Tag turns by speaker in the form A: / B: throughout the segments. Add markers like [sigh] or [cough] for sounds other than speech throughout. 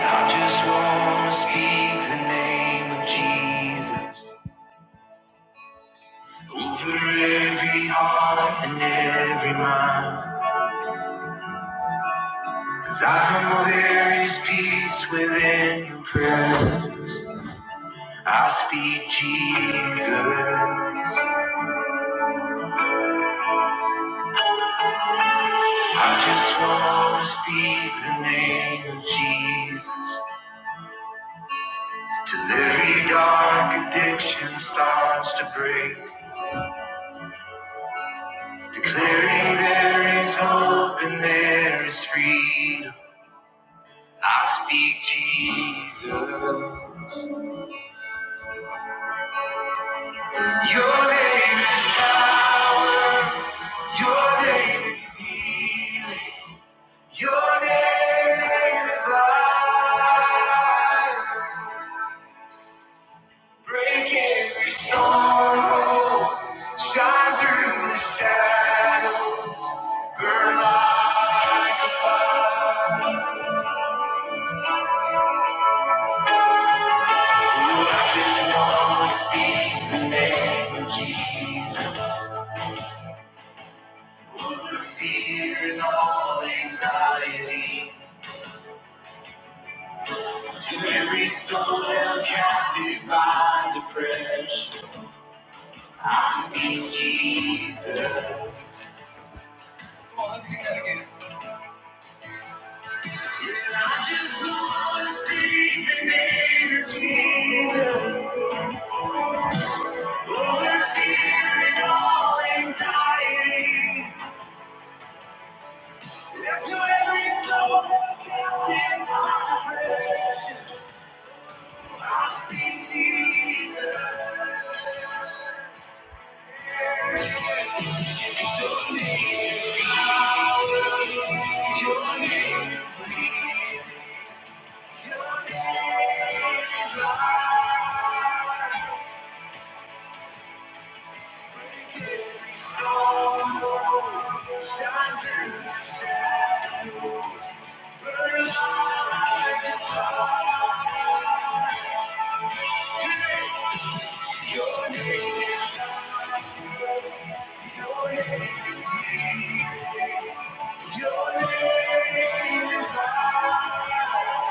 A: I just wanna speak the name of Jesus over every heart and every mind. Cause I know there is peace within your presence. I speak Jesus. I just wanna speak the name of Jesus. Till every dark addiction starts to break. Declaring there is hope and there is freedom. I speak Jesus. Your name is power. Your name is healing. Your name is life. Break every stronghold. Shine through the shadow. Burn light. Ooh, I just wanna speak the name of Jesus. Over fear and all anxiety. To every soul held captive by depression, I speak Jesus. Come on, let's sing that again. Yeah, I just want to speak the name of Jesus. Over fear and all anxiety. And to every soul held captive by depression, I speak Jesus. Your name is healing. Your name is, your name is deep. Your name is high.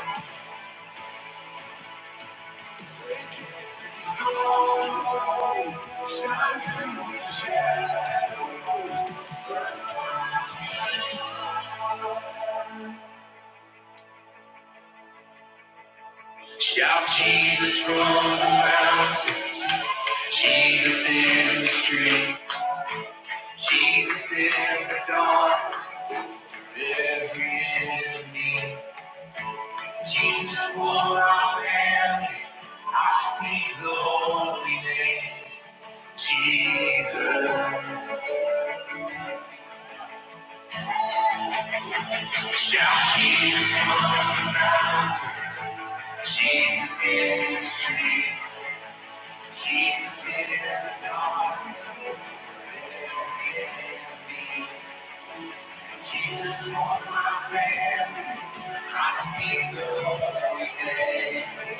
A: Shine through the Jesus. Shout Jesus from the mountains, Jesus in the streets. Jesus in the darkness, every enemy. Jesus for our family, I speak the holy name. Jesus, shout Jesus from the mountains, Jesus in the streets, Jesus in the darkness. every enemy. Jesus for my family. I speak the holy name.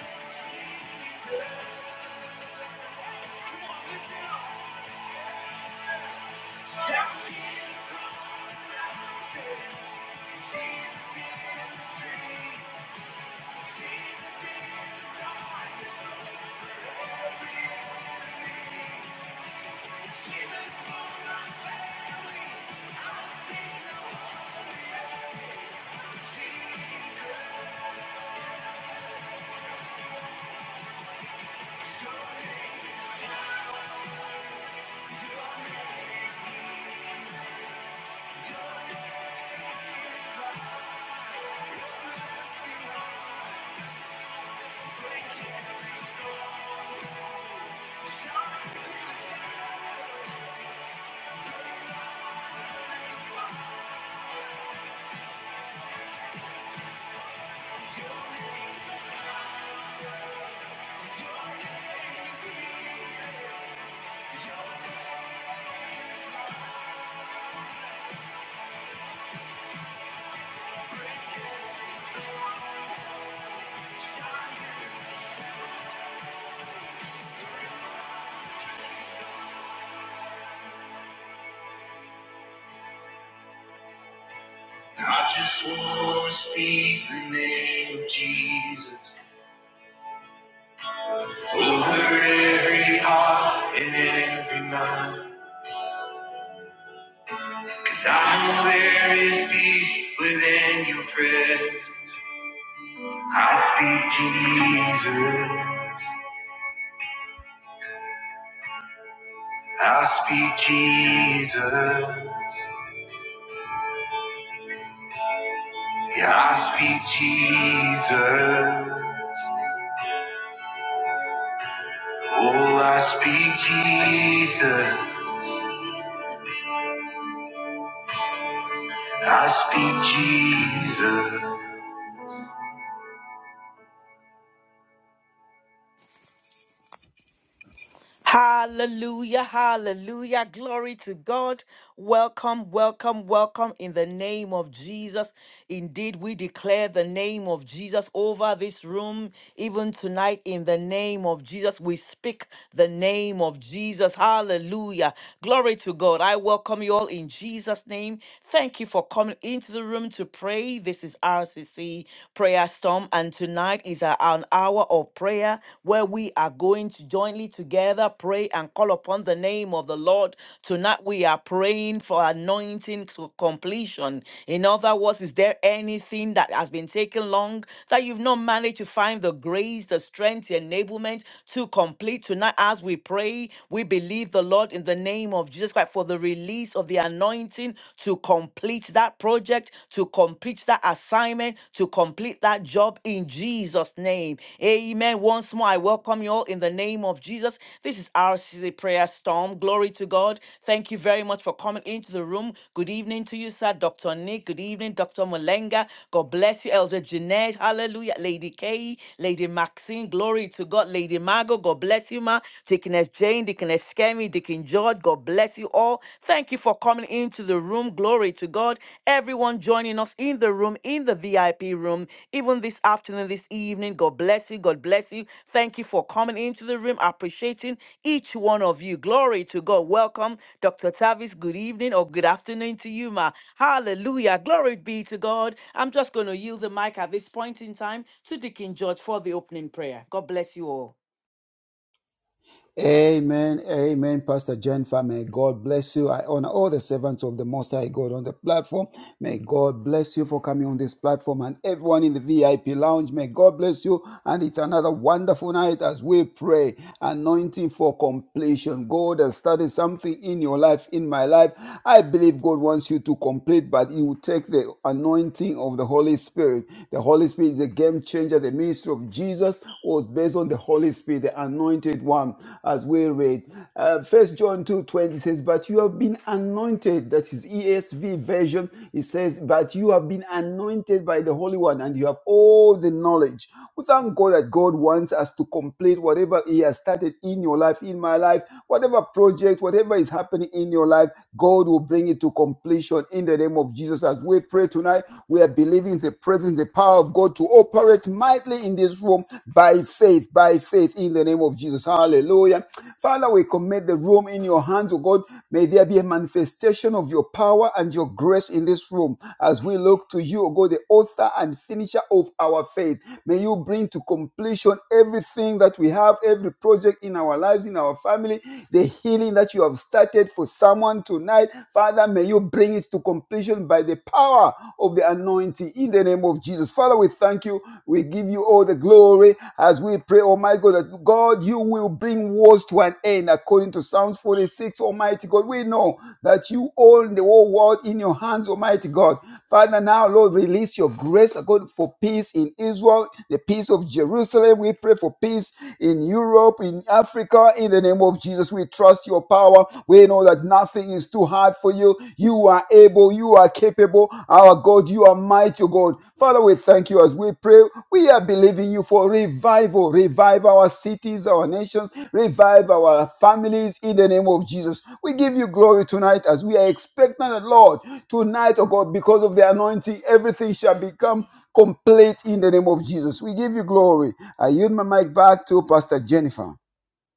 A: I just want to speak the name of Jesus over every heart and every mind. Cause I know there is peace within your presence. I speak Jesus. I speak Jesus. Yeah, I speak Jesus. Oh, I speak Jesus. I speak Jesus.
B: Hallelujah, hallelujah. Glory to God. Welcome, welcome, welcome in the name of Jesus. Indeed, we declare the name of Jesus over this room, even tonight, in the name of Jesus. We speak the name of Jesus. Hallelujah. Glory to God. I welcome you all in Jesus' name. Thank you for coming into the room to pray. This is RCC Prayer Storm, and tonight, is a- an hour of prayer where we are going to jointly together pray and call upon the name of the Lord. Tonight we are praying for anointing to completion. In other words, is there anything that has been taking long that you've not managed to find the grace, the strength, the enablement to complete? Tonight, as we pray, we believe the Lord in the name of Jesus Christ for the release of the anointing to complete that project project, to complete that assignment, to complete that job in Jesus' name. Amen. Once more, I welcome you all in the name of Jesus. This is RCC Prayer Storm. Glory to God. Thank you very much for coming into the room. Good evening to you, sir. Dr. Nick. Good evening, Dr. Malenga. God bless you, Elder Jeanette. Hallelujah. Lady Kay, Lady Maxine. Glory to God. Lady Margot. God bless you, ma. Deaconess Jane, Deaconess Skemi, Deacon George. God bless you all. Thank you for coming into the room. Glory to God. Everyone joining us in the room, in the VIP room, even this afternoon, this evening. God bless you. God bless you. Thank you for coming into the room. Appreciating each one of you. Glory to God. Welcome, Dr. Tavis. Good evening or good afternoon to you, ma. Hallelujah. Glory be to God. I'm just going to yield the mic at this point in time to Deacon George for the opening prayer. God bless you all.
C: Amen, amen, Pastor Jennifer. May God bless you. I honor all the servants of the Most High God on the platform. May God bless you for coming on this platform and everyone in the VIP lounge. May God bless you. And it's another wonderful night as we pray. Anointing for completion. God has started something in your life, in my life. I believe God wants you to complete, but you will take the anointing of the Holy Spirit. The Holy Spirit is the game changer, the ministry of Jesus. Jesus was based on the Holy Spirit, the anointed one, as we read. Uh, First John two twenty says, But you have been anointed. That is ESV version. It says, But you have been anointed by the Holy One, and you have all the knowledge. We thank God that God wants us to complete whatever He has started in your life, in my life, whatever project, whatever is happening in your life, God will bring it to completion in the name of Jesus. As we pray tonight, we are believing the presence, the power of God to operate mightily in this room by faith, by faith in the name of Jesus. Hallelujah. Father, we commit the room in your hands, oh God. May there be a manifestation of your power and your grace in this room as we look to you, oh God, the author and finisher of our faith. May you bring to completion everything that we have, every project in our lives, in our family, the healing that you have started for someone tonight. Father, may you bring it to to completion by the power of the anointing in the name of Jesus. Father, we thank you. We give you all the glory as we pray, Almighty God, that God, you will bring wars to an end according to Psalms 46, Almighty God. We know that you own the whole world in your hands, Almighty God. Father, now, Lord, release your grace, oh God, for peace in Israel, the peace of Jerusalem. We pray for peace in Europe, in Africa, in the name of Jesus. We trust your power. We know that nothing is too hard for you. You are able, you are capable. Our God, you are mighty, God. Father, we thank you as we pray. We are believing you for revival. Revive our cities, our nations, revive our families in the name of Jesus. We give you glory tonight as we are expecting the Lord tonight, oh God, because of the anointing, everything shall become complete in the name of Jesus. We give you glory. I yield my mic back to Pastor Jennifer.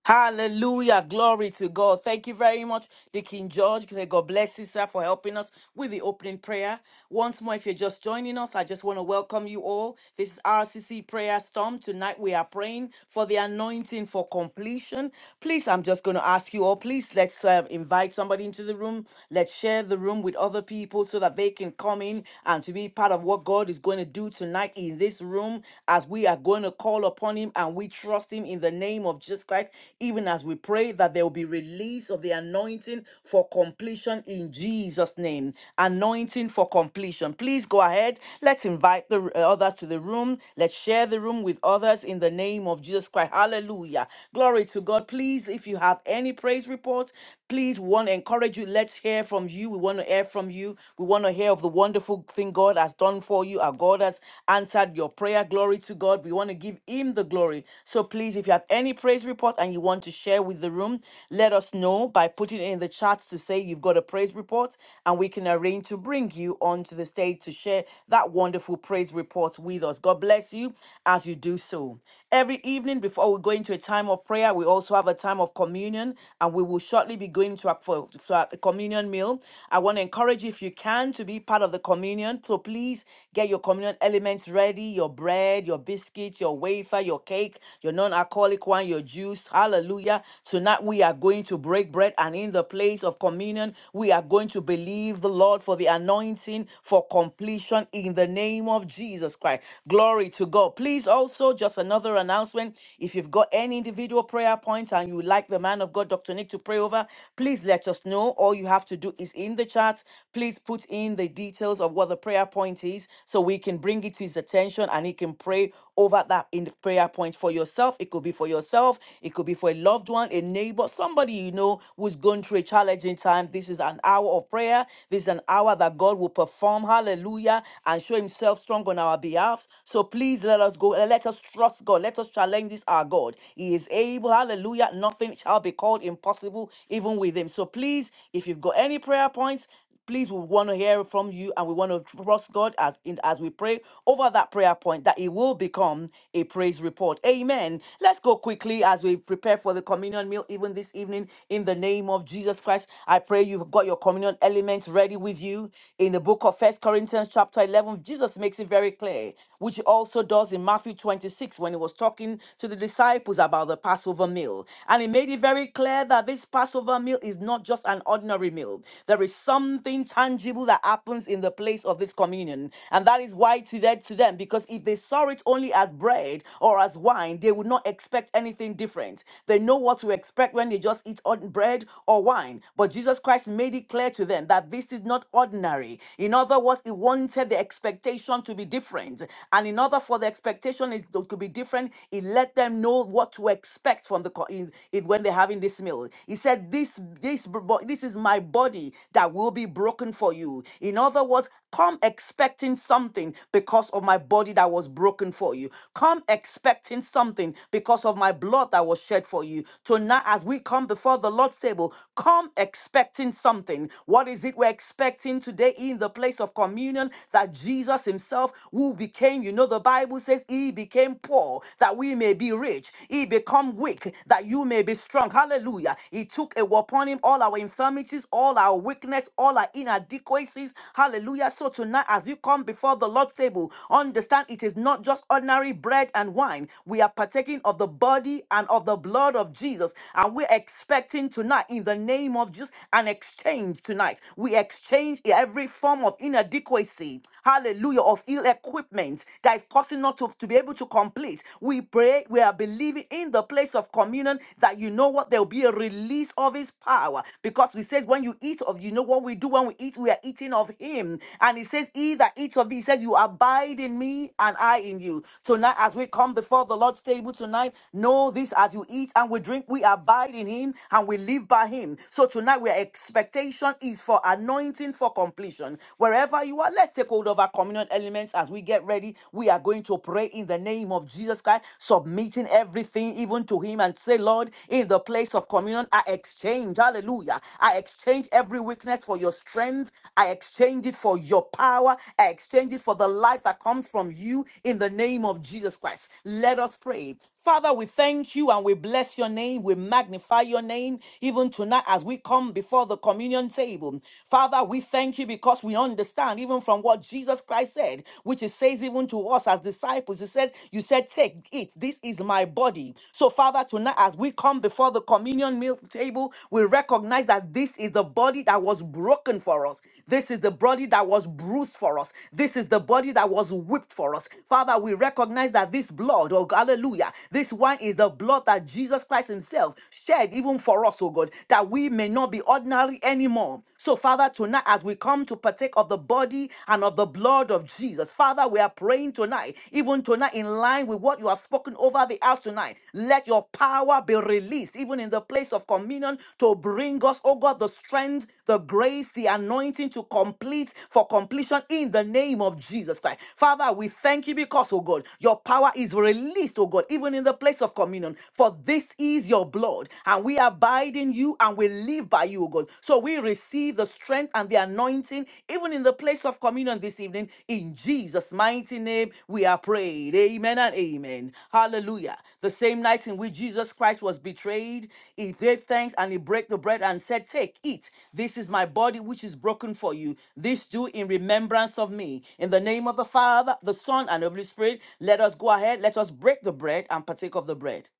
B: Hallelujah. Glory to God. Thank you very much, the King George. May God bless you, sir, for helping us with the opening prayer. Once more, if you're just joining us, I just want to welcome you all. This is RCC Prayer Storm. Tonight we are praying for the anointing for completion. Please, I'm just going to ask you all, please let's uh, invite somebody into the room. Let's share the room with other people so that they can come in and to be part of what God is going to do tonight in this room as we are going to call upon Him and we trust Him in the name of Jesus Christ even as we pray that there will be release of the anointing for completion in Jesus' name. Anointing for completion. Please go ahead. Let's invite the uh, others to the room. Let's share the room with others in the name of Jesus Christ. Hallelujah. Glory to God. Please, if you have any praise reports. Please, we want to encourage you. Let's hear from you. We want to hear from you. We want to hear of the wonderful thing God has done for you. Our God has answered your prayer. Glory to God. We want to give Him the glory. So please, if you have any praise report and you want to share with the room, let us know by putting it in the chats to say you've got a praise report, and we can arrange to bring you onto the stage to share that wonderful praise report with us. God bless you as you do so. Every evening before we go into a time of prayer, we also have a time of communion, and we will shortly be going to a, for, to a communion meal. I want to encourage you, if you can, to be part of the communion. So please get your communion elements ready your bread, your biscuits, your wafer, your cake, your non alcoholic one, your juice. Hallelujah. Tonight we are going to break bread, and in the place of communion, we are going to believe the Lord for the anointing for completion in the name of Jesus Christ. Glory to God. Please Please also, just another announcement, if you've got any individual prayer points and you would like the man of God, Dr. Nick, to pray over, please let us know. All you have to do is in the chat, please put in the details of what the prayer point is so we can bring it to his attention and he can pray over that in prayer point for yourself. It could be for yourself, it could be for a loved one, a neighbor, somebody you know who's going through a challenging time. This is an hour of prayer. This is an hour that God will perform. Hallelujah. And show himself strong on our behalf. So please let us go. Let us trust God. Let us challenge this our God. He is able. Hallelujah. Nothing shall be called impossible, even with him. So please, if you've got any prayer points, please we want to hear from you and we want to trust god as in as we pray over that prayer point that it will become a praise report amen let's go quickly as we prepare for the communion meal even this evening in the name of jesus christ i pray you've got your communion elements ready with you in the book of first corinthians chapter 11 jesus makes it very clear which he also does in matthew 26 when he was talking to the disciples about the passover meal and he made it very clear that this passover meal is not not just an ordinary meal. There is something tangible that happens in the place of this communion. And that is why to that to them, because if they saw it only as bread or as wine, they would not expect anything different. They know what to expect when they just eat ord- bread or wine. But Jesus Christ made it clear to them that this is not ordinary. In other words, he wanted the expectation to be different. And in order for the expectation is to be different, he let them know what to expect from the co- in, in if when they're having this meal. He said, This this bo- this is my body that will be broken for you. In other words, come expecting something because of my body that was broken for you. Come expecting something because of my blood that was shed for you. Tonight, as we come before the Lord's table, come expecting something. What is it we're expecting today in the place of communion? That Jesus Himself, who became, you know, the Bible says, He became poor, that we may be rich, he become weak, that you may be strong. Hallelujah. He took a upon him all our infirmities, all our weakness, all our inadequacies. Hallelujah. So tonight, as you come before the Lord's table, understand it is not just ordinary bread and wine. We are partaking of the body and of the blood of Jesus. And we're expecting tonight, in the name of Jesus, an exchange tonight. We exchange every form of inadequacy, hallelujah, of ill equipment that is causing us not to, to be able to complete. We pray, we are believing in the place of communion that you know what, there will be a release of his power. Because He says when you eat of, you know what we do when we eat, we are eating of him. And he says, he that eats of me, he says, you abide in me and I in you. Tonight, as we come before the Lord's table tonight, know this as you eat and we drink, we abide in him and we live by him. So tonight, our expectation is for anointing for completion. Wherever you are, let's take hold of our communion communion elements as we get ready. We are going to pray in the name of Jesus Christ, submitting everything even to Him and say, Lord, in the place of communion, I exchange, hallelujah. I exchange every weakness for your strength. I exchange it for your power. I exchange it for the life that comes from you in the name of Jesus Christ. Let us pray. Father, we thank you and we bless your name. We magnify your name even tonight as we come before the communion table. Father, we thank you because we understand even from what Jesus Christ said, which he says even to us as disciples. He said, You said, Take it. This is my body. So, Father, tonight as we come before the communion meal table, we recognize that this is the body that was broken for us. This is the body that was bruised for us. This is the body that was whipped for us. Father, we recognize that this blood, oh hallelujah, this one is the blood that Jesus Christ Himself shed even for us, oh God, that we may not be ordinary anymore. So, Father, tonight as we come to partake of the body and of the blood of Jesus, Father, we are praying tonight, even tonight in line with what you have spoken over the house tonight tonight. Let your power be released, even in the place of communion, to bring us, oh God, the strength, the grace, the anointing to complete for completion in the name of Jesus Christ. Father, we thank you because, oh God, your power is released, oh God, even in the place of communion. For this is your blood, and we abide in you and we live by you, oh God. So we receive the strength and the anointing even in the place of communion this evening. In Jesus' mighty name, we are prayed. Amen and amen. Hallelujah. The same night in which Jesus Christ was betrayed, he gave thanks and he broke the bread and said, Take, eat. This is my body which is broken for you. This do in remembrance of me. In the name of the Father, the Son, and the Holy Spirit, let us go ahead. Let us break the bread and partake of the bread.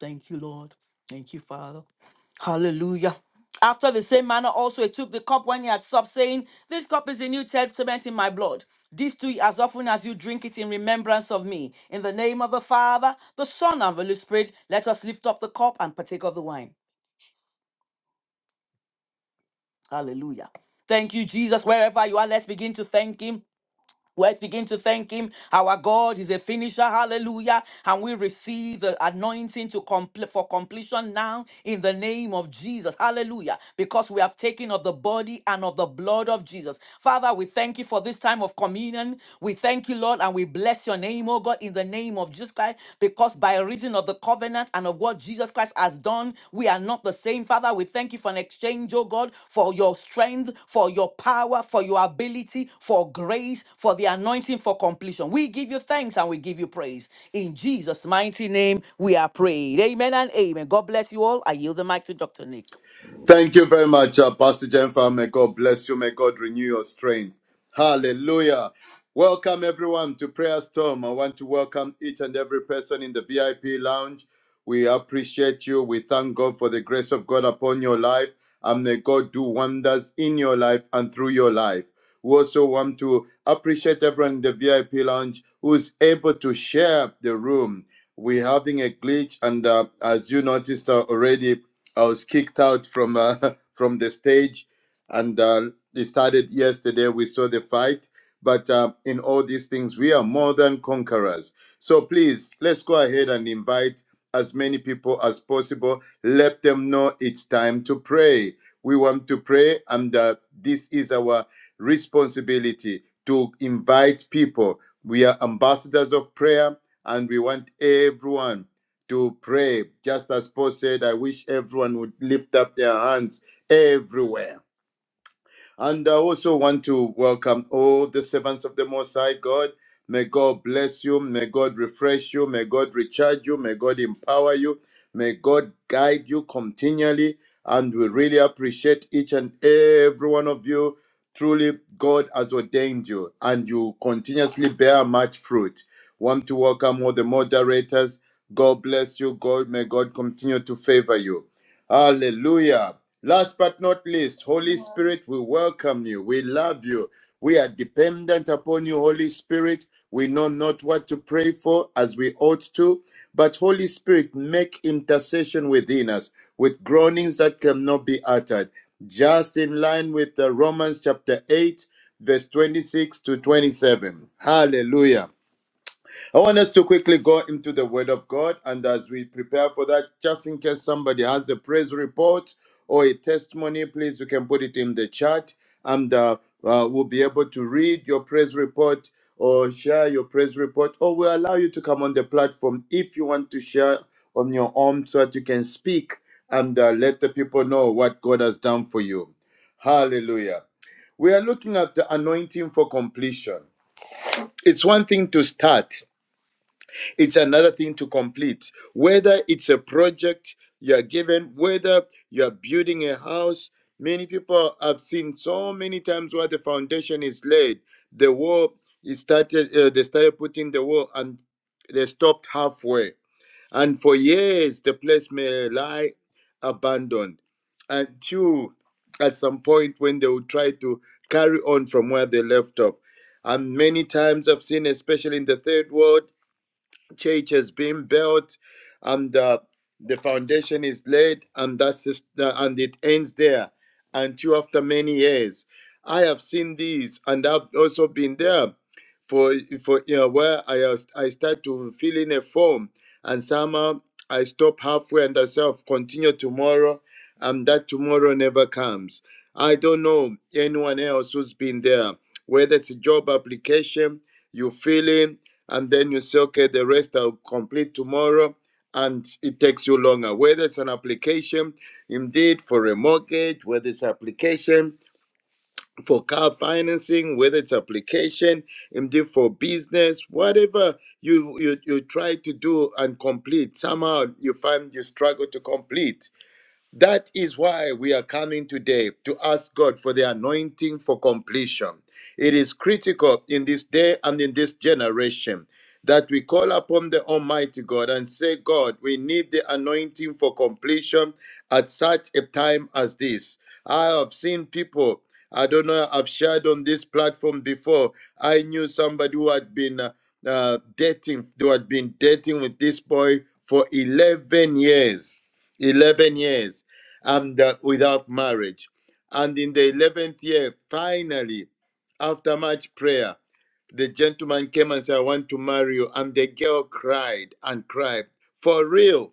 B: Thank you, Lord. Thank you, Father. Hallelujah. After the same manner, also he took the cup when he had supped, saying, This cup is the New Testament in my blood. This do ye as often as you drink it in remembrance of me. In the name of the Father, the Son, and the Holy Spirit, let us lift up the cup and partake of the wine. Hallelujah. Thank you, Jesus. Wherever you are, let's begin to thank Him. Let's begin to thank Him. Our God is a finisher. Hallelujah. And we receive the anointing to complete for completion now in the name of Jesus. Hallelujah. Because we have taken of the body and of the blood of Jesus. Father, we thank you for this time of communion. We thank you, Lord, and we bless your name, oh God, in the name of Jesus Christ. Because by by reason of the covenant and of what Jesus Christ has done. We are not the same. Father, we thank you for an exchange, oh God, for your strength, for your power, for your ability, for grace, for the anointing for completion. We give you thanks and we give you praise. In Jesus' mighty name, we are prayed. Amen and amen. God bless you all. I yield the mic to Dr. Nick.
D: Thank you very much, uh, Pastor Jennifer. May God bless you. May God renew your strength. Hallelujah. Welcome, everyone, to Prayer Storm. I want to welcome each and every person in the VIP lounge. We appreciate you. We thank God for the grace of God upon your life. And may God do wonders in your life and through your life. We also want to appreciate everyone in the VIP lounge who's able to share the room. We're having a glitch, and uh, as you noticed uh, already, I was kicked out from uh, [laughs] from the stage, and uh, it started yesterday. We saw the fight, but uh, in all these things, we are more than conquerors. So please, let's go ahead and invite as many people as possible. Let them know it's time to pray. We want to pray, and uh, this is our responsibility to invite people. We are ambassadors of prayer and we want everyone to pray. Just as Paul said, I wish everyone would lift up their hands everywhere and I also want to welcome all the servants of the Most High God. May God bless you. May God refresh you. May God recharge you. May God empower you. May God guide you continually. And we really appreciate each and every one of you. Truly, God has ordained you, and you continuously bear much fruit. Want to welcome all the moderators. God bless you. God may God continue to favor you. Hallelujah. Last but not least, Holy Spirit, we welcome you. We love you. We are dependent upon you, Holy Spirit. We know not what to pray for as we ought to, but Holy Spirit, make intercession within us with groanings that cannot be uttered. Just in line with the Romans chapter 8, verse 26 to 27. Hallelujah. I want us to quickly go into the Word of God, and as we prepare for that, just in case somebody has a praise report or a testimony, please you can put it in the chat, and uh, uh, we'll be able to read your praise report or share your praise report, or we'll allow you to come on the platform if you want to share on your own, so that you can speak and uh, let the people know what God has done for you. Hallelujah. We are looking at the anointing for completion. It's one thing to start it's another thing to complete. Whether it's a project you are given, whether you are building a house, many people have seen so many times where the foundation is laid, the wall is started, uh, they started putting the wall and they stopped halfway. And for years, the place may lie abandoned until at some point when they will try to carry on from where they left off. And many times I've seen, especially in the third world, church has been built and uh, the foundation is laid and that's just, uh, and it ends there And two after many years i have seen these and i've also been there for for you know, where i was- i start to fill in a form and somehow i stop halfway and i say "I'll continue tomorrow and that tomorrow never comes i don't know anyone else who's been there whether it's a job application you fill in, and then you say, okay, the rest I'll complete tomorrow, and it takes you longer. Whether it's an application, indeed, for a mortgage, whether it's application for car financing, whether it's application, indeed for business, whatever you, you you try to do and complete, somehow you find you struggle to complete. That is why we are coming today to ask God for the anointing for completion. It is critical in this day and in this generation that we call upon the Almighty God and say, God, we need the anointing for completion at such a time as this. I have seen people, I don't know, I've shared on this platform before. I knew somebody who had been uh, uh, dating, who had been dating with this boy for 11 years. 11 years and uh, without marriage. And in the 11th year, finally, after much prayer, the gentleman came and said, I want to marry you. And the girl cried and cried, For real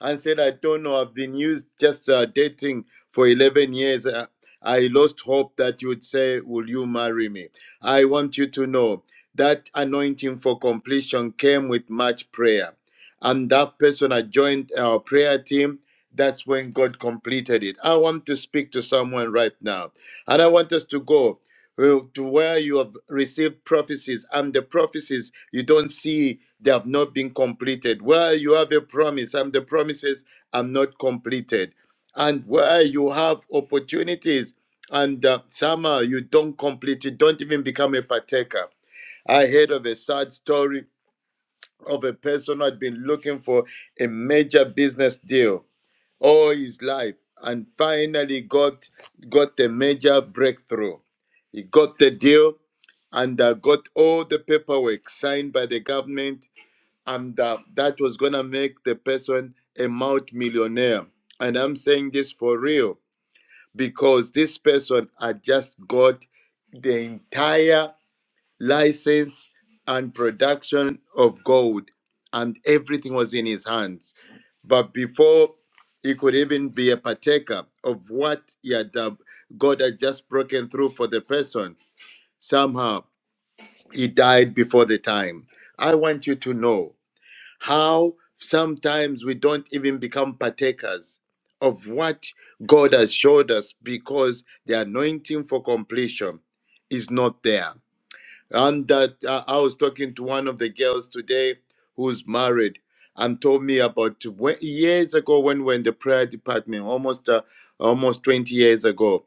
D: and said, I don't know, I've been used just uh, dating for 11 years. Uh, I lost hope that you would say, Will you marry me? I want you to know that anointing for completion came with much prayer. And that person I joined our prayer team. That's when God completed it. I want to speak to someone right now. And I want us to go. Well, to where you have received prophecies and the prophecies you don't see they have not been completed where you have a promise and the promises are not completed and where you have opportunities and uh, somehow you don't complete it, don't even become a partaker i heard of a sad story of a person who had been looking for a major business deal all his life and finally got got the major breakthrough he got the deal and uh, got all the paperwork signed by the government and uh, that was going to make the person a multi-millionaire and i'm saying this for real because this person had just got the entire license and production of gold, and everything was in his hands. But before he could even be a partaker of what he had, uh, God had just broken through for the person, somehow he died before the time. I want you to know how sometimes we don't even become partakers of what God has showed us because the anointing for completion is not there. And that uh, I was talking to one of the girls today who's married and told me about when, years ago when we were in the prayer department, almost uh, almost 20 years ago,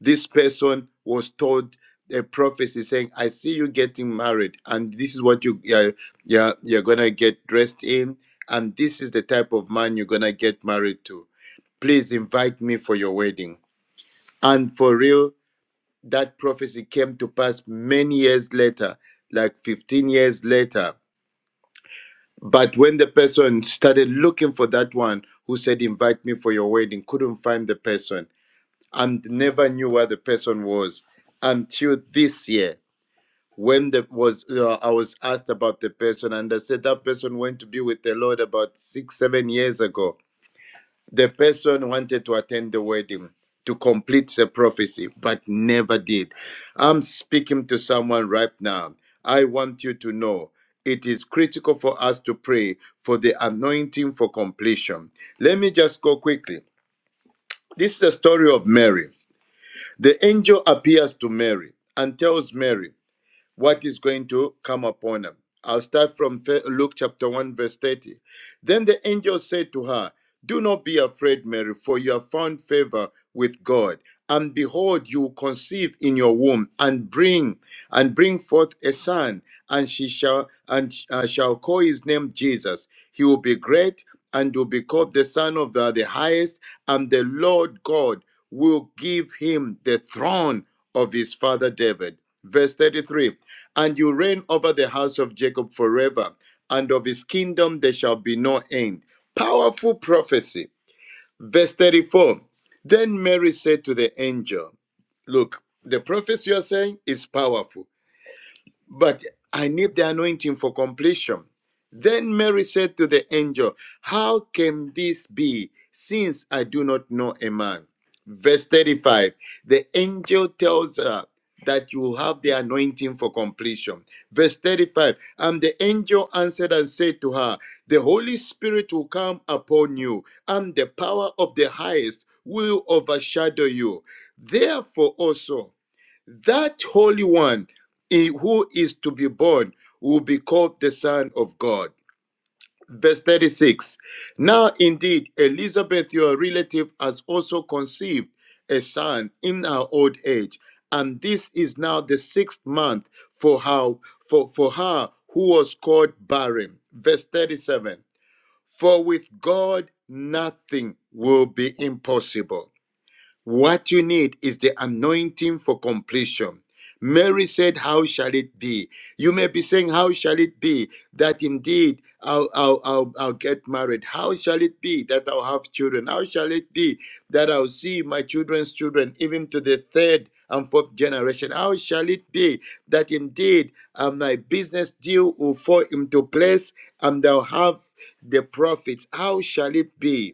D: this person was told a prophecy saying, "I see you getting married, and this is what you uh, yeah you're gonna get dressed in, and this is the type of man you're gonna get married to. Please invite me for your wedding." And for real, that prophecy came to pass many years later, like 15 years later. But when the person started looking for that one who said, Invite me for your wedding, couldn't find the person and never knew where the person was until this year when the was uh, I was asked about the person and I said that person went to be with the Lord about six seven years ago the person wanted to attend the wedding to complete the prophecy, but never did. I'm speaking to someone right now. I want you to know it is critical for us to pray for the anointing for completion. Let me just go quickly. This is the story of Mary. The angel appears to Mary and tells Mary, what is going to come upon them. I'll start from Luke chapter 1, verse 30. Then the angel said to her, Do not be afraid, Mary, for you have found favor with God. And behold, you will conceive in your womb and bring and bring forth a son, and she shall and uh, shall call his name Jesus. He will be great and will be called the Son of the, the Highest, and the Lord God will give him the throne of his father David Verse 33 And you reign over the house of Jacob forever, and of his kingdom there shall be no end. Powerful prophecy. Verse 34 Then Mary said to the angel, Look, the prophecy you're saying is powerful but I need the anointing for completion. Then Mary said to the angel, How can this be, since I do not know a man? Verse 35 The angel tells her that you have the anointing for completion. Verse 35 And the angel answered and said to her, The Holy Spirit will come upon you, and the power of the highest will overshadow you. Therefore, also, that Holy One he who is to be born will be called the Son of God. Verse 36 Now indeed, Elizabeth, your relative, has also conceived a son in her old age, and this is now the sixth month for her, for, for her who was called barren. Verse 37 For with God nothing will be impossible. What you need is the anointing for completion. Mary said, How shall it be? You may be saying, How shall it be that indeed I'll, I'll, I'll, I'll get married? How shall it be that I'll have children? How shall it be that I'll see my children's children, even to the third and fourth generation? How shall it be that indeed uh, my business deal will fall into place and I'll have the profits? How shall it be?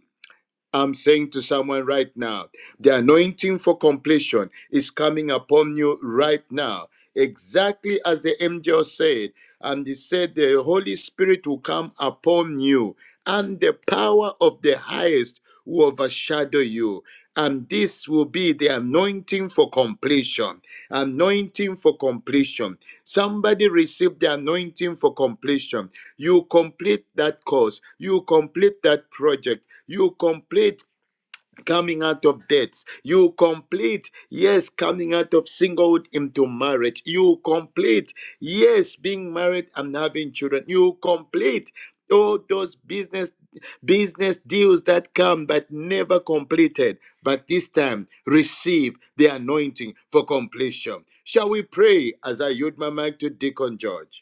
D: I'm saying to someone right now, the anointing for completion is coming upon you right now. Exactly as the angel said, and he said, The Holy Spirit will come upon you, and the power of the highest will overshadow you. And this will be the anointing for completion. Anointing for completion. Somebody receive the anointing for completion. You complete that course, you complete that project you complete coming out of debts. You complete, yes, coming out of singlehood into marriage. You complete, yes, being married and having children. You complete all those business business deals that come but never completed. But this time, receive the anointing for completion. Shall we pray as I yield my mic to Deacon George?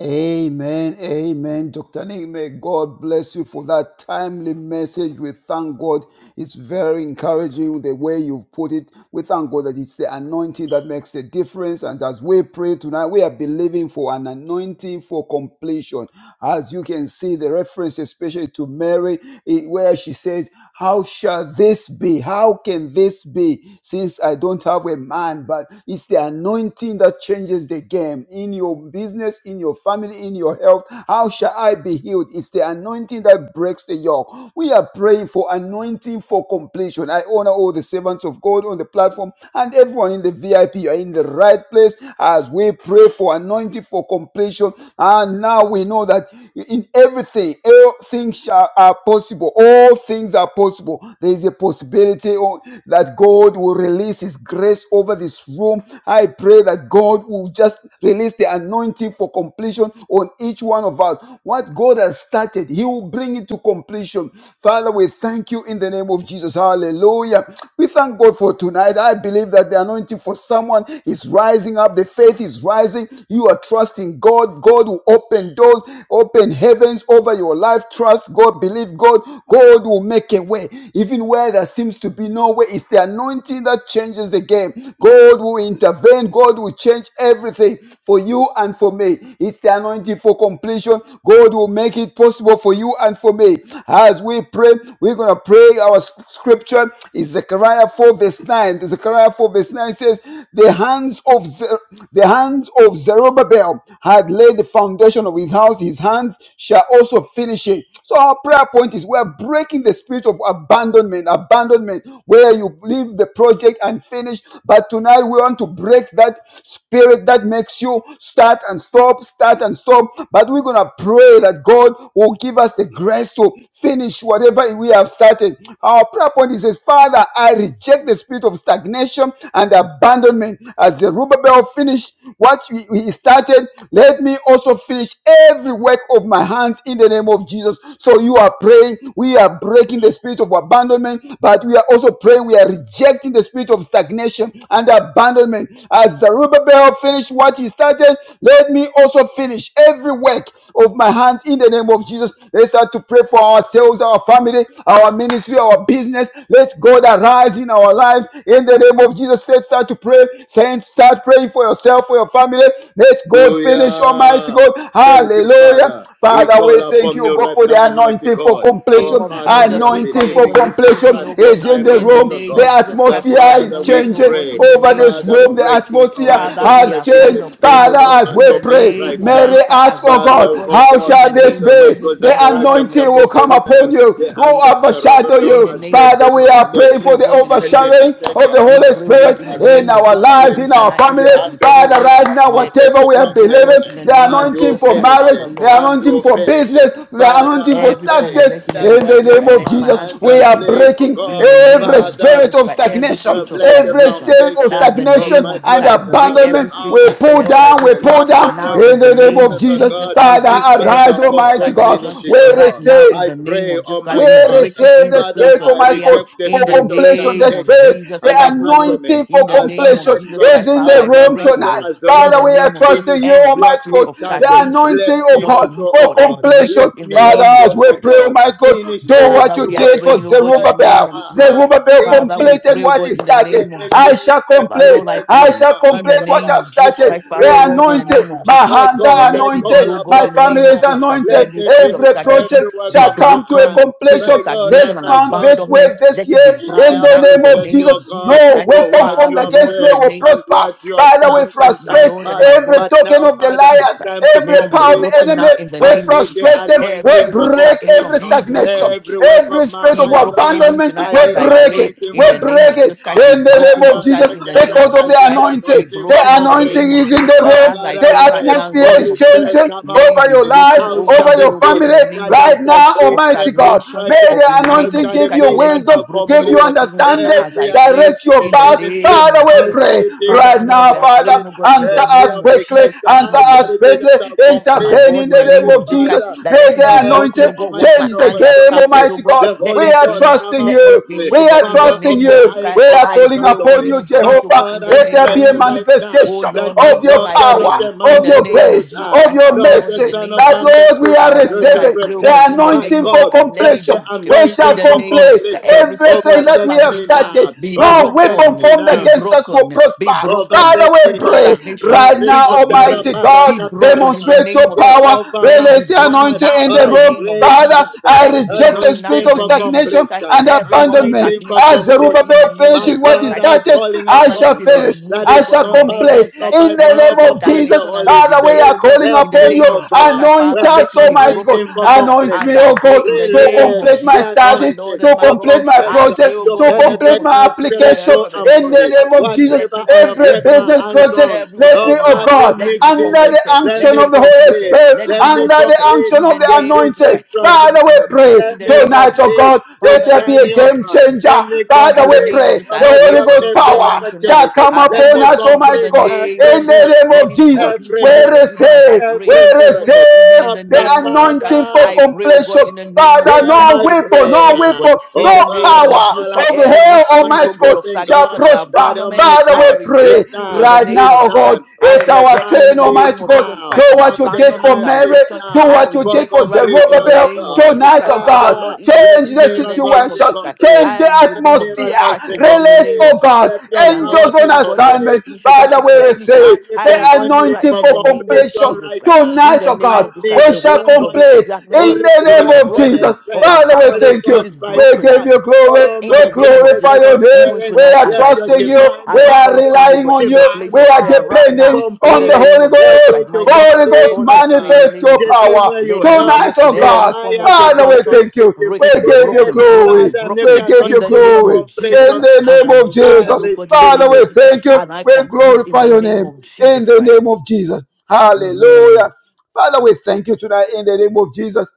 C: Amen, amen. Dr. Nick, may God bless you for that timely message. We thank God. It's very encouraging the way you've put it. We thank God that it's the anointing that makes the difference. And as we pray tonight, we are believing for an anointing for completion. As you can see, the reference, especially to Mary, eh, where she says, How shall this be? How can this be? Since I don't have a man, but it's the anointing anointing that changes the game in your business, in your family, in your health. How shall I be healed? It's the anointing that breaks the yoke. We are praying for anointing for completion. I honor all the servants of God on the platform and everyone in the VIP. You are in the right place as we pray for anointing for completion. And now we know that in everything, all things shall, are possible. All things are possible. There is a possibility on- that God. God will release His grace over this room. I pray that God will just release the anointing for completion on each one of us. What God has started, He will bring it to completion. Father, we thank you in the name of Jesus. Hallelujah. We thank God for tonight. I believe that the anointing for someone is rising up, the faith is rising. You are trusting God. God will open doors, open heavens over your life. Trust God, believe God. God will make a way. Even where there seems to be no way, it's the anointing that changes the game. God will intervene. God will change everything for you and for me. It's the anointing for completion. God will make it possible for you and for me. As we pray, we're going to pray. Our scripture is Zechariah 4 verse 9. Zechariah 4 verse 9 says, the hands of Zer- the hands of Zerubbabel had laid the foundation of his house. His hands shall also finish it. So our prayer point is we are breaking the spirit of abandonment, abandonment where you leave the project and finish. But tonight we want to break that spirit that makes you start and stop, start and stop. But we're gonna pray that God will give us the grace to finish whatever we have started. Our prayer point is, Father, I reject the spirit of stagnation and abandonment as the Zerubbabel finished what he he started started, let me also finish every work of my hands in the name of Jesus. So you are praying, we are breaking the spirit of abandonment, but we are also praying, we are rejecting the spirit of stagnation and abandonment. As Zerubbabel finished what he started, let me also finish every work of my hands in the name of Jesus. Let's start to pray for ourselves, our family, our ministry, our business. Let God arise in our lives in the name of Jesus. Let's start to pray, saints, start praying for yourself, for your family. Let God finish, Almighty
D: Hallelujah.
C: God.
D: Thank you,
C: Hallelujah.
D: Father. We
C: Father, we
D: call
C: thank
D: upon
C: you,
D: you
C: God,
D: right
C: for the
D: now, Almighty
C: anointing for
D: God.
B: name
D: Our
C: completion.
B: of
D: Father, we
B: Jesus,
D: are
B: we
C: Anointing
B: come
C: for
D: believing
B: even
D: you
B: this
D: at
C: completion
B: evening, oh
D: such a
B: God,
C: is in
D: time
C: the
B: in
D: as
B: the
D: this, O
C: room.
B: name
C: The
D: God.
B: of Jesus
D: The
B: Christ
C: atmosphere
B: for the
C: is
D: Father, we
B: anointing, oh
C: changing
B: God, in
D: pray.
B: the
C: over
B: name
C: this
B: of
D: Father,
C: room.
B: Jesus
C: The
B: Christ.
D: break him,
C: atmosphere
D: Almighty
B: Father,
D: God,
B: we
C: has
D: break
B: are
D: him the
B: calling
C: changed.
B: upon
D: spirit
B: you, oh
C: Father,
D: of
B: God,
C: as
B: in
C: we
B: the
D: abandonment
C: pray,
B: name
D: right
B: of
C: Mary
B: Jesus
D: now.
B: Christ,
C: asked,
B: as we
C: oh
B: pray, oh
D: Father,
C: God,
B: God,
D: oh
C: how
B: in
D: God,
C: shall
B: the
C: this
D: is
B: name
D: uh,
B: of
C: be?
B: Jesus
D: Michael
C: The
B: Christ,
D: Zechariah
B: Father, we will
C: anointing
D: chapter
B: every
C: will
D: 4,
C: come
D: verse
B: spirit, oh
C: upon
D: 9.
B: God.
C: you,
D: The
C: will
D: hand of
C: overshadow
D: Zerubbabel
B: In the
C: you.
D: has
B: name
D: laid
B: of
D: the
C: Father,
B: Jesus
C: we are are
B: Christ, we
C: praying
B: pray,
C: for
B: oh
D: foundation.
C: the
B: God, in the
D: Let
B: name of
D: it be
C: overshadowing
B: Jesus
D: said,
B: Christ.
C: of
D: the
C: the
B: We
D: hand
C: Holy
B: pray,
D: of
B: oh God,
D: Nick
B: in the
C: Spirit
D: has
C: in
D: laid
B: name
D: the
B: of
C: our
B: Jesus Christ,
C: lives,
B: even
C: in our
D: foundation.
B: tonight, even
C: family.
D: The
B: as we
D: hand of
B: pray, oh
C: Father,
B: God,
D: Mulenga
C: right now,
D: has
B: let the
D: laid
C: whatever
D: the
C: we are
B: spirit, oh God,
C: believing,
D: foundation.
B: in the
C: the
B: name
D: And
B: of
C: anointing
D: you
B: Jesus
C: for
B: Christ,
D: finish
C: marriage,
B: Father,
D: it.
C: the
B: Lord.
D: And
C: anointing
D: you
C: for
D: finish
C: business,
D: it.
C: the
D: Father,
C: anointing
D: I
C: for
B: Every form of
D: pray
C: success,
B: blessing, in the name
D: that
B: of
C: in the
B: Jesus
C: name
B: Christ,
D: whatever
C: of
B: let
D: my
B: my hand
C: Jesus,
D: hands
C: we
D: has
B: finish
C: are
B: it, O
D: laid,
B: God.
D: oh
C: breaking
B: In
D: God,
B: the name
C: every
B: of
D: Father,
C: spirit
B: Jesus
C: of
B: Christ, every
C: stagnation,
D: Lord,
B: spirit of
D: let the
C: every
B: stagnation,
C: spirit of
D: foundation
B: and the
D: of
C: stagnation
B: name
D: my
B: of Jesus,
D: God
C: and
B: I
D: of them
B: break
D: of the
B: every
C: abandonment.
B: spirit
C: We
B: of
D: houses, of
C: pull
B: yeah,
D: God, of
C: down, we
D: the
B: stagnation
C: pull
D: lands, of
C: down
B: now.
D: God,
B: In
D: of
C: in
B: the
D: the
C: the name
B: name
C: of
B: of
D: business, of
C: Jesus.
B: Jesus,
D: God.
B: I
C: Father,
B: break
D: This hand
B: every
C: arise,
D: shall
B: spirit of
C: Almighty
D: also
C: God.
B: stagnation
D: finish it,
C: We
D: oh
B: right
D: God.
B: now. In
C: receive.
D: I
B: the name
D: pray,
B: of Jesus
D: oh
B: Christ,
C: We
D: my
B: we break
D: Father.
B: it
C: receive
B: in
C: the
B: the
D: Father,
B: place
C: Spirit,
B: of
D: I
C: Almighty
B: prayer.
C: God,
D: reject the
C: for
B: In the
D: spirit of
C: completion. The
B: name of
C: Spirit,
D: stagnation
B: Jesus
C: the
D: and
B: Christ, oh God.
C: anointing
D: abandonment.
B: In
C: for
B: the
D: As uh,
B: name of
C: completion
D: my
B: Jesus
D: God,
C: is
B: Christ,
C: in
B: Father,
C: the
B: I
D: as uh,
C: room
D: my
B: break, oh
D: God,
C: tonight.
B: God.
D: as
B: In
C: Father,
B: the
C: we are
D: Zerubbabel
B: name of just
C: trusting
D: finished
C: you,
B: every
D: what
C: Almighty
B: spirit
D: he
C: God,
B: of
C: the
D: started.
B: stagnation
C: anointing,
D: Let
C: oh
D: me
B: not
C: God,
B: to move
D: also, oh
B: forward.
C: for
B: I
D: God,
B: break
C: completion.
B: it
D: let
B: in the
D: me
C: Father,
B: name of
C: as
D: also,
B: Jesus
C: we
D: oh
B: Christ.
C: pray,
D: God,
C: Almighty God,
D: finish
C: do what
B: Father,
D: every
C: you
B: we are
C: did for
D: work
B: praying, oh God, in
D: blood
B: the
D: of
B: name
C: Zerubbabel.
B: of
D: my
B: Jesus Christ.
D: hands
C: Zerubbabel
D: in
B: Father, we
C: completed
B: pray,
D: Jesus'
B: oh
C: what he
B: God,
D: name.
B: in the
C: started.
D: Let
B: name of
D: me
C: I
B: Jesus.
D: finish
C: shall
B: My
D: every
C: complete.
B: Lord, I
D: work
C: I
D: of
B: pray
C: shall
D: my
B: in
D: hands,
B: the
C: complete
D: oh
C: what
B: name
C: I've
B: of
D: God.
B: Jesus
D: I
C: started.
B: Christ,
C: They
B: Father,
D: pray,
C: are
B: Lord, in the
C: anointed.
B: name of
D: Father.
C: My
B: Jesus Christ.
D: My
C: hands
D: God,
C: are
B: Let
D: I
B: it be,
C: anointed.
D: call
B: oh God,
C: My
B: in
D: upon
B: the
D: you
C: family
B: name of
C: is
D: now.
B: Jesus Christ.
C: anointed.
D: Let
B: Every
D: me
B: spirit of
D: finish
C: Every
B: stagnation
C: project
D: every work
B: be
C: shall
D: of my
C: come to a
B: broken.
D: hands.
B: Spirit of
C: completion
D: My Lord
B: stagnation
D: and
C: this
B: and
D: my
C: month,
D: God.
C: this
D: Mm.
C: week,
B: abandonment,
C: this
B: let it
C: year,
B: be
D: I
C: in
B: broken now
C: the
B: in the
C: name of
D: appreciate
B: name
D: you,
B: of
C: Jesus.
B: Jesus
D: God,
C: No
B: Christ.
D: for
C: weapon
D: what
C: formed
D: you
B: Father,
D: have
C: against
B: Lord, in
C: me
B: the
D: said
C: will
B: name
D: and
C: prosper.
D: what you have
B: of
C: Father, we
B: Jesus
D: done
B: Christ,
D: in
B: my
C: frustrate
D: time
B: Lord and
D: past.
B: my
C: every
B: God.
D: But
C: token
D: now,
C: of the
D: Father,
B: Jesus.
D: it's
C: liars,
D: time to
C: every
B: Let it be
C: power of the
D: complete, oh
B: broken
C: enemy.
B: now
D: God.
B: in the
C: We
D: I
B: name of
D: need
B: Jesus.
D: the
B: Christ.
C: frustrate them.
B: Every
C: We
D: anointing
B: spirit of
D: for
C: break
B: stagnation
C: every
D: completion.
B: be
C: stagnation,
B: broken.
D: Every work
C: every
D: of my
C: spirit
B: Be
C: of
D: hands, oh
B: broken
D: God,
B: even
C: abandonment.
B: tonight
D: I
C: We
B: as
D: need
B: I
D: the
C: break it.
B: pray
D: anointing
C: We
B: in
D: for
B: the name
C: break
B: of
C: it
B: Jesus Christ.
D: completion.
B: Be
C: in the name the
D: Where
B: broken
C: name of
D: there is
C: Jesus
B: totally in the name
D: together,
C: because
B: of
D: I
C: of the
B: Jesus
D: need
B: Christ.
D: the
C: anointing.
B: Be
D: anointing
C: The
D: for
B: broken in the
C: anointing
B: name of
C: is
D: completion.
C: in
B: Jesus
C: the
D: Oh
B: Christ.
C: room.
B: As
D: God,
B: I
C: The
D: I
B: pray right
D: pray,
B: now in
C: atmosphere
B: the
C: is
B: name
D: Holy
B: of Jesus Christ.
D: Spirit,
C: changing
D: come
B: Let it
C: over
D: upon
B: be
C: your
D: me.
C: life,
B: broken
D: How
B: over
C: over
D: shall it
B: me,
C: your
B: oh God,
D: be
B: in
C: family
B: the name
D: that
B: of
D: I
C: right
B: Jesus Christ.
C: now,
B: Of
D: complete
C: Almighty
D: every
C: God.
B: stagnation,
C: May
D: project?
C: the
B: of in the
D: How
B: name
C: anointing
B: of
D: shall
B: Jesus
C: give
D: it
B: Christ.
C: you
D: be
B: Let
D: that
B: it be
C: wisdom,
D: I'll
B: broken,
C: give
B: oh
C: you
D: complete
B: God, even
C: understanding,
B: tonight as
D: every
B: I pray
D: assignment
C: direct your
B: in
D: in
B: the
C: path.
D: ministry?
B: name
C: Father,
B: of
C: we
D: How
B: Jesus
D: shall
C: pray
B: Christ.
D: it be
C: right
D: that
B: Father,
D: I'll
B: Lord,
C: now,
B: we are
C: Father.
B: praying,
D: complete
B: oh God, in the
C: Answer
D: every
C: us
B: name of
C: quickly,
D: application?
B: Jesus Christ,
C: answer
B: my
D: How
B: Lord.
D: shall
C: us
D: it be
C: quickly.
D: that I'll
B: Oh my
D: complete,
C: intervene
B: God,
C: in
B: in the
C: the
D: Almighty
B: name
C: name
B: of
C: of
B: Jesus
C: Jesus.
B: Christ,
D: Father,
B: that
C: May
B: let
C: the
B: it be broken,
D: every
C: anointing
B: oh God.
D: Almighty
B: What my
D: God
C: change the
B: hand has
C: game,
D: opportunity?
B: started, oh
C: Almighty
B: God,
C: God.
D: The
B: let
C: We
B: me
D: Holy
C: are
D: Ghost
B: finish,
D: come
C: trusting
B: let me
D: upon
C: you.
D: me.
B: finish,
C: We
B: oh God,
C: are
B: in the
D: Power
C: trusting
D: of
B: name of
D: the
C: you.
B: Jesus
D: highest
B: Christ.
C: We are
B: I
C: calling
B: pray, oh
D: overshadow
B: God,
C: upon
D: me.
C: you,
B: even for this,
D: My
B: oh
C: Jehovah.
B: God,
D: God,
B: in the
D: I'm
C: Let there
B: name
C: be
B: of
C: a
D: praying
B: Jesus.
D: right now
B: Oh
C: manifestation
B: Lord,
D: that
B: my
D: my
C: of your
B: God,
D: God,
B: I
D: you are not
C: power,
B: pray
D: a
B: in
D: man
C: of
B: the
D: that
C: your
D: you
B: name of
D: should
C: grace,
B: Jesus
D: lie,
C: of
B: Christ,
C: your
B: Father,
D: nor
B: Lord,
D: the
B: in
C: mercy.
B: the
D: Son
B: name
D: of
B: of
C: That,
D: Man
B: Jesus
D: that
B: Christ.
C: Lord,
D: you
C: we are
B: Father,
D: you
B: Lord, I
D: should
C: receiving
B: pray, oh
C: the
B: God,
D: repent.
B: in the
D: My
B: name
C: anointing
B: of
C: for
B: Jesus
D: God,
B: Christ, let it
D: let
C: completion.
B: be
D: the
B: broken.
C: We
B: In
C: shall
D: anointing
B: the
D: for
B: name of
C: complete
B: Jesus Christ,
D: completion
B: every
C: everything
B: spirit of
C: that
D: overtake
C: we have
D: me
B: stagnation
C: started.
D: now.
B: be
C: No
D: Overtake
C: weapon
B: broken,
D: me
C: formed
B: be
D: now.
C: against us will
B: broken, be
C: prosper.
B: broken.
C: Father,
D: Overtake
C: we
D: me
B: Spirit of
C: pray
D: now.
B: stagnation,
C: right now,
B: spirit of
D: Marikatara
B: delay,
C: Almighty God,
B: be
D: barakatara
B: broken in the
D: baba.
C: demonstrate
B: name
C: your
B: of Jesus
C: power,
B: Christ.
D: Jehovah,
B: Let it
D: my
B: be
C: release the anointing
B: broken
D: God,
C: anointing
B: now
C: in
B: in
C: the
B: the
D: I
C: room.
B: name of
D: pray,
C: Father,
B: Jesus.
D: Father,
C: I
B: Let it be
C: reject the
B: broken now
C: spirit
B: in
D: anointing
C: of
B: the
D: for
B: name of Jesus
C: stagnation
B: Christ.
D: completion,
C: and
B: Every form of
C: abandonment.
D: anointing for
B: stagnation,
C: As
B: oh God, in
D: completion.
B: the
C: Zerubbabel
B: name of
D: My
C: finishes what
B: Jesus
C: he
D: God,
B: Christ,
D: I
B: oh God.
C: started,
D: calling
C: I
B: Father,
C: shall
B: let
D: upon
B: it be
D: you
C: finish.
D: that
B: removed, oh
C: I
D: it's
B: God,
C: shall
B: in the
D: not by
B: name of
C: complete.
D: might,
B: Jesus Christ.
D: not by
C: In
B: Every
C: the
D: power,
B: spirit
C: name
B: of
D: but
C: of
D: by the
C: Jesus,
B: stagnation and
D: Holy
B: of
C: Father, we
B: delay,
D: Spirit.
C: are
B: oh God,
C: calling
D: Help
B: in the
C: upon
D: me,
C: you.
B: name
D: oh
B: of Jesus
D: God,
B: Christ,
C: Anoint
B: Father,
D: with the
B: let
C: us,
B: it be
C: Almighty God.
D: anointing
B: broken
D: for
B: now
C: Anoint
B: as
C: me,
B: I
C: oh
D: completion.
B: pray
C: God,
B: in the
C: to
B: name
D: Release
B: of
C: complete my
B: Jesus
D: the
B: Christ, my
C: studies
D: anointing
B: Lord and
C: to
B: my
D: for
B: God.
C: complete my
B: I
D: completion
B: pray,
C: project,
B: oh
D: to
C: to
B: God, in the name
C: complete
D: penetrate
B: of
C: my
B: Jesus,
D: my
B: the same way I
C: application
D: spiritual
B: remember I
D: and
B: finished
C: in
B: what you
C: the
D: body.
C: name
B: started.
C: of Jesus.
B: Let
D: Whatever
B: me
D: I
B: finish
D: have
C: Every
D: laid
B: every
D: my
C: business
B: work.
D: hands
C: project,
D: on,
B: Every work
C: let
B: of
C: me,
D: oh
B: my
C: oh
D: God,
B: hands,
C: God,
D: let
B: let
D: me
B: it be
C: under
D: finish.
C: the
B: completed.
D: Let
B: Let
C: unction
B: it
D: me
B: be
C: of the Holy
B: completed.
D: complete.
C: Spirit,
B: Let it
D: Let
B: be
D: me
C: under the
B: completed.
D: complete
C: unction
B: In
C: of
B: the
C: the
D: the
B: name of Jesus
C: anointing.
D: business
B: Christ, let it be
C: Father, we
D: transaction.
B: completed.
C: pray
B: In
D: Let
B: the
D: me
B: name of
C: tonight, oh
B: Jesus
D: complete
B: Christ,
C: God,
D: the
C: let
B: Father,
C: there
B: let
C: be
B: it be
C: a
D: journey, oh
C: game
D: God.
B: completed.
C: changer.
D: Let me
C: Father,
B: In the
C: we
D: complete,
B: name of
C: pray
B: Jesus,
D: oh
C: the
B: I
D: my
B: pray
C: Holy
D: God,
B: for
C: Ghost
B: this, oh
D: every
B: God,
C: power
B: even
C: shall
B: tonight.
D: opportunity.
C: come
B: As I
D: Let
C: upon
D: me
B: call
C: us,
B: upon you in
C: Almighty
B: the
D: complete
C: God,
B: name of
D: every
C: in
B: Jesus
C: the
B: Christ,
D: miracle,
C: name
B: let
C: of
B: it be
C: Jesus.
D: every
C: We
B: completed, oh God, even
D: miracle,
B: as I
C: receive, we
B: pray.
D: every
B: Even this
D: miracle.
B: evening,
C: receive
B: in the
C: the
D: Abba,
B: name of Jesus Christ,
C: anointing for
D: Father.
B: I pray, oh God,
C: completion.
B: in the name of
C: Father,
B: Jesus
D: Hear
B: Christ,
C: no
B: to
D: my
B: be
C: no
B: able to
C: weapon,
D: prayer.
C: no
B: complete, oh God.
C: weapon,
B: In
D: Oh
C: no
B: the
D: God,
B: name
D: I
B: of
C: power
B: Jesus
D: call
B: Christ,
C: of
D: upon
C: the
D: you, the
B: every
C: hell,
B: spirit,
D: covenant
B: oh
C: Almighty
B: God,
C: God,
B: of
D: keeping
C: shall
D: God,
B: stagnation and
C: prosper.
D: that oh
B: abandonment,
D: my
C: Father,
B: I
D: God,
C: we
D: it's
C: pray
B: reject it in
D: time,
B: the
C: right now,
B: name
D: it's
B: of
C: oh
B: Jesus
C: God.
B: Christ.
D: time,
B: I
D: and
C: It's
D: the
C: our
B: reject it
D: time
C: turn,
B: in the
D: is
B: name
C: Almighty
B: of
C: God.
B: Jesus
C: Do
D: now,
B: Christ of
C: what you
D: and the
C: did for
B: abandonment
D: time
B: and
C: Mary.
D: is
B: rejection.
C: Do
D: now
B: I
C: what you
D: for
C: did
B: reject
C: for
B: it right now in
D: completion
B: the
C: Zerubbabel
D: of
B: name of
D: God.
B: Jesus
C: tonight,
B: Christ.
C: oh
B: Father,
C: God.
D: Father,
B: Lord, even this
D: let
C: Change the
B: evening, in the
D: miracles
B: name of
D: be
C: situation.
B: Jesus Christ.
D: complete.
C: Change
B: I
C: the
B: in the
D: Let
B: name of
C: atmosphere.
B: Jesus
D: miracles
B: Christ,
D: be
B: oh God, in the
C: Release,
B: name
D: complete.
B: of
C: oh
B: Jesus
C: God,
B: Christ,
D: Let
B: the
D: your power
C: angels
B: anointing,
D: be
C: on
B: oh God, even
C: assignment.
D: complete.
B: finish, oh God,
C: Father,
B: to
C: we
D: Father,
B: complete, oh God.
D: I
C: receive
D: need
B: I
C: the
D: the
B: receive it
D: anointing
B: right
C: anointing
B: now
D: for
B: in the
C: for
B: name of
C: completion.
D: completion
B: Jesus
D: right
B: Christ.
D: now.
B: In
C: Tonight,
B: the
C: oh
B: name
C: God,
D: I
B: of Jesus Christ,
D: need
C: we
B: the
C: shall
D: that
B: hold of
D: anointing.
C: complete
B: predestination,
C: in
D: Holy
C: the
B: it is
C: name
D: Ghost
C: of Jesus.
B: broken of
D: penetrate.
C: Father, we
B: abandonment.
D: Holy
C: thank
B: It
C: you.
D: Ghost
B: is
C: We
B: broken
C: give
D: bypass.
C: you glory.
D: Oh,
B: in
C: We
B: the
D: my
B: name of
C: glorify
B: Jesus
D: weaknesses
B: Christ.
C: your
D: and
C: name.
B: Even
D: failings.
C: We
B: tonight,
C: are
B: as
D: Let
B: I
D: your
C: trusting
B: pray,
C: you.
D: divine
C: We
B: as I
C: are
B: call
D: power,
B: upon you,
C: relying
B: but
C: on
B: in the
C: you.
B: place
D: divine
C: We
B: of
C: are
B: prayer right
D: power
C: depending
B: now, in
C: on
B: the
C: the
D: complete.
B: name
C: Holy
B: of
D: Help
B: Jesus
C: Ghost.
D: me
B: Christ, my
D: to
B: Lord
C: Holy
B: and my
C: Ghost,
D: complete,
B: God,
D: oh
B: I pray in
D: God.
B: the
C: manifest
B: name
C: your
B: of
D: The
B: Jesus Christ.
D: same
C: power
D: way
B: Let
D: you
B: it be
D: helped
C: tonight,
B: broken,
C: oh
B: every
C: God.
B: form of
D: Nehemiah to
C: Father, we
B: stagnation,
D: complete
C: thank
D: in
C: you. We
B: breaking,
D: 52
C: give you
D: days.
B: broken,
C: glory.
B: broken,
D: Father, make
B: broken,
C: We
D: the
C: give
B: in
C: you
B: the
D: anointing for
B: name
C: glory
B: of Jesus.
C: in
D: completion
B: Christ.
D: now.
C: the
B: And I
C: name of
B: move
D: I
B: forward,
C: Jesus.
B: oh God, in the
D: receive
C: Father,
B: name
C: we
B: of Jesus Christ,
C: thank you.
B: and I
C: We
B: complete in
C: glorify
B: the
C: your
B: name
C: name
B: of
C: in
B: Jesus
C: the name
B: Christ.
C: of Jesus.
D: it.
B: Amen.
C: Hallelujah. Father, we thank you tonight in the name of Jesus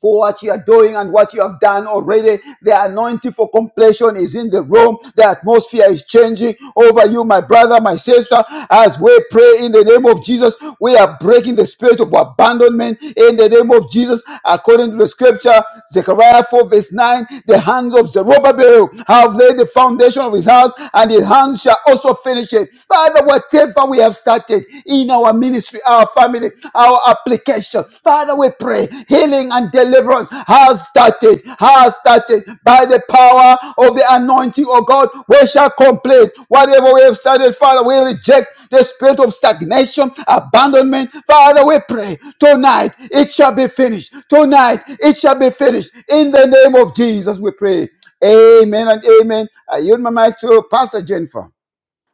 C: for what you are doing and what you have done already. The anointing for completion is in the room. The atmosphere is changing over you, my brother, my sister. As we pray in the name of Jesus, we are breaking the spirit of abandonment in the name of Jesus. According to the scripture, Zechariah 4 verse 9, the hands of Zerubbabel have laid the foundation of his house and his hands shall also finish it. Father, whatever whatever we have started in our ministry, our family, our application. Father, we pray healing and deliverance has started, has started by the power of the anointing of God. We shall complete whatever we have started, Father. We reject the spirit of stagnation, abandonment. Father, we pray tonight it shall be finished. Tonight it shall be finished. In the name of Jesus, we pray. Amen and amen. I yield my mic to Pastor Jennifer.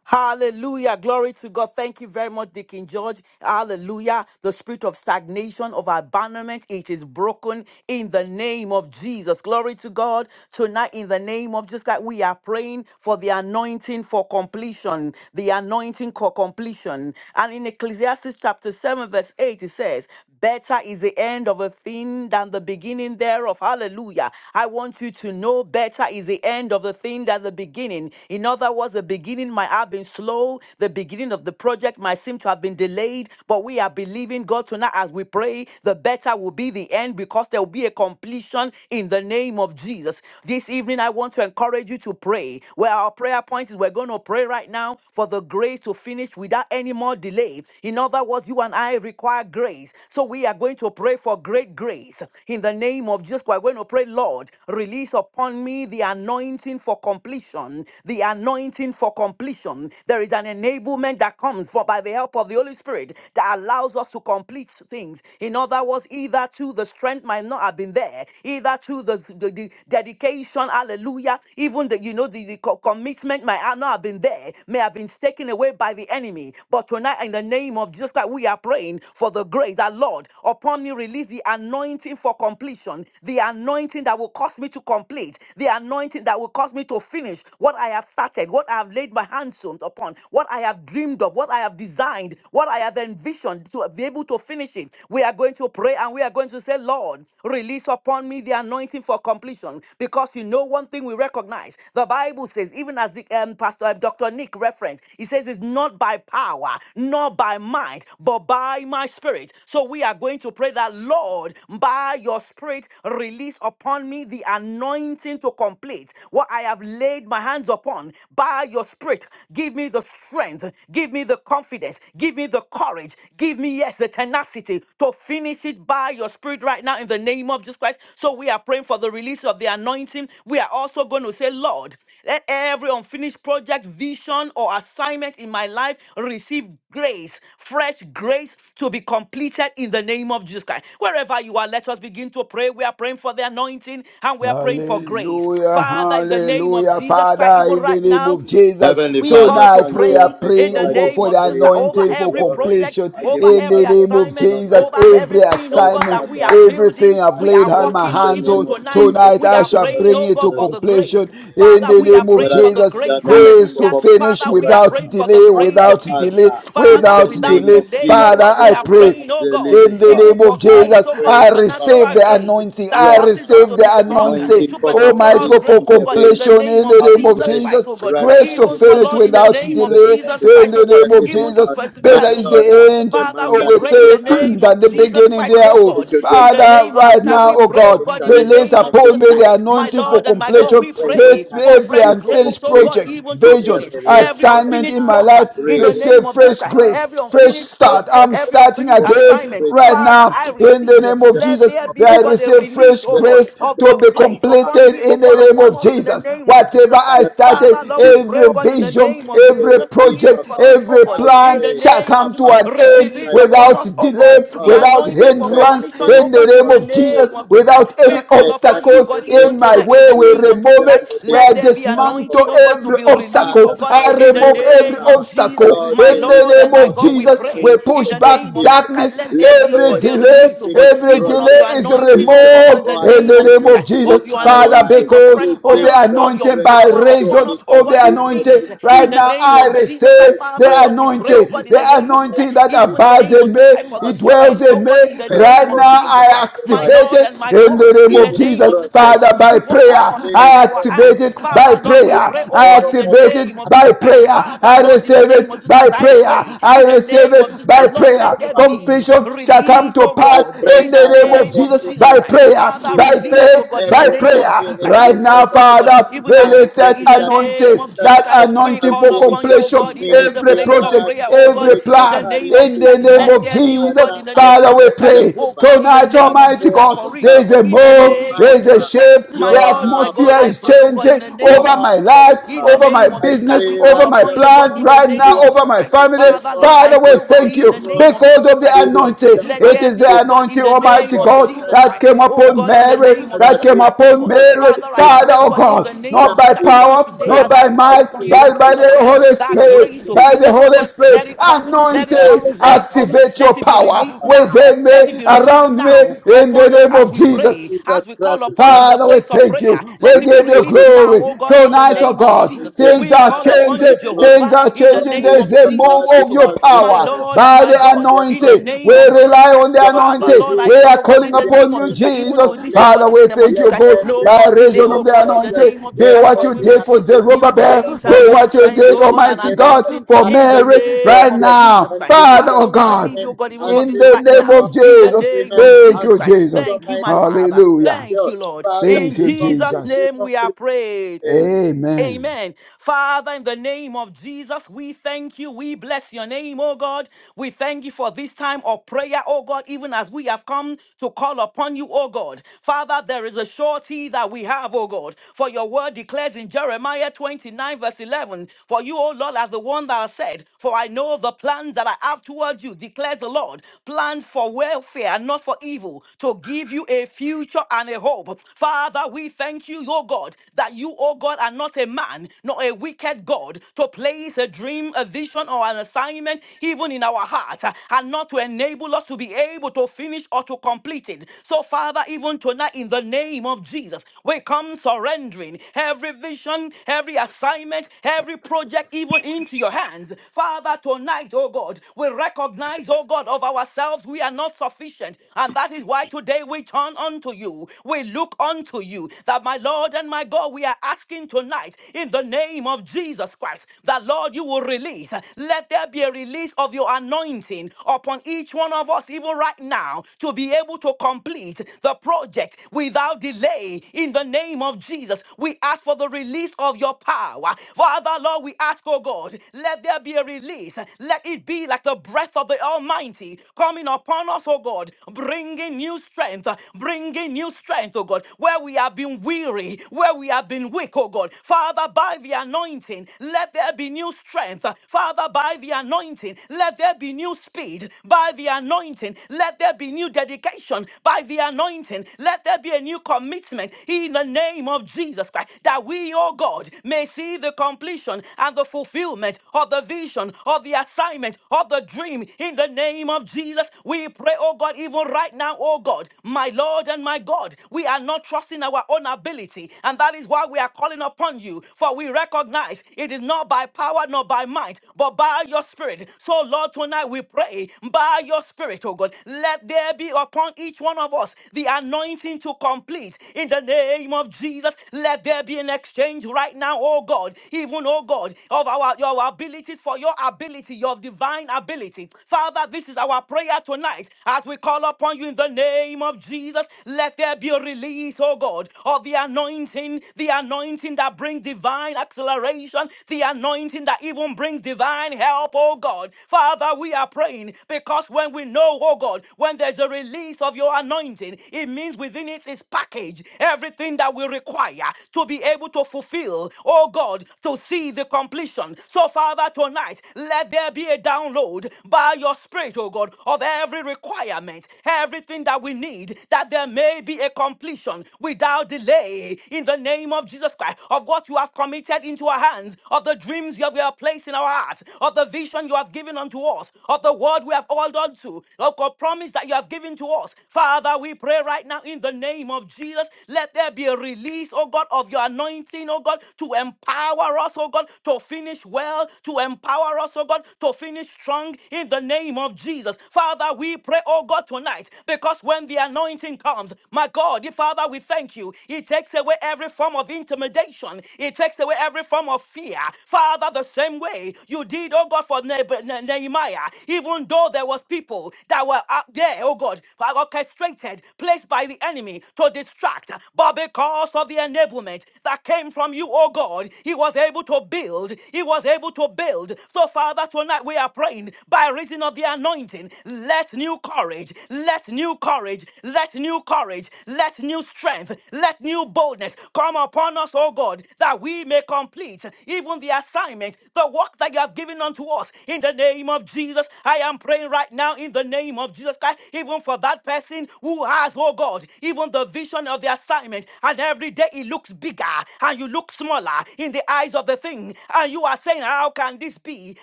B: Hallelujah. Glory to God. Thank you very much, Deacon George. Hallelujah. The spirit of stagnation, of abandonment, it is broken in the name of Jesus. Glory to God. Tonight, in the name of Jesus, Christ, we are praying for the anointing for completion, the anointing for completion. And in Ecclesiastes chapter 7, verse 8, it says, Better is the end of a thing than the beginning thereof. Hallelujah. I want you to know better is the end of the thing than the beginning. In other words, the beginning might might have been slow. The beginning of the project might seem to have been delayed, but we are believing God tonight as we pray, the better will be the end because there will be a completion in the name of Jesus. This evening, I want to encourage you to pray. Where our prayer point is, we're going to pray right now for the grace to finish without any more delay. In other words, you and I require grace. So we are going to pray for great grace. In the name of Jesus, we're going to pray, Lord, release upon me the anointing for completion, the anointing for completion completion. There is an enablement that comes for by the help of the Holy Spirit that allows us to complete things. In other words, either to the strength might not have been there, either to the, the, the dedication, hallelujah, even the you know the, the co- commitment might have not have been there, may have been taken away by the enemy. But tonight, in the name of Jesus Christ, we are praying for the grace that Lord upon me release the anointing for completion, the anointing that will cause me to complete, the anointing that will cause me to finish what I have started, what I have laid laid my hands on upon, what I have dreamed of, what I have designed, what I have envisioned to be able to finish it. We are going to pray and we are going to say, Lord, release upon me the anointing for completion. Because you know one thing we recognize. The Bible says, even as the um, Pastor uh, Dr. Nick referenced, he says it's not by power, not by might, but by my spirit. So we are going to pray that, Lord, by your spirit, release upon me the anointing to complete what I have laid my hands upon. By your your spirit. Give me the strength. Give me the confidence. Give me the courage. Give me, yes, the tenacity to finish it by your spirit right now in the name of Jesus Christ. So we are praying for the release of the anointing. We are also going to say, Lord, let every unfinished project, vision, or assignment in my life receive grace, fresh grace to be completed in the name of Jesus Christ. Wherever you are, let us begin to pray. We are praying for the anointing and we are praying for grace.
C: Hallelujah,
B: Father, in the name of
C: hallelujah.
B: Jesus Christ,
C: Father,
B: even
C: in the
B: right
C: name
B: now,
C: of Jesus,
D: Heavenly
B: we
D: Father,
B: come to
C: tonight
D: thank
C: we
D: you,
C: are
B: pray
D: Almighty
B: in
C: praying,
D: God.
B: the
C: oh
D: I
C: God,
D: give
B: name
D: you
C: for
B: of
C: the
B: Jesus Christ
D: praise. I
B: over
D: give
C: anointing
D: you
C: for
B: every
D: glory.
B: project,
C: completion.
D: I
B: over
D: give you
C: In
B: every
C: the name of
D: adoration,
B: assignment,
C: Jesus,
D: Almighty
B: over
D: God.
C: every
B: everything, oh
D: Oh,
B: God,
C: assignment,
B: that we are
D: Father, mm,
B: building,
C: everything I've
D: I
B: we
C: laid
B: are
C: hand-
D: pray
C: my
B: working
D: in
B: on
D: the
C: hands
B: even
D: name of
C: on,
B: tonight.
D: Jesus
C: tonight
B: We
C: I
B: are
D: Christ, the
C: shall
D: Son
B: praying,
D: of
C: bring
B: oh
C: it
B: God,
C: to
B: for
D: God.
B: the grace.
C: completion. In
B: Father,
C: the
B: we are
D: Almighty
C: name of
D: God,
B: praying
D: I
B: for
D: pray
B: the
C: Jesus,
D: for the
B: grace.
D: anointing
C: grace
D: for
C: to
B: Hallelujah. Father,
C: finish
D: completion
B: we are
D: right
C: without
D: now.
B: praying for the
C: delay,
B: grace to
D: Abba
C: without
B: finish.
C: delay,
D: Father, in
B: Father,
D: the
C: without
B: without
D: name
C: delay.
D: of
B: delay, oh
D: Jesus
C: Father,
B: God, we
C: I
D: Christ,
B: are
D: the
C: pray.
D: Son of
B: praying, oh
D: the
B: God,
C: In
D: living
C: the
D: God,
B: even
C: name of
B: for
D: I
B: grace,
C: Jesus,
B: oh God,
D: pray,
C: I
D: Abba
B: supernatural
C: receive the
D: Father,
B: grace
C: anointing.
B: that
C: I
D: right
B: causes us
D: now,
C: receive
B: to be
C: the
D: the
B: strong,
D: anointing
C: anointing.
D: for
C: Oh
B: supernatural
C: my
B: multicultural
C: God, for
D: completion
B: grace, oh
D: be
B: God, in the
C: completion
D: released
B: name
C: in
B: of
C: the name of
B: Jesus
D: afresh
C: Jesus.
B: Christ, oh God.
D: right
C: Grace
D: now
C: to
B: Even
D: in
B: for
D: the
C: finish
B: Lord, in
D: name
B: the
D: of
C: without
B: name of
D: Jesus
C: delay
D: Christ,
B: Jesus
D: the
C: in
B: Christ,
D: Son
B: oh
D: of
C: the
B: God,
D: the
C: name of
D: living
B: even to
C: Jesus.
D: God.
B: persevere
D: My
C: Better
B: and to
C: is
D: God,
B: move
D: you
C: the
B: on.
D: are
C: end
D: not a
B: Father,
D: man
C: of
B: we
D: that
C: a
D: you
B: pray in
D: should
B: the
D: lie,
C: thing [clears throat]
B: name of
C: than the
D: nor the
B: Jesus
D: Son
C: beginning
D: of
B: Christ,
D: Man
B: oh
D: that you
B: God.
C: thereof.
D: should
B: In the
D: repent.
C: Father,
B: name of
D: Have
B: Jesus
C: right
D: you
B: Christ,
C: now,
B: we
D: not
C: oh
B: pray,
D: said
B: oh
D: it?
B: God,
C: God,
B: in
D: Shall
B: the
D: you not
C: release
B: name of
D: make
C: upon
B: Jesus
D: it
C: me
D: good?
C: the
B: Christ. My
D: My
C: anointing for
B: Lord and
D: Father,
B: my
D: I
B: God,
D: am
C: completion.
B: we
D: praying for
B: pray
C: Let
D: the
B: for
C: every
B: fresh
D: anointing for
B: grace,
C: unfinished
B: oh God,
C: project,
D: completion
B: even to
D: to be
C: vision,
B: finish
D: released
B: every
D: right
C: assignment
B: unfinished
C: in my
D: now.
B: work uh,
C: life
B: in the
D: Release
B: name
C: receive
B: of Jesus
D: that
C: fresh
B: Christ,
D: now.
C: grace
B: every
C: Fresh
D: Almighty
B: unfinished
D: God,
C: start.
D: I
B: project,
C: I'm
D: pray
B: every
C: starting
B: unfinished
D: for
C: again
B: assignment.
D: grace and
C: right
B: Father,
C: now
B: I
D: abundance
C: in the
B: receive. uh,
C: name
D: in
C: of
D: the
B: let
C: Jesus.
D: name
B: there
D: of
B: be, oh
C: I
B: God,
D: Jesus
B: a
D: Christ,
C: receive
B: release,
C: fresh
B: oh
D: the
B: God,
C: grace
D: Son of
B: of
D: the
C: to
B: your
C: be
D: living
B: grace
D: God. I
B: upon
C: completed
B: me, oh
D: pray,
C: in the
B: God,
C: name
B: upon
D: Father,
C: of
B: us in the
C: Jesus.
B: name of
C: Whatever
B: Jesus Christ.
C: I
D: let the
B: Father,
C: started,
B: Lord,
D: anointing
B: we
D: of
B: pray, oh
C: every
B: God, in the
D: completion
C: vision,
B: name of
D: be
C: every
B: Jesus Christ,
D: released,
B: even
D: oh
C: project,
B: for
D: God.
B: this, oh
C: every
B: God,
D: I
B: in
C: plan
B: the
D: pray,
C: shall
B: name of
C: come
B: just
C: to
D: Abba
C: an
D: Father,
C: end
B: release
D: right
B: upon
C: without
D: now.
B: us, oh
C: delay,
D: My
B: God, the
D: God,
C: without
B: anointing
D: the
B: for
D: grace
C: hindrance
D: to
B: completion,
D: finish
B: oh
C: in
B: God,
C: the
B: in
C: name
D: without
B: the
C: of Jesus,
B: name
D: delay.
B: of Jesus Christ.
C: without any
D: Father,
B: We call upon
D: better
B: you, oh
D: is
C: obstacles
D: the
B: God,
D: end
B: even
C: in my
D: of
B: tonight,
D: a
B: in
C: way.
B: the
C: We
D: thing
B: name of Jesus
C: remove
B: Christ.
D: than the
C: it. We
B: Let there
D: beginning
B: be
D: thereof, oh
C: dismantle
B: anointing, oh God,
D: God.
B: to
C: every
B: be released, oh
C: obstacle.
D: Father,
B: God,
D: I
C: I
B: in the
D: pray
C: remove
D: right
C: every
B: name of
D: now.
B: Jesus,
C: obstacle
D: Lord,
B: my
C: in the
D: release
B: Lord and
C: name
B: my
D: upon
C: of
B: God.
D: me
B: Lord, we
D: the
C: Jesus.
B: pray
C: We
D: anointing
B: in
C: push
D: for
B: the name
C: back
B: of Jesus
D: completion.
B: Christ.
C: darkness,
B: Let there
D: Let
B: be, oh
C: every
B: God, a
D: every
C: delay,
B: release, oh God,
D: unfinished
C: every
B: even of
C: delay
B: your
D: project,
C: is
B: anointing, oh
D: vision,
B: God, in
C: removed
B: the
D: or
C: in
B: name
C: the
B: of
C: name
B: Jesus
D: assignment
C: of
B: Christ, of
D: in
C: Jesus.
B: your
D: my
C: Father,
D: life
B: anointing, your
C: because
B: fresh
C: of
D: receive
C: the
B: oil, of
D: fresh
B: your
C: anointing, by
D: grace
B: power
D: to
B: upon
C: reason
D: be
B: us, oh
C: of the
B: God, to
D: completed
C: anointing,
B: finish.
D: in
B: In
C: right
B: the
C: now
D: Jesus'
B: name
C: I
D: name.
B: of Jesus
C: receive
B: Christ,
D: Fresh
C: the
B: Father,
D: grace
B: Lord, we pray,
D: to
B: oh
D: be
B: God,
C: anointing,
B: in
C: the
B: the name of Jesus
D: completed
B: Christ,
C: anointing
D: in
C: that
B: even in the
D: Jesus'
C: abides
B: name of
C: in
D: name.
B: Jesus
C: me,
B: Christ, for the
C: it
D: Abba,
C: dwells
B: strength,
D: Father,
B: oh
C: in me.
D: Father,
B: God, in the
D: I am
B: name
C: Right
B: of
D: calling
C: now
B: Jesus
C: I
D: upon
B: Christ,
D: you
B: my
D: right
C: activate
B: Lord
D: now.
B: and
C: it
B: my
C: in the
B: God,
C: name
B: in the
C: of
D: Unfinished
B: name of
C: Jesus.
B: Jesus Christ,
D: project,
B: for
C: Father,
D: oh
B: to do
C: by
D: God.
B: what you
C: prayer,
B: have committed
C: I
D: Unfinished
B: into our
D: project,
C: activate
B: hands.
D: oh
C: it
D: God.
C: by
B: Father, Lord, we
C: prayer.
B: pray, oh
C: I
B: God,
D: Rikandoro
B: in the
C: activate
B: name
D: kobakata
C: it
B: of
C: by
B: Jesus Christ.
C: prayer.
D: komarakata
B: Father,
C: I
B: Lord, in the
D: komarakata.
C: receive
B: name of
C: it
B: Jesus,
C: by
B: as I
C: prayer.
D: Barikata
B: pray,
C: I
B: in the
C: receive
B: name of
D: bababababara
C: it
B: Jesus
C: by
B: Christ, Lord,
D: brokoto
C: prayer.
B: let there
D: komama.
B: be
C: Completion shall come
B: release,
C: to
B: oh
D: I
C: pass
B: God,
D: pray,
C: in
B: in the
C: the name
D: Father,
C: of
B: name of
C: Jesus
D: every
B: Jesus
C: by
B: Christ.
C: prayer,
D: unfinished
B: Father,
C: by
D: business,
B: release, oh
C: faith,
B: God, in the
C: by
D: every
B: name of
C: prayer.
B: Jesus Christ,
D: unfinished
C: Right
B: even for
C: now,
D: business, oh
B: this, oh God,
D: God,
C: Father,
B: even as we
C: release
B: pray
C: that
B: in
D: unfinished
B: the name
C: anointing,
B: of
D: assignment, oh
B: Jesus
C: that
B: Christ,
D: God,
B: we
C: anointing
B: call
C: for
B: upon
D: unfinished,
B: you,
D: oh
B: oh
C: completion.
D: God,
B: God, even in the
C: Every
D: ministry, oh
B: place of
D: God,
C: project,
B: prayer, oh
D: oh
B: God,
C: every
B: in
D: Reka
B: the
C: plan
B: name of
D: Mariam,
C: in
B: Jesus
C: the
B: Christ,
C: name
B: let
C: of
D: Abba,
B: there be, oh God, in
D: Father,
C: Jesus.
B: the
D: I
B: name
C: Father,
B: of
C: we
D: pray,
B: Jesus Christ,
C: pray
B: oh God,
D: Jehovah,
B: in the
C: Tonight,
D: that,
B: name of Jesus
C: Almighty
B: Christ,
D: Almighty my
B: for
C: God,
B: it,
C: there
B: oh
C: is
B: God,
C: a
D: God.
B: in the
D: Oh
C: move,
B: name
D: my
C: there
B: of
C: is a
B: Jesus
D: God.
B: Christ,
C: shift,
B: my
C: the
D: Show
B: Lord, my
D: up,
B: God,
C: atmosphere
D: Abba
B: I
C: is
B: pray, oh
D: Father.
B: God, in
C: changing
B: the
D: Show
B: name
C: over
B: of
C: my
B: Jesus Christ.
D: up, oh
C: life,
D: my
B: In the
D: God.
C: over my
B: name of
D: I
B: Jesus Christ,
C: business,
B: we
D: pray,
B: call
C: over my
B: upon
D: righteous
B: you, God,
C: plans
B: in
D: God,
B: the
C: right now,
B: name
D: you
B: of
D: are
C: over
B: Jesus
D: more
C: my
B: Christ.
D: than
C: family.
B: Father,
D: able,
B: Lord, I
C: Father, we
B: pray, oh God,
D: able
C: thank
B: in
D: to
C: you
B: the
D: do
B: name of
C: because
B: Jesus
C: of the
B: Christ, oh
D: exceeding
B: God.
D: and
C: anointing.
B: Let
C: It
B: there
C: is the
B: be,
D: abundantly
B: oh God, in
C: anointing,
B: the
D: above
C: Almighty
B: name
D: all
B: of
D: that
C: God,
D: I
B: Jesus
C: that
B: Christ.
D: ask,
C: came
B: Oh
C: upon
B: God, in
D: above
B: the
C: Mary,
D: all
B: name of
D: that I
C: that
B: Jesus
C: came
D: think,
B: Christ, oh
C: upon
B: God.
C: Mary,
B: Father,
D: according
B: I
D: to the
C: Father,
B: pray, oh
C: oh
B: God, in
C: God,
D: power
B: the name of
C: not
D: that
B: Jesus
C: by
B: Christ,
D: is at
B: even
C: power,
B: today,
D: work.
C: not
B: as I
C: by
D: I
B: call
C: might,
B: upon you
D: pray
B: in the
C: but
D: for
C: by
B: place
D: the
B: of
C: the
B: prayer,
C: Holy
B: that
D: anointing to
B: grace
C: Spirit,
B: to
D: finish,
C: by
D: oh
C: the
B: finish, oh
D: God.
C: Holy
B: God, let
C: Spirit,
B: it come, let it
D: Father,
B: come,
C: anointed,
B: let it
D: Kapara,
B: come,
C: activate your
B: let it be
C: power
B: released
D: Prokotarama,
B: now,
C: within
D: Kappa,
B: let it
C: me,
B: be
D: Father,
B: released
C: around me,
B: now
C: in
D: Lord, In
C: the
B: upon us
D: the
C: name
B: as
C: of
B: we
D: name of
C: Jesus.
B: pray, as
D: Jesus
B: we call
D: Christ, the
B: upon you
D: Son
B: in
D: of
B: the
C: Father,
D: the
C: we
B: place of
D: living
C: thank
D: God,
B: prayer,
C: you. We
B: let it be
C: give you
B: released
D: release, O
B: now,
C: glory.
B: oh God,
D: God,
B: in the the
C: Tonight,
D: that
C: oh
B: name of
C: God,
B: Jesus.
D: anointing,
C: things
B: We
C: are
B: call
D: that
B: upon
C: changing.
B: you,
D: anointing, of
C: Things
B: Jehovah,
D: God,
C: are
B: in
D: to
B: the
C: changing.
B: name
C: There's
B: of
D: finish,
C: a
D: of
B: Jesus
C: move
D: God,
B: Christ,
C: of
B: oh
C: your
B: God,
D: without
B: my
D: delay.
C: power
B: Lord and
C: by
B: my
C: the
D: Father,
B: God,
D: the
B: in the
C: anointing.
D: anointing,
C: We
B: name
D: of
B: of
D: God,
B: Jesus
C: rely on
B: Christ.
C: the
D: Lord,
B: Father, Lord,
C: anointing.
B: I
C: We
D: release
B: pray,
C: are
B: oh God,
D: upon
C: calling
B: in
D: me
B: the
D: the anointing
B: name
C: upon
B: of
C: you,
B: Jesus
D: anointing
B: Christ,
D: for
B: even
C: Jesus.
B: to this, oh God,
C: Father,
D: completion.
B: in the
C: we
B: name of
C: thank
B: Jesus
C: you,
D: Let
B: Christ,
C: God,
B: no
D: every
C: by
B: more delay,
C: reason of
B: oh
D: unfinished
C: the
B: God, in the
D: project,
B: name
C: anointing.
B: of Jesus
D: let
C: Do
B: Christ,
C: what
B: because
C: you
B: we
D: every
C: did for
B: receive
D: unfinished
B: new
C: Zerubbabel.
B: grace and
D: miracle,
C: Do
B: new
C: what you
B: strength,
C: did,
B: oh God,
D: unfinished
B: and
C: Almighty
D: miracle,
C: God,
B: anointing
C: for
B: in the
C: Mary
D: unfinished
B: name
C: right
B: of
D: project,
B: Jesus
C: now.
B: Christ.
D: unfinished
C: Father,
B: Father,
C: oh
B: we
C: God,
B: believe you,
D: assignment,
B: oh God, even for
C: in
B: this
C: the
D: unfinished,
B: right
D: oh
C: name
B: now,
D: God,
C: of
B: in the
C: Jesus.
B: name
D: agreement,
B: of
C: Thank
B: Jesus
C: you,
B: Christ.
D: unfinished,
C: Jesus.
B: Thank you, my
D: Almighty,
B: Father.
D: completeness,
C: Hallelujah.
B: Thank
D: God.
B: you, Lord.
D: Father,
B: In
C: Thank
D: be
C: you,
B: Jesus'
D: complete,
C: Jesus.
D: be
B: name we are
D: complete.
B: prayed.
D: Amen.
C: Amen.
B: Amen. Father, in the name of Jesus, we thank you. We bless your name, oh God. We thank you for this time of prayer, oh God, even as we have come to call upon you, oh God. Father, there is a surety that we have, oh God. For your word declares in Jeremiah 29, verse 11, For you, oh Lord, as the one that has said, For I know the plans that I have towards you, declares the Lord, plans for welfare and not for evil, to give you a future and a hope. Father, we thank you, oh God, that you, O God, are not a man, not a wicked God, to place a dream, a vision, or an assignment even in our hearts, uh, and not to enable us to be able to finish or to complete it. So, Father, even tonight, in the name of Jesus, we come surrendering every vision, every assignment, every project, even into your hands. Father, tonight, oh God, we recognize, oh God, of ourselves, we are not sufficient. And that is why today we turn unto you. We look unto you that my Lord and my God, we are asking tonight in the name of Jesus Christ that Lord, you will release. Let there be a release of your anointing upon each one of us, even right now, to be able to complete the project without delay in the name of Jesus. We ask for the release of your power. Father, Lord, we ask, oh God, let there be a release. Let it be like the breath of the Almighty coming upon us, oh God, bringing new strength, bringing new strength strength, oh God, where we have been weary, where we have been weak, oh God. Father, by the anointing, let there be new strength. Father, by the anointing, let there be new speed. By the anointing, let there be new dedication. By the anointing, let there be a new commitment in the name of Jesus Christ, that we, oh God, may see the completion and the fulfillment of the vision, of the assignment, of the dream in the name of Jesus. We pray, oh God, even right now, oh God, my my Lord and my God. We are not trusting our own ability, and that is why we are calling upon you, for we recognize it is not by power nor by might, but by your spirit. So, Lord, tonight we pray by your spirit, oh God, let there be upon each one of us the anointing to complete in the name of Jesus. Let there be an exchange right now, oh God, even oh God, of our your abilities for your ability, your divine ability. Father, this is our prayer tonight as we call upon upon you in the name of Jesus. Let there be a release, oh God, of the anointing, the anointing that brings divine acceleration, the anointing that even brings divine help, oh God. Father, we are praying because when we know, oh God, when there's a release of your anointing, it means within it is packaged everything that we require to be able to fulfill, oh God, to see the completion. So, Father, tonight, let there be a download by your spirit, oh God, of every every requirement, everything that we need, that there may be a completion without delay in the name of Jesus Christ, of what you have committed into our hands, of the dreams you have you have placed in our hearts, of the vision you have given unto us, of the word we have hold on to, of the promise that you have given to us. Father, we pray right now in the name of Jesus, let there be a release, oh God, of your anointing, oh God, to empower us, oh God, to finish well, to empower us, oh God, to finish strong in the name of name of Jesus. Father, we pray, oh God, tonight, because when the anointing comes, my God, dear Father, we thank you. It takes away every form of intimidation, it takes away every form of fear. Father, the same way you did, oh God, for Ne- Ne- Nehemiah, even though there was people that were out there, oh God, orchestrated, placed by the enemy to distract, but because of the enablement that came from you, oh God, he was able to build, he was able to build. So, Father, tonight we are praying praying by reason of the anointing. Let new courage, let new courage, let new courage, let new strength, let new boldness come upon us, O God, that we may complete even the assignment, the work that you have given unto us. In the name of Jesus, I am praying right now in the name of Jesus Christ, even for that person who has, oh God, even the vision of the assignment, and every day it looks bigger and you look smaller in the eyes of the thing, and you are saying, How can this be? me?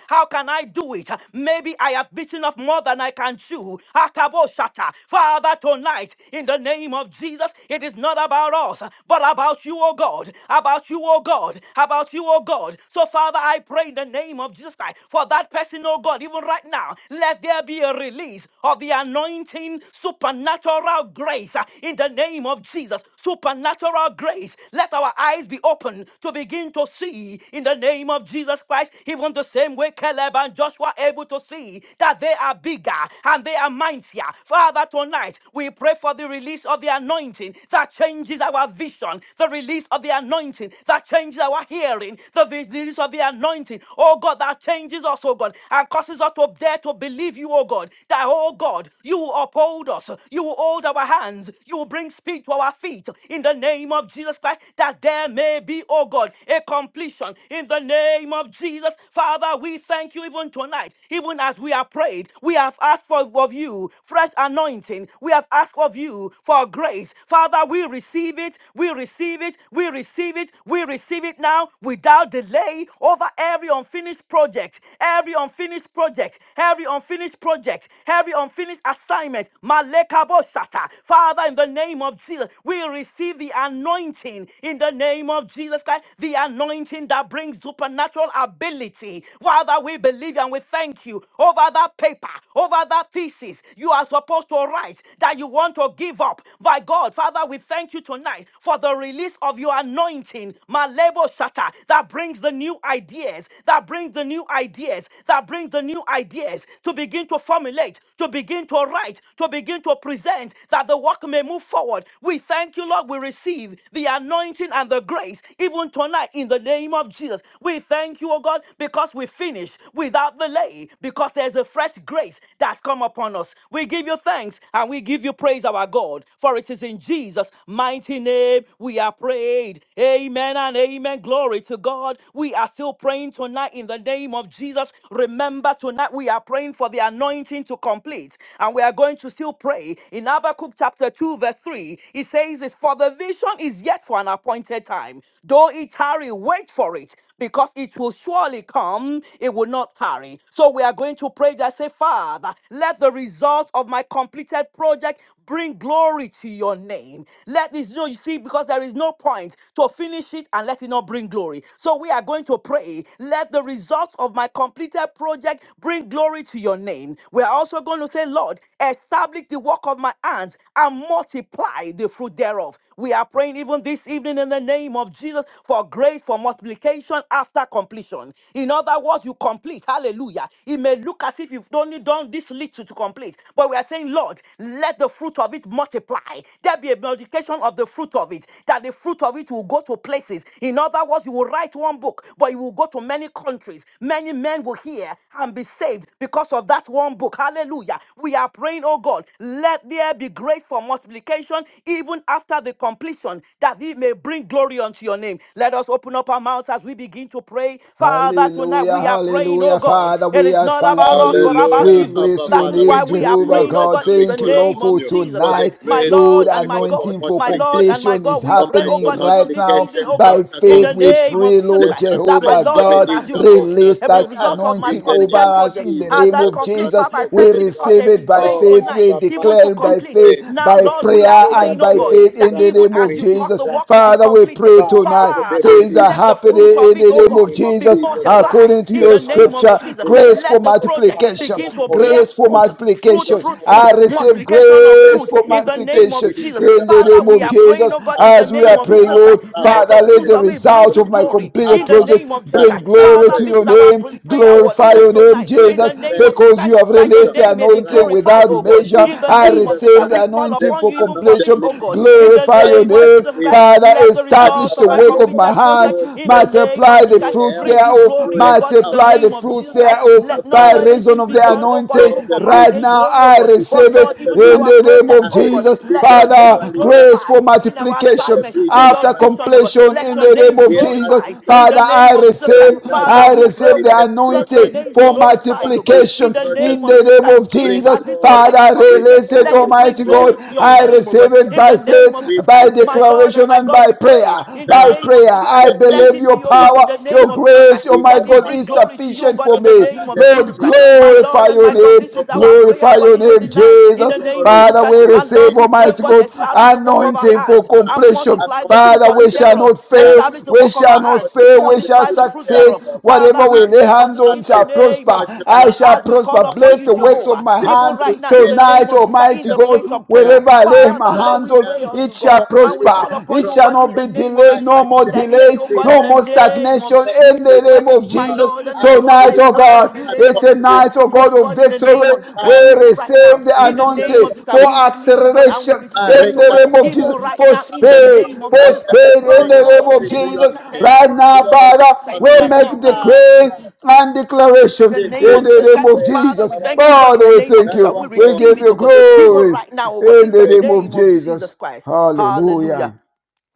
B: How can I do it? Maybe I have bitten off more than I can chew. Akaboshata. Father, tonight, in the name of Jesus, it is not about us, but about you, O God. About you, O God. About you, O God. So, Father, I pray in the name of Jesus Christ for that person, O God, even right now, let there be a release of the anointing supernatural grace uh, in the name of Jesus. Supernatural grace. Let our eyes be open to begin to see in the name of Jesus. Jesus Christ, even the same way Caleb and Joshua able to see that they are bigger and they are mightier. Father, tonight we pray for the release of the anointing that changes our vision, the release of the anointing that changes our hearing, the release of the anointing, oh God, that changes us, oh God, and causes us to dare to believe you, oh God, that, oh God, you will uphold us, you will hold our hands, you will bring speed to our feet in the name of Jesus Christ, that there may be, oh God, a complete salvation in the name of Jesus. Father, we thank you even tonight, even as we have prayed. We have asked for of you fresh anointing. We have asked of you for grace. Father, we receive it. We receive it. We receive it. We receive it now without delay over every unfinished project, every unfinished project, every unfinished project, every unfinished assignment. Malekaboshata. Father, in the name of Jesus, we receive the anointing in the name of Jesus. Jesus Christ, the anointing that brings supernatural ability. Father, we believe and we thank you over that paper, over that thesis you are supposed to write that you want to give up. By God, Father, we thank you tonight for the release of your anointing, Malebo Shata, that brings the new ideas, that brings the new ideas, that brings the new ideas to begin to formulate, to begin to write, to begin to present, that the work may move forward. We thank you, Lord. We receive the anointing anointing and the grace, even tonight, in the name of Jesus. We thank you, oh God, because we finish without delay, because there's a fresh grace that's come upon us. We give you thanks and we give you praise, our God, for it is in Jesus' mighty name we are prayed. Amen and amen. Glory to God. We are still praying tonight in the name of Jesus. Remember, tonight we are praying for the anointing to complete, and we are going to still pray in Habakkuk chapter 2, verse 3. It says, this the vision is yet for an appointed time. Though it tarry, wait for it, because it will surely come. It will not tarry. So we are going to pray that say, Father, let the result of my completed project bring glory to your name. Let this you know, you see, because there is no point to finish it and let it not bring glory. So we are going to pray, let the result of my completed project bring glory to your name. We are also going to say, Lord, establish the work of my hands and multiply multiply the fruit thereof. We are praying even this evening in the name of Jesus for grace for multiplication after completion. In other words, you complete. Hallelujah. It may look as if you've only done this little to complete, but we are saying, Lord, let the fruit of it multiply. There be a multiplication of the fruit of it, that the fruit of it will go to places. In other words, you will write one book, but you will go to many countries. Many men will hear and be saved because of that one book. Hallelujah. We are praying, oh God, let there be be grace for multiplication even after the completion, that it may bring glory unto your name. Let us open up our mouths as we begin to pray. Father, tonight
C: Hallelujah,
B: we are praying, oh
C: hallelujah.
B: God.
C: Father,
B: It
C: we
B: is
C: are
B: not about
C: thanking
B: us, but
C: you.
B: about
C: We
D: Hallelujah.
B: you.
C: bless
D: Abba,
C: your
B: That is
D: Father, we
B: why
C: name,
B: we
D: come
B: are
D: to
C: Jehovah
D: you
B: praying, oh
D: right
C: God.
B: God,
D: now.
B: in
D: We
B: the
C: Thank you,
D: call
C: Lord,
B: name
D: upon
C: for
B: of
D: you
B: Jesus
D: for
B: Christ.
D: the
C: tonight.
B: My
D: grace,
C: Lord,
D: oh
B: Lord
D: my
B: and my
D: God, for
B: God,
C: anointing for
B: my Lord and
D: multiplication.
B: my
C: completion is
B: God, we
D: Oh
B: pray,
D: my
B: oh
C: happening
D: God,
B: God, even
C: right
B: this
C: now.
B: evening,
D: multiplication
B: oh
C: By
B: God,
D: after
B: in
C: faith,
B: the
C: we
D: completion.
B: name
C: pray,
B: of Jesus
C: Lord,
D: Let
B: Christ,
D: that
B: that my
C: Jehovah
D: grace be
B: Lord, even
C: God,
B: as
D: released
B: you
D: upon
B: cause
D: us
C: release
B: every
D: right
C: that
D: now
B: result of my
D: in
C: anointing
D: the
C: over
B: completed
D: name of
C: us
B: project,
C: in the
D: Jesus
B: as
C: name
B: I
D: Christ,
C: of
D: the Son
B: complete,
D: of
C: Jesus.
B: Father, I
D: the
C: We
B: thank you
D: living
B: because
D: God.
C: receive
B: there
C: it
B: is
C: by
B: grace
D: Oh,
B: tonight
C: faith.
B: tonight,
C: We
D: Abba
B: even to
C: declare
D: Father,
C: it
D: we
C: by
B: complete.
C: faith,
D: pray
B: Now,
C: by
D: right
B: Lord, we
D: now
B: are
C: prayer
D: for that
C: and
B: praying, oh
C: by
B: God,
C: faith
D: grace, for
B: that
C: in
D: that
C: the
B: even
C: name
B: as
C: of
B: you
D: anointing,
B: cause
D: for
C: Jesus.
B: the
D: that
B: work to be
C: Father,
D: power.
C: we
B: completed,
C: pray
D: Father,
C: tonight.
D: to be
B: Father,
C: Things are
D: released
B: let the
C: happening
D: upon
B: fruit
D: us
C: in
B: of it,
D: in
C: in the
B: oh
D: the
C: name of
B: God,
D: name of
B: be
C: Jesus,
D: Jesus Christ,
B: multiplied
C: according to
B: in
D: the
C: your
B: the
D: Son of
B: name of
D: the
C: scripture,
B: Jesus.
D: living
C: grace
D: God.
C: for
B: Let the
D: Our
B: project
D: Father, we
C: multiplication,
B: begin
D: are
B: to
D: calling
B: bear
C: grace for
D: upon
B: fruit,
D: you.
B: fruit,
D: You are
C: multiplication.
B: fruit,
D: more
C: I
B: fruit,
D: than
C: receive
D: able,
B: multiplication of
C: grace
B: fruit
D: able
C: for
D: to
B: in the
D: do
B: name of
C: multiplication
D: exceeding
B: Jesus.
D: and
C: in the
B: Father,
C: name
B: we
C: of
D: abundantly
B: are praying,
C: Jesus.
B: oh God,
D: above
B: in the
C: As
D: all
C: we
B: name
C: are
D: that
B: of
D: we
C: praying,
B: Jesus
D: ask,
C: Lord,
B: Christ.
D: above
B: Let
D: all
B: the
C: Father,
D: that
C: let
D: we
B: fruit
C: the
B: of
D: think,
B: it bring
C: result
B: you
C: of
D: according
C: my
D: to the
B: glory
C: completed
B: in the
D: power
C: project
B: name of Jesus
D: that
C: Bring
B: Christ.
D: is at
C: glory
B: Father,
C: to
D: work
B: this
C: your
B: is our
C: name.
B: br- prayer, oh
D: we
B: God,
C: Glorify
D: pray
B: even
C: your name,
B: tonight,
D: for
B: in
D: the
C: Jesus,
B: the name of
D: grace for
B: Jesus
C: because
B: Christ,
C: you have
B: that your
C: released
D: completion
B: name
C: the
B: name may be
D: right
C: anointing
D: now
B: glorified,
C: without
B: oh
D: in the
B: God.
C: measure.
D: name
B: In
D: of
B: the
C: I
B: name of
D: Jesus
B: Jesus
C: receive
B: Christ,
C: the
B: we
D: Christ,
B: call
D: the
C: anointing
B: upon
C: for
B: you
D: Son
B: even
D: of
B: for
D: the
B: this,
C: completion.
B: oh
D: living
B: God.
D: God.
B: In the
C: Glorify
D: My
C: your
B: name of
C: name.
D: Father,
B: Jesus
D: we
B: Christ,
D: pray
C: Father,
B: let the
D: that
B: results
C: establish
B: of
C: the
B: my
D: our
C: work of
D: Lord,
C: my
B: completed
D: you
C: hands.
B: project,
D: will
B: in the
D: strengthen
B: name
D: us,
B: of
C: Multiply
B: Jesus
C: the
D: you
B: Christ,
D: will
C: fruits
B: bring
D: help
B: you
D: us,
C: thereof.
D: you
B: glory,
D: will
B: oh God. In the
D: empower
C: Multiply the
B: name
D: us,
B: of
D: O
C: fruits
B: Jesus
D: God.
B: Christ,
D: The
B: let
C: thereof
B: not
C: by
D: Father,
C: reason
D: oh
B: anything
C: of
B: be
D: my
C: the
D: God,
B: done, oh God, even
D: though
C: anointing.
B: for
D: the
B: my
C: Right
B: vain
D: vision,
C: now,
B: glory, oh
C: I
B: God.
D: mighty
B: But
D: God,
C: receive
B: Lord,
C: it
D: though the
B: even in
C: in
B: our
C: the
D: vision
C: name
D: may
B: project,
C: of
B: oh
D: tarry,
B: God,
C: Jesus.
D: it
B: let your
D: shall
B: name be
C: Father,
D: surely come
C: grace
D: to
C: for
B: glorified.
C: my
D: pass
B: In our
D: us for the
C: multiplication,
B: assignment,
D: vision
B: in
D: is
B: your
C: after
D: for an
B: vision, oh God,
D: appointed
C: completion
B: let
C: in
B: your
C: the
D: time.
B: name
C: name
B: be
C: of
D: We are
C: Jesus.
B: glorified.
D: asking the
B: In
C: Father,
B: the
C: I
D: Father
B: name of Jesus
D: the
B: Christ,
C: receive,
D: results of
B: Father,
C: I
B: we pray, oh
C: receive the
D: completed
B: God. Let your
D: projects
C: anointing
B: name
D: of
B: be
C: for
D: God.
B: glorified, oh God,
D: Completed
B: in
C: multiplication
B: the name
C: in
D: projects
B: of
C: the
D: of
B: Jesus
D: God.
C: name
B: Christ.
C: of
B: In the,
D: Bring
C: Jesus.
B: as this
D: glory,
B: project is
C: Father,
D: bring
B: completed,
C: release it,
B: let it
D: glory
B: bring
C: Almighty
D: to
C: God.
B: glory
D: your
B: to your
D: name.
C: I
B: name, oh
C: receive
B: God,
C: it
D: Abba,
B: in the
C: by
B: name
C: faith,
D: Father,
B: of
D: we
B: Jesus Christ.
C: by
B: My
D: pray
B: Lord and
C: declaration,
B: my
C: and
B: God,
C: by
B: we pray
D: right
C: prayer.
B: in the
C: By
D: now
B: name of
C: prayer,
B: Jesus
D: in
B: Christ.
C: I
D: the
B: Let
D: name
C: believe
B: it
D: of
C: your
B: be, oh God,
D: Jesus.
B: in
C: power,
B: the
C: your
B: name
D: The
B: of Jesus
D: Father,
B: Christ.
C: grace,
D: we
B: Let
D: call
C: Almighty
B: it
C: God,
B: bring
C: is
D: upon
B: glory
D: you.
B: to you, oh
C: sufficient
B: God,
C: for
D: The
B: in the
C: me.
B: name
D: Father,
B: of
D: let the
C: Lord,
B: Jesus Christ.
D: result
B: My
D: of my
C: glorify
B: Lord and
C: your
B: my
D: God
B: God, this
C: name.
B: is
D: of
C: Glorify
B: our prayer, oh
C: glorify
D: completed
B: God,
C: your
B: even the
C: name,
D: project
B: night,
D: bring
B: in
C: Jesus.
B: the name of
D: glory
B: Jesus
C: Father,
B: Christ.
D: to
C: we
B: My
D: your
B: Lord,
C: receive,
B: we
D: name.
B: pray, oh
C: Almighty
B: God,
C: God,
B: establish
D: Establish
B: the
D: the
B: work of
D: work
B: our
D: of
C: anointing
D: my
C: for
B: hands
D: hand
B: and
C: completion.
D: and
B: multiply the fruit
C: Father,
D: multiply
B: of
C: we
B: it
D: the
C: shall
B: thereof.
C: not
D: fruit
C: fail.
B: Establish the
D: thereof.
C: We
B: work of our
C: shall
D: And
C: not
B: hands
C: fail.
D: multiply
C: We
D: the
C: shall
B: multiply
D: fruit
B: the
D: thereof
B: fruit
C: succeed.
B: thereof.
D: thereof.
B: Father,
C: Whatever
B: we
C: we
B: pray
C: lay
D: Father,
B: pray for
D: may
C: hands
B: this
D: I
C: on
B: in the
D: say,
C: shall
B: name of
C: prosper.
B: Jesus. Christ.
C: I
D: multiply,
C: shall
B: As we call
C: prosper.
B: upon
C: Bless
B: you,
C: the
D: multiply
C: works of
B: Jehovah,
C: my
D: the
B: even right
D: fruit
C: hand
B: now, in the name
C: tonight,
B: of
D: thereof,
B: Jesus, Christ, in
C: Almighty
D: the
B: the
C: God.
B: place
D: fruit
B: of prayer.
C: Wherever I
D: thereof.
C: lay my
B: Father,
D: Right
B: Lord,
C: hands
B: we
C: on,
B: pray
D: now,
B: unto
C: it
B: God.
C: shall
B: And we call
D: completed
C: prosper.
B: upon
C: It
B: you,
C: shall
B: God,
C: not
B: in
D: project.
B: the
C: be
B: name of
D: I
C: delayed.
B: Jesus
C: No
B: Christ.
D: see
C: more
D: them
B: Let it be,
C: delays.
B: O God, in
C: No
D: completed,
B: the
C: more
D: oh God.
B: name of
C: stagnation. In the
B: Jesus
D: Completed,
B: Christ.
C: name
D: oh
C: of
B: My
D: God.
C: Jesus,
B: Lord and my
D: I
B: God,
D: see
C: Tonight,
B: I
C: oh
B: pray, God,
C: God,
B: in the
D: lifetime
B: name
C: it's
B: of
C: a
B: Jesus Christ.
D: completed,
C: night, oh
D: oh
C: God,
B: Lord
C: of
B: God, in
D: God.
B: the
C: victory.
B: name
D: My
B: of Jesus Christ,
C: We
B: even
D: Father,
B: right
D: I
B: now,
C: receive the
D: see
B: in the
D: them
B: name
C: anointing
B: of Jesus Christ,
C: for
B: we
D: completed,
B: believe
D: oh
B: you, God,
D: God.
B: and we
C: acceleration
B: receive it,
C: in
B: O
C: the
B: God,
C: name of
B: even
D: Marekandoro,
C: Jesus,
B: right
C: for
B: now, in the
D: marakandoro.
C: speed,
B: name of
D: I
C: for
B: Jesus
D: let
B: Christ.
D: them
C: speed in
D: bring
B: Lord
C: the
B: God,
C: name
B: in the
C: of
D: glory to
B: name of
D: your
B: Jesus
C: Jesus.
B: Christ,
D: name.
B: thank you,
C: Right
B: Lord, in
C: now,
B: the name
D: Glory
B: of
D: to
B: Jesus
C: Father,
B: Christ,
D: your name
C: we
B: even right
D: name.
B: now.
C: make
B: Hmm.
C: decree
D: Father,
C: and declarations
B: In the
D: this
B: name
D: is
C: in
B: of
C: the
D: our
B: Jesus
C: name
B: Christ,
C: of
D: prayer and
B: Father,
C: Jesus.
B: we
D: our
B: thank you, oh God, in
D: cry
C: Father,
B: the
C: we
B: name of
C: thank
D: that
B: Jesus Christ. We
D: our
C: you. We
D: God
B: receive
C: give
D: you
B: it,
C: you
B: oh God, even
D: able.
C: glory
B: right now, oh God,
C: in
B: in
C: the
B: the
D: Thank
C: name
D: you,
C: of
B: name of
D: Jesus.
B: Jesus
C: Jesus.
B: Christ. Hallelujah.
C: Hallelujah.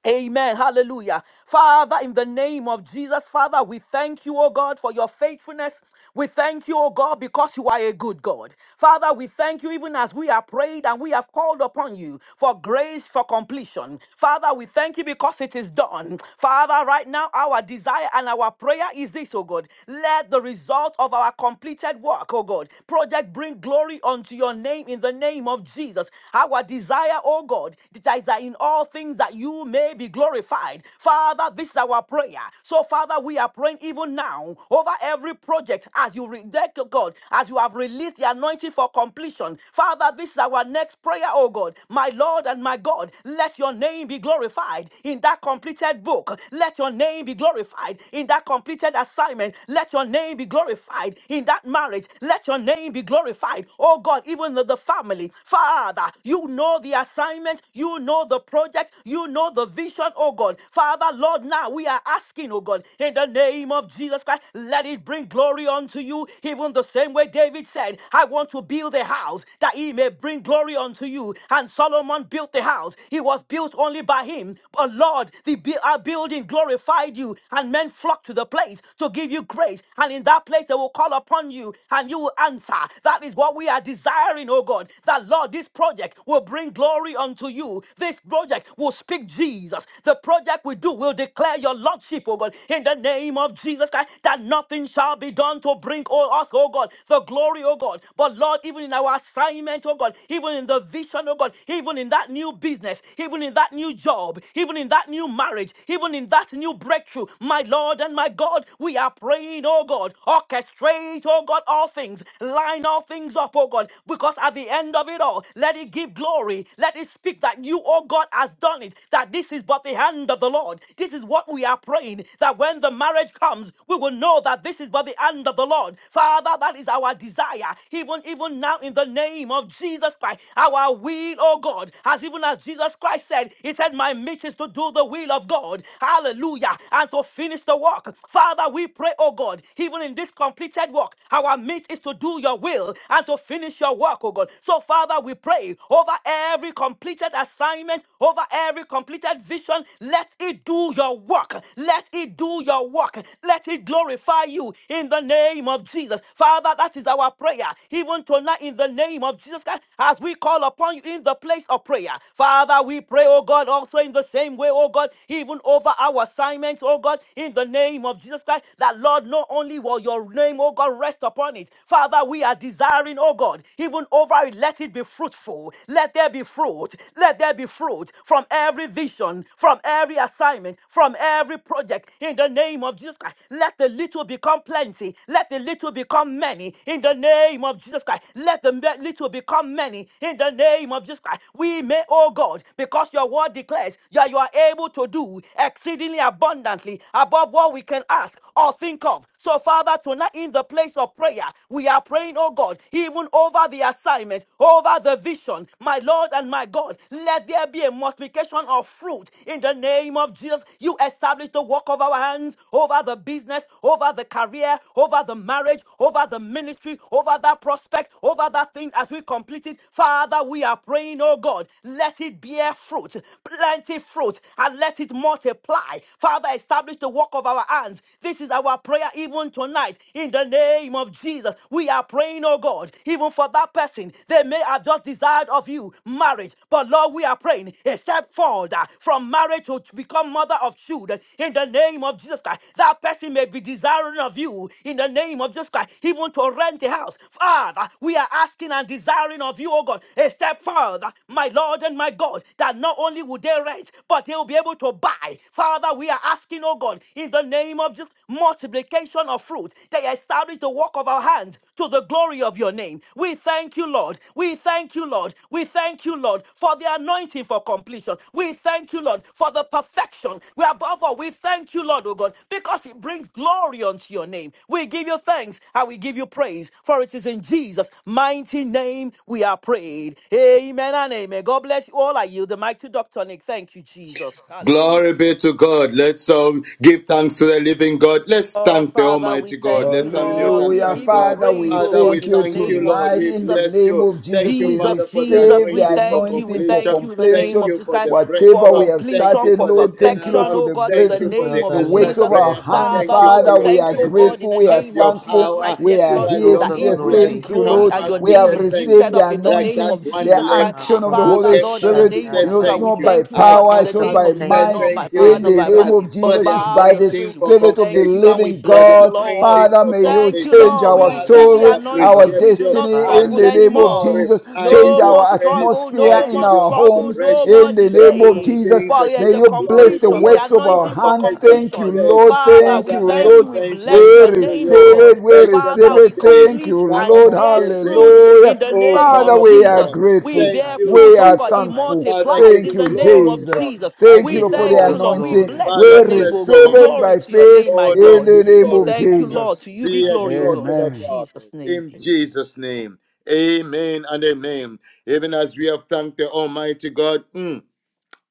B: Amen. Hallelujah. Father, in the name of Jesus, Father, we thank you, O God, for your faithfulness. We thank you, O God, because you are a good God. Father, we thank you even as we have prayed and we have called upon you for grace for completion. Father, we thank you because it is done. Father, right now, our desire and our prayer is this, O God. Let the result of our completed work, O God, project bring glory unto your name in the name of Jesus. Our desire, O God, is that in in all things that you may be glorified. Father, this is our prayer. So, Father, we are praying even now over every project as you re- thank you, God, as you have released the anointing for completion. Father, this is our next prayer, oh God. My Lord and my God, let your name be glorified in that completed book. Let your name be glorified in that completed assignment. Let your name be glorified in that marriage. Let your name be glorified. Oh God, even the the family. Father, you know the assignment. You know the project. You know the vision, oh God. Father, Lord, now we are asking, oh God, in the name of Jesus Christ, let it bring glory unto you. Even the same way David said, I want to build a house that he may bring glory unto you. And Solomon built the house. It was built only by him. But Lord, the bu- our building glorified you, and men flocked to the place to give you grace. And in that place, they will call upon you, and you will answer. That is what we are desiring, oh God. That Lord, this project will bring glory unto you. This project will speak Jesus. The project we do will declare your lordship, oh God, in the name of Jesus Christ, that nothing shall be done to bring all us, oh God, the glory, oh God. But Lord, even in our assignment, oh God, even in the vision, oh God, even in that new business, even in that new job, even in that new marriage, even in that new breakthrough, my Lord and my God, we are praying, oh God, orchestrate, oh God, all things, line all things up, oh God, because at the end of it all, let it give glory. Let it speak that you, oh God, has done it. That this is but the hand of the Lord. This is what we are praying. That when the marriage comes, we will know that this is but the hand of the Lord. Father, that is our desire. Even even now, in the name of Jesus Christ, our will, oh God, as even as Jesus Christ said, He said, My mission is to do the will of God. Hallelujah. And to finish the work. Father, we pray, oh God, even in this completed work, our mission is to do your your will and to finish your work, oh God. So, Father, we pray over every completed assignment, over every completed vision. Let it do your work. Let it do your work. Let it glorify you in the name of Jesus. Father, that is our prayer. Even tonight, in the name of Jesus Christ, as we call upon you in the place of prayer. Father, we pray, oh God, also in the same way, oh God, even over our assignments, oh God, in the name of Jesus Christ, that Lord, not only will your name, oh God, rest rest upon it. Father, we are desiring, oh God, even over it, let it be fruitful. Let there be fruit. Let there be fruit from every vision, from every assignment, from every project. In the name of Jesus Christ, let the little become plenty. Let the little become many. In the name of Jesus Christ, let the me- little become many. In the name of Jesus Christ, we may, oh God, because your word declares that you are able to do exceedingly abundantly above what we can ask or think of so, Father, tonight in the place of prayer, we are praying, oh God, even over the assignment, over the vision. My Lord and my God, let there be a multiplication of fruit in the name of Jesus. You establish the work of our hands over the business, over the career, over the marriage, over the ministry, over that prospect, over that thing as we complete it. Father, we are praying, oh God, let it bear fruit, plenty fruit, and let it multiply. Father, establish the work of our hands hands. This is our prayer even tonight in the name of Jesus. We are praying, oh God, even for that person. They may have just desired of you marriage, but Lord, we are praying a step forward uh, from marriage to become mother of children in the name of Jesus Christ. That person may be desiring of you in the name of Jesus Christ, even to rent a house. Father, we are asking and desiring of you, oh God, a step further, my Lord and my God, that not only will they rent, but they will be able to buy. Father, we are asking asking, oh God, in the name of just multiplication of fruit, they establish the work of our hands to the glory of your name. We thank you, Lord. We thank you, Lord. We thank you, Lord, for the anointing for completion. We thank you, Lord, for the perfection. We above all, we thank you, Lord, oh God, because it brings glory unto your name. We give you thanks and we give you praise, for it is in Jesus' mighty name we are prayed. Amen and amen. God bless you all. I yield the mic to Dr. Nick. Thank you, Jesus. Hallelujah.
D: Glory be to God. Let's all give thanks to the living God. Let's
B: Lord,
D: thank the
B: Father, we
D: Almighty God.
B: thank you,
D: Let's unmute
B: Lord.
D: and
B: We
C: Hallelujah.
D: thank
B: give you
D: God.
C: Father,
B: praise,
C: we
B: oh
D: Father, we
B: God,
C: thank
B: in the
C: you
D: thank you,
B: name of
D: Lord.
C: tonight.
D: We
C: In the
D: bless
B: Jesus.
C: name
D: you.
C: of
D: Thank
C: Jesus,
D: you,
C: we
B: Jesus,
D: Father, for the
B: Jesus,
C: receive
B: we
C: the
D: anointing for
B: thank you. We
C: anointing for
B: thank
D: completion.
B: you in the
D: Thank
B: name
C: completion.
B: of
D: you
B: Jesus
D: for
B: Christ
D: the
B: for
C: Whatever
D: breakthrough.
C: we have
D: Thank
B: completion,
D: you
C: started,
B: for
D: for the
C: Lord, thank you, Lord,
B: perfection,
C: for
D: turnaround.
B: oh
C: the
B: God, in
D: Thank
E: you,
B: the
D: you
C: blessing,
D: for
B: name
D: the
C: the
E: Father,
B: of
C: works
E: Lord,
D: answered
C: of
B: Jesus.
E: for
C: our
E: your
D: prayer.
C: hands,
B: Father,
D: Thank
E: mercy.
D: you
B: Lord,
E: We
D: for
B: we
C: Father.
D: your
E: say
C: We
B: thank
C: are
B: you,
E: thank
B: oh
E: you,
B: God,
D: presence
B: in
C: grateful.
B: the
E: thank
C: We are
D: and
E: you,
B: name
D: your
B: of
E: Father.
B: Jesus
C: thankful.
B: Christ.
D: power.
C: We
B: Yes,
E: We
C: are
E: give
B: Lord,
E: you
D: Surely,
C: here
E: all
D: oh
B: that
C: to
E: the
B: He
C: say
D: God, we
B: brings you
D: are
E: glory.
C: thank you,
D: come
B: glory
C: Lord.
B: and
D: back
B: your
C: We
D: to
B: name
C: have
D: say
B: is
D: thank
E: Karabashende
B: lifted
C: received
D: you.
C: the
B: up in the
D: Like
E: reboso,
B: name
D: that
C: anointing,
B: of
D: one
C: the
B: Jesus Christ.
D: leper
C: unction of the
D: who
B: Father,
C: Holy
D: came
B: Lord, in
D: back
B: the
C: Spirit.
D: to
B: name
E: makorabashanda
D: say
B: of
C: You know,
B: Jesus
C: it's
B: Christ,
D: thank
B: we
C: not
E: rabaye.
D: you.
C: by
B: thank you, oh
D: I
B: God, in
C: power,
D: come
B: the
C: it's
E: Father,
C: not
D: back
E: we
B: name of
C: by
D: to
B: Jesus
E: thank
B: Christ,
D: say
C: might.
B: not
E: you,
D: thank
B: by
E: we
D: you,
B: power,
C: In
E: thank
B: not
C: the
B: by
E: you, we
C: name
D: Jesus,
B: might.
E: give
C: of
E: you
D: for
B: But
C: Jesus,
D: the
C: it's
B: by
E: glory.
C: by
B: your
C: the
D: anointing
B: spirit,
D: for
B: we
C: Spirit of the
B: thank you and
D: completion,
B: we
C: living
D: for
E: Makorabashanda
B: bless
D: the
B: you,
C: God.
E: rabaye.
B: Lord.
D: anointing
C: Father,
D: for
C: may
E: We
C: you
B: Thank
E: give
B: you,
E: you
D: completion.
C: change
B: Lord. We
C: our
E: glory,
D: Father,
B: receive
E: we
B: the
D: I
E: give
C: story,
E: you
C: our
B: anointing.
E: glory.
D: appreciate
B: We do
D: you.
B: not
C: destiny
D: I
E: Father,
C: in
B: struggle
E: that
C: the
D: give you
E: you
C: name of
E: change
B: anymore.
D: glory.
E: our
C: Jesus.
E: story
D: I
E: in
D: give
C: Change
E: the
B: No
D: you
B: more
E: mighty
C: our
E: name of
D: praise.
B: struggle,
D: I
C: atmosphere
B: no
E: Jesus,
C: in
B: more
D: give you
C: our
B: struggle,
C: homes
B: no
D: adoration.
B: more
C: in the
D: The
C: name
E: my
D: King
C: of
D: of
B: delay.
C: Jesus.
D: Kings,
B: For
D: the
E: soul.
B: there's
C: May
D: King
B: a
D: of
C: you bless
D: Glory,
C: the
D: the
B: completion, the
D: Lord
E: Yes,
C: works
D: of
C: of our
E: Lord,
B: anointing
D: Lords, the
B: for
E: your
C: hands.
D: Ancient
E: hands.
C: Thank
D: of
C: you,
B: completion.
D: Days.
E: Yes,
C: Lord.
E: Lord.
B: Father,
C: Thank
B: we
D: Father,
C: you,
D: I
B: thank
D: am
B: you. We
C: Lord.
D: saying thank
B: bless
C: We
B: your
D: you
E: Masoto
D: to
B: name, O
D: you,
C: receive
E: Robo.
B: God.
C: it. We
D: Ancient
B: Father,
C: receive
D: of
B: we
C: it.
E: Mm.
D: Days
C: Thank you,
B: complete
E: Yes,
B: and it
C: Lord.
E: Lord.
D: covenant
B: bears
E: Master.
D: keeping
B: fruit
D: God.
B: in
C: Hallelujah.
B: the
D: Oh,
E: Yes,
B: name of
C: Father,
E: Lord.
C: we
D: powerful
C: are
D: God.
B: Jesus.
E: Uh,
B: We
C: grateful.
D: Thank
B: bear
E: hallelujah.
D: you,
B: fruit,
C: We
B: oh
C: are
E: In
B: God,
E: the
B: it
D: Jesus.
E: mighty
C: thankful.
D: Father, I
E: name
B: multiplies
D: give
B: in
C: Thank
D: you
E: of
C: you,
B: the name of
D: glory,
E: Jesus.
C: Jesus.
D: Lord.
B: Jesus.
D: I
E: We
C: Thank you
B: We
D: give
E: give
C: Lord,
E: you
D: you
C: for
E: all
B: thank
C: the
B: you,
E: the
B: Lord.
D: honor.
B: We
C: anointing.
E: glory. We
B: bless
C: We
E: give
B: your
D: Father,
E: you all
B: name,
D: bless
E: the
B: O
D: your
B: God.
C: receive
D: holy
C: it
E: glory.
D: name.
B: Glory
C: by
B: to your
C: faith
E: We
B: name, my
D: Oh,
E: say
D: Lord,
C: in
B: God.
C: the
E: thank
D: be
E: you.
C: name
B: We
C: of
D: glorified.
E: Thank
B: thank you,
E: you.
B: Lord.
C: Jesus.
B: To
E: In
B: you
E: the
B: be
D: Be
E: mighty
B: glory, O
E: name
B: God.
D: exalted,
E: of
B: In
D: O
C: Amen.
D: God.
B: Jesus'
E: Jesus.
B: name,
D: In
B: amen.
D: Jesus' name. Amen and amen. Even as we have thanked the Almighty God. mm,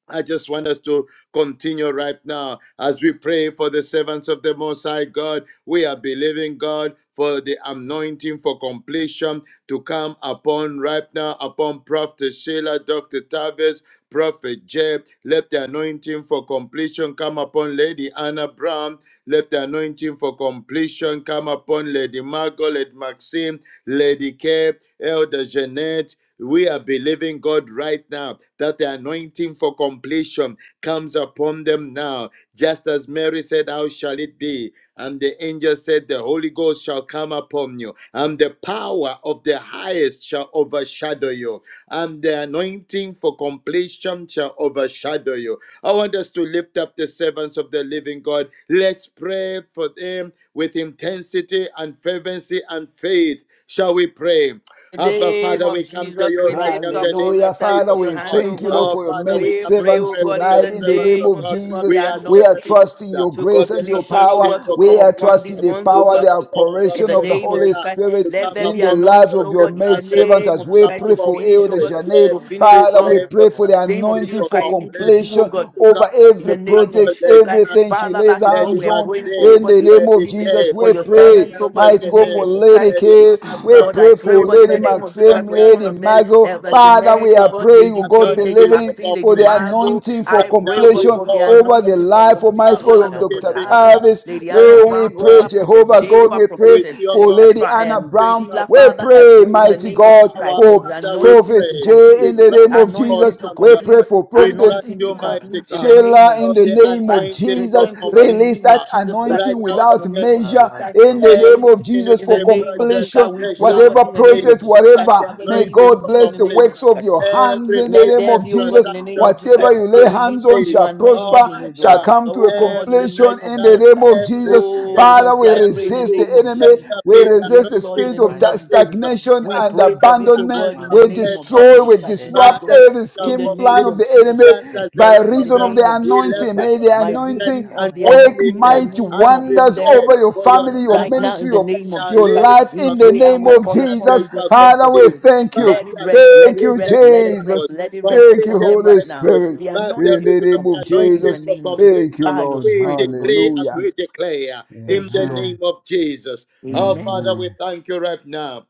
D: I just want us to continue right now as we pray for the servants of the Most High God. We are believing God for the anointing for completion to come upon right now, upon Prophet Sheila, Dr. Tavis, Prophet Jeb. Let the anointing for completion come upon Lady Anna Brown. Let the anointing for completion come upon Lady Margaret Maxine, Lady Kay, Elder Jeanette. We are believing God right now that the anointing for completion comes upon them now. Just as Mary said, How shall it be? And the angel said, The Holy Ghost shall come upon you, and the power of the highest shall overshadow you, and the anointing for completion shall overshadow you. I want us to lift up the servants of the living God. Let's pray for them with intensity and fervency and faith. Shall we pray?
B: In the
D: Abba,
B: name
D: Father,
B: of
D: we come to
B: Jesus,
D: you
B: we
D: right now
B: lift
D: in
B: up
D: the name
B: all the
D: of
C: Hallelujah.
B: servants
C: Father,
D: Jesus,
B: to your
D: oh
C: we
E: Father, we
B: hands,
D: God.
B: O
C: thank you,
E: thank
B: God.
C: Lord,
E: you,
D: Our
C: for your
D: Father,
E: Lord,
C: maid
D: we
E: for
B: We
D: come
E: the
B: pray,
D: to
C: servants
B: O
D: pray
E: lives of
B: God,
D: for
B: in
D: the
E: the
B: the
C: tonight in the
D: servants
C: name
D: of
B: name
C: of
B: of
D: God.
B: Jesus, for the
C: Jesus.
D: We ask
C: We are
D: Heavenly
B: anointing
C: trusting
D: Father
C: your
B: to
E: Shantarama.
D: for
C: grace
D: the
C: and your
E: We
B: completion,
E: are
B: O
C: power.
D: anointing
B: God, to
D: for
E: trusting
B: come
C: We
E: you
C: are
E: that
B: upon
C: trusting
E: you
B: these
D: completion
C: the
E: will
B: ones, O
D: to
E: take
C: power,
D: come
C: the
B: God.
E: control
D: upon
E: in the
B: In
C: operation
B: the
D: Prophet
C: of the
E: mighty
B: name of
C: Holy
B: Jesus
E: name
D: Sheila,
E: of
B: Christ,
D: to
C: Spirit
B: let
D: come
E: Jesus.
B: there be
C: in the
D: upon
C: lives
B: anointing,
D: Dr.
C: of
B: O
C: your
B: God,
E: Makora
B: in
C: maid
B: the
D: David,
C: servants
B: name
C: as
B: of
D: to
B: Jesus
C: we
E: Bashandaraba
D: come
B: Christ, to
C: pray
D: upon
E: say,
C: for
B: finish, O
C: Elder
D: Prophet
B: God,
C: Janet.
D: Jeff.
B: to
E: Makora
B: finish
D: We
C: Father, we
B: strong.
D: pray for
C: pray for
D: the
C: the
E: Bashandaraba
B: Name of
E: ye.
D: anointing
C: anointing
B: Jesus
D: for
B: Christ,
C: for
B: even to
E: We
B: do,
E: are
D: completion
B: O
C: completion
B: God.
D: to
E: conquering the
C: over
D: come
E: mighty
B: In the
C: every
E: for
D: upon
B: name of
D: Michael,
C: project,
E: completion
B: Jesus
E: in
D: Lady
E: the
B: Christ,
C: everything
E: mighty
C: she
D: Malcolm,
B: Father,
C: lays
B: that
E: name
B: is
E: of
B: what
D: Lady
B: we
C: hands
B: are
C: on
B: praying
E: Jesus.
D: Maxim,
B: for,
C: in
B: but
C: the
B: even
C: name
B: this
C: of
D: Lady
E: Makora
B: evening
C: Jesus.
D: Kay,
B: for
C: We
B: your servants,
C: pray
B: oh
D: Elder
E: Bashandaraba
B: God, in
C: might
E: ye.
B: the
C: go
B: name of
C: for
D: Jeanette,
B: Jesus
C: Lady
B: Christ.
D: Lady
C: K.
D: Anna
C: We
D: Brown.
B: Lord, I
C: pray
B: pray, oh
C: for
D: We
B: God, in
C: Lady
B: the
D: pray
B: name of Jesus
D: for
B: Christ
C: Maxim,
B: for each
D: the
B: one
C: Lady
B: of them,
D: anointing
E: Focus
D: for
C: Margot.
B: Elder
E: Sotaraba
C: Father,
B: Jeanette,
C: we
B: oh
C: are
D: completion.
B: God,
C: praying,
B: Lady
C: oh
E: Yereba.
C: God,
B: Kay, Lady
D: Anointing for
C: believing
B: Maxine, Lady
C: for the
E: Masoko
D: completion.
B: Margot.
E: to
C: anointing
E: the
C: for
B: I
D: Right
E: end.
B: pray,
E: the
B: oh
D: now,
B: God,
D: we
C: completion
E: rebel.
B: for the
D: call
C: over the
D: upon
B: anointing for
D: your
C: life,
E: Makoro
B: completion
C: Almighty
B: over
C: God,
D: covenant
C: of
B: Dr.
E: Bashanda
C: Dr.
D: keeping
B: Tavis,
E: Rabai
D: God.
C: Tavis.
B: Lady
D: Bless
B: Anna
E: the
C: Lord, we
B: Brown,
D: us,
B: over
C: pray,
E: Overwatch of
B: Prophet
C: Jehovah
B: Jay,
C: God,
E: the
B: over
C: we pray
E: Shanda
D: with
B: Prophetess
D: your
C: for
D: God,
B: uh,
C: Lady
B: Fra-
E: Rabosoko
C: Anna
E: to
B: um,
D: nothing
E: the
C: Brown.
B: Sheila.
D: shall be
C: We
B: Father,
E: Andarabo
B: I
C: pray,
B: pray in
D: impossible.
B: the
C: mighty
B: name of Jesus
C: God,
D: Our
B: Christ
E: Makoro
B: for
C: for
B: the
D: Father, we
B: anointing
C: Prophet
B: to
D: pray.
E: Bashenderebo
C: J
D: We
B: complete,
C: in the
D: trust
C: name of
D: you,
C: Jesus.
B: anointing
C: Jesus.
B: to
D: awesome
C: We
D: God.
C: pray
B: complete,
C: for
D: We
C: Prophetess
D: trust
B: anointing to
D: you,
C: uh,
D: mighty
B: complete in the
D: God,
E: Nasoko
B: name
C: Sheila
E: to
B: of
C: in
D: of
E: the
C: the
D: the
B: Jesus
C: name
B: Christ.
C: of
E: Andarabai
D: anointing
B: We
D: for
C: Jesus.
B: thank you,
E: Yeke
B: Lord, in
E: to
B: the
C: Release
B: name
E: the
C: that
B: of
D: completion.
B: Jesus Christ,
D: Right
E: Andarabo
C: anointing
D: now,
B: Lord,
D: for
B: in
C: without
B: the
D: your
B: name of
C: measure
D: servant,
B: Jesus Christ.
C: in the
E: Amasoko
B: Mm-hmm.
C: name
E: to
D: every
C: of
E: the
C: Jesus
B: In the
C: for
D: ministry
B: name
E: Enderebo
B: of Jesus
D: project
C: completion.
B: Christ, we
D: they
E: In
B: pray,
E: the
B: oh
D: shall
B: God,
C: Whatever
B: in
E: mighty
B: the name
D: complete
B: of
C: project,
E: name of
B: Jesus
D: by
B: Christ,
D: the
C: whatever,
B: Father,
E: Jesus,
C: may
B: Lord,
E: O
B: even
D: anointing
B: this
C: God
D: for
B: evening, in
C: bless
B: the
C: the
B: name
E: Sotoro,
B: of
C: works
D: completion.
B: Jesus
C: of
B: Christ.
C: your hands
D: Every
E: Makoro
C: in the
B: Let
C: name
B: there
D: business
C: of
E: Bayata
B: be, oh God,
C: Jesus.
B: in the name
D: transaction
B: of Jesus
D: they
C: Whatever you
B: Christ,
E: Satarabaye,
B: the
C: lay
D: shall
C: hands
B: release
C: on
B: of
D: complete.
B: your
C: shall
E: Matima
D: Oh
C: prosper,
B: anointing,
D: my
B: oh
E: Sotoro
C: shall
B: God.
D: God,
C: come
E: Bayaka
C: to
B: Oh
C: a
B: God, in
D: every
B: the
E: Tarabo,
C: completion
B: name
D: mighty
B: of
C: in the
D: God
B: Jesus
C: name
B: Christ.
C: of
E: Makere
C: Jesus. Jesus.
D: Everything
B: Oh
D: they
C: Father,
B: Lord,
C: we
B: I
D: desire
E: Bashenderebo,
B: pray
D: to
B: in the
C: resist
D: do,
C: the
B: name of
D: let
C: enemy.
B: Jesus.
E: let's
D: there
C: We
E: go to
D: be
E: the
D: the
C: resist
B: Yes,
C: the
E: meeting
B: Lord,
E: in
B: in
D: anointing
C: spirit
E: the
B: the
D: for
C: of
B: name of
E: mighty
B: Jesus
D: completion.
B: Christ.
E: name
C: stagnation
E: of
B: We
C: and
B: pray for
E: Jesus,
D: Whatever
B: this,
D: their
B: oh
C: abandonment.
D: hands
B: God, in
D: have
B: the
C: We
B: name
D: led
E: Makoro
B: of
D: on
C: destroy,
B: Jesus
C: we
D: earth,
B: Christ, Lord
C: disrupt
D: Father,
B: God.
D: they
C: every
E: Bashenderebo,
D: shall
B: In the
C: scheme
E: so
C: plan
B: name
C: of
B: of
D: complete.
C: the
B: Jesus.
D: Just
C: enemy
D: as the
C: by
B: In
E: Masekete
B: the
C: reason
D: Zerubbabel,
C: of the
B: name of
D: he
E: Yandarabo,
B: Jesus
D: left
C: anointing.
D: the
B: Christ,
C: May
E: By
C: the
B: by
E: everything of
D: foundation
C: anointing
B: reason
E: the
D: and
B: of the
E: anointing
C: work
E: in
B: anointing,
E: the
B: the
D: completed.
C: mighty
B: anointing
E: mighty
D: And we
B: upon
C: wonders
E: name
B: them
D: pray
C: over your
E: of
D: for your
C: family,
E: Jesus.
C: your
B: Right
D: servants,
B: now,
C: ministry,
B: in the
C: your,
D: they
B: name of
D: shall
C: your
B: Jesus
E: That's so
B: Christ,
D: leave
C: life
D: the
B: we
E: total
C: in the
E: by
B: pray and
C: name
B: we
D: foundation
C: of
B: call
E: your
D: and
B: upon
D: they
C: Jesus.
B: you for
D: shall
B: even
E: in
C: Father,
E: the
C: we
D: complete.
B: solution.
E: mighty
C: thank you.
D: Father,
B: Let it
E: name.
B: rest, let
C: Thank
B: it
C: you,
B: rest,
D: completed
B: let it
D: miracles,
B: rest,
C: Jesus.
B: let it rest
C: Thank you,
B: upon
E: Thank
D: completed
B: them
E: you,
C: Holy
B: right now.
D: breakthroughs.
E: Jesus, oh,
C: Spirit.
B: The
E: our
D: By the
C: In
E: Lord.
B: anointing
C: the
D: reason
B: for
D: of
C: name
E: In
C: of
D: the
E: the
B: completion
E: mighty
B: in
E: name
B: the
D: anointing
C: Jesus.
E: of
D: for
B: name of Jesus.
E: Jesus.
C: Thank you,
D: completion,
B: By your
C: Lord.
D: we
B: spirit, oh God,
D: decree
B: in
D: and
C: Hallelujah.
D: we
B: Jesus.
D: declare in
B: Thank you,
D: the
B: Lord.
D: name
C: Amen.
D: of Jesus. Oh,
B: Amen.
D: Father,
C: Amen.
D: we thank you right now.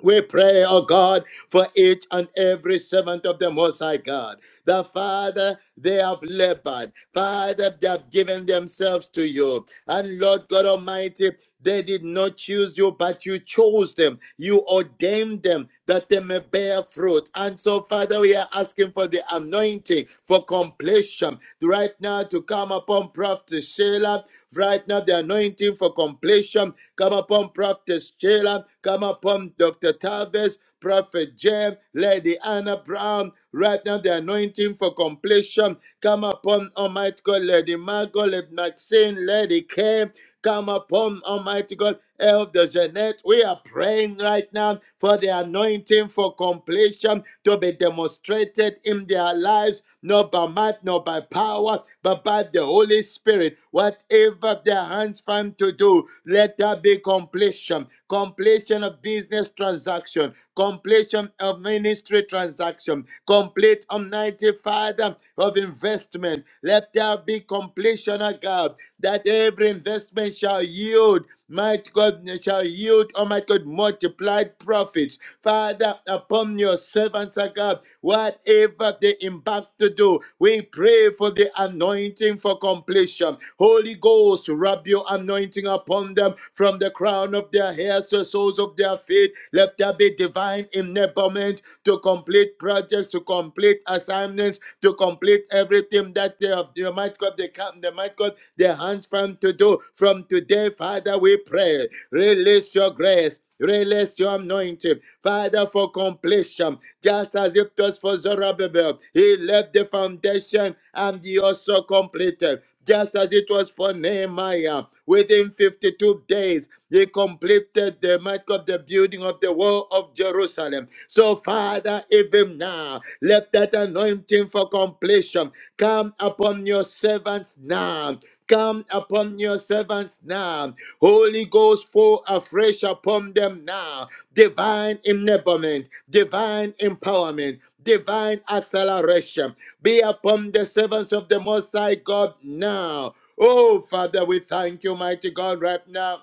D: We pray, oh God, for each and every servant of the Most High God. The Father, they have labored. Father, they have given themselves to you. And Lord God Almighty, they did not choose you, but you chose them. You ordained them that they may bear fruit. And so, Father, we are asking for the anointing waiting for completion. Right now, to come upon Prophet Sheila. Right now, the anointing for completion. Come upon Prophet Sheila. Come upon Dr. Tavis, Prophet Jem, Lady Anna Brown. Right now, the anointing for completion. Come upon Almighty God, Lady Margot, Lady Maxine, Lady K. Come upon Almighty God, Elder Jeanette. We are praying right now for the anointing for completion to be demonstrated in their lives, not by might, not by power, but by the Holy Spirit. Whatever their hands find to do, let there be completion. Completion of business transaction, completion of ministry transaction, complete Almighty Father of investment. Let there be completion, O God, that every every investment shall yield, might God shall yield, oh my God, multiplied profits. Father, upon your servants, oh God, whatever they embark to do, we pray for the anointing for completion. Holy Ghost, rub your anointing upon them from the crown of their hairs to the soles of their feet. Let there be divine enablement to complete projects, to complete assignments, to complete everything that they have. They might God, they can, they might God, their hands hands from to do. From today, Father, we pray. Release your grace. Release your anointing, Father, for completion, just as it was for Zerubbabel. He left the foundation and he also completed, just as it was for Nehemiah. Within 52 days, he completed the mark of the building of the wall of Jerusalem. So, Father, even now, let that anointing for completion come upon your servants now. Come upon your servants now. Holy Ghost, fall afresh upon them now. Divine enablement, divine empowerment, divine acceleration. Be upon the servants of the Most High God now. Oh, Father, we thank you, mighty God, right now.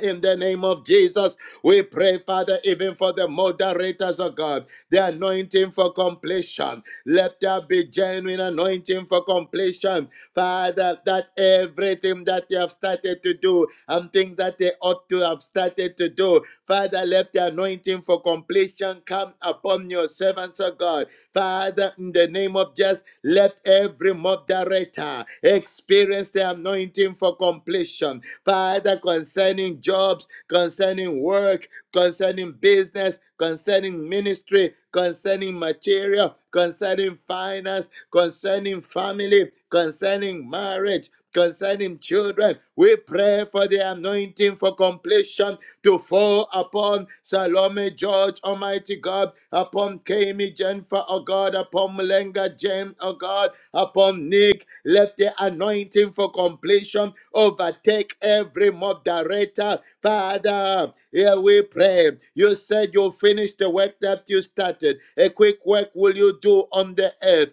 D: In the name of Jesus, we pray, Father, even for the moderators of God, the anointing for completion. Let there be genuine anointing for completion, Father, that everything that they have started to do and things that they ought to have started to do, Father, let the anointing for completion come upon your servants of God Father, in the name of Jesus, let every moderator experience the anointing for completion. Father, concerning jobs, concerning work, concerning business, concerning ministry, concerning material, concerning finance, concerning family, concerning marriage concerning children. We pray for the anointing for completion to fall upon Salome George, Almighty God, upon Kemi, Jennifer, oh God, upon Mulenga James, oh God, upon Nick. Let the anointing for completion overtake every mob director. Father, here we pray. You said you'll finish the work that you started. A quick work will you do on the earth.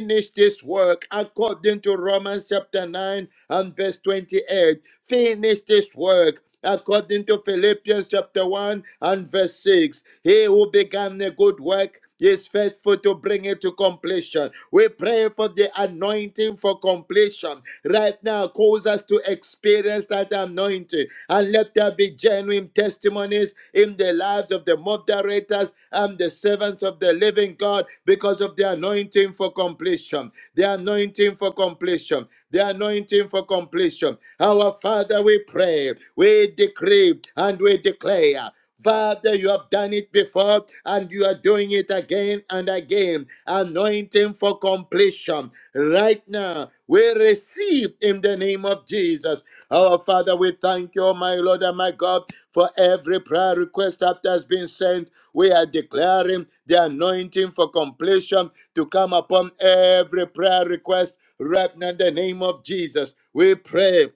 D: Finish this work according according to Romans chapter 9 and verse 28. Finish this work. According to Philippians chapter 1 and verse 6, he who began the good work is faithful to bring it to completion. We pray for the anointing for completion. Right now, cause us to experience that anointing and let there be genuine testimonies in the lives of the moderators and the servants of the living God because of the anointing for completion the anointing for completion, the anointing for completion. Our Father, we pray, we decree, and we declare Father, you have done it before and you are doing it again and again. Anointing for completion. Right now, we receive in the name of Jesus. Our Father, we thank you, my Lord and my God, for every prayer request that has been sent. We are declaring the anointing for completion to come upon every prayer request right now in the name of Jesus. We pray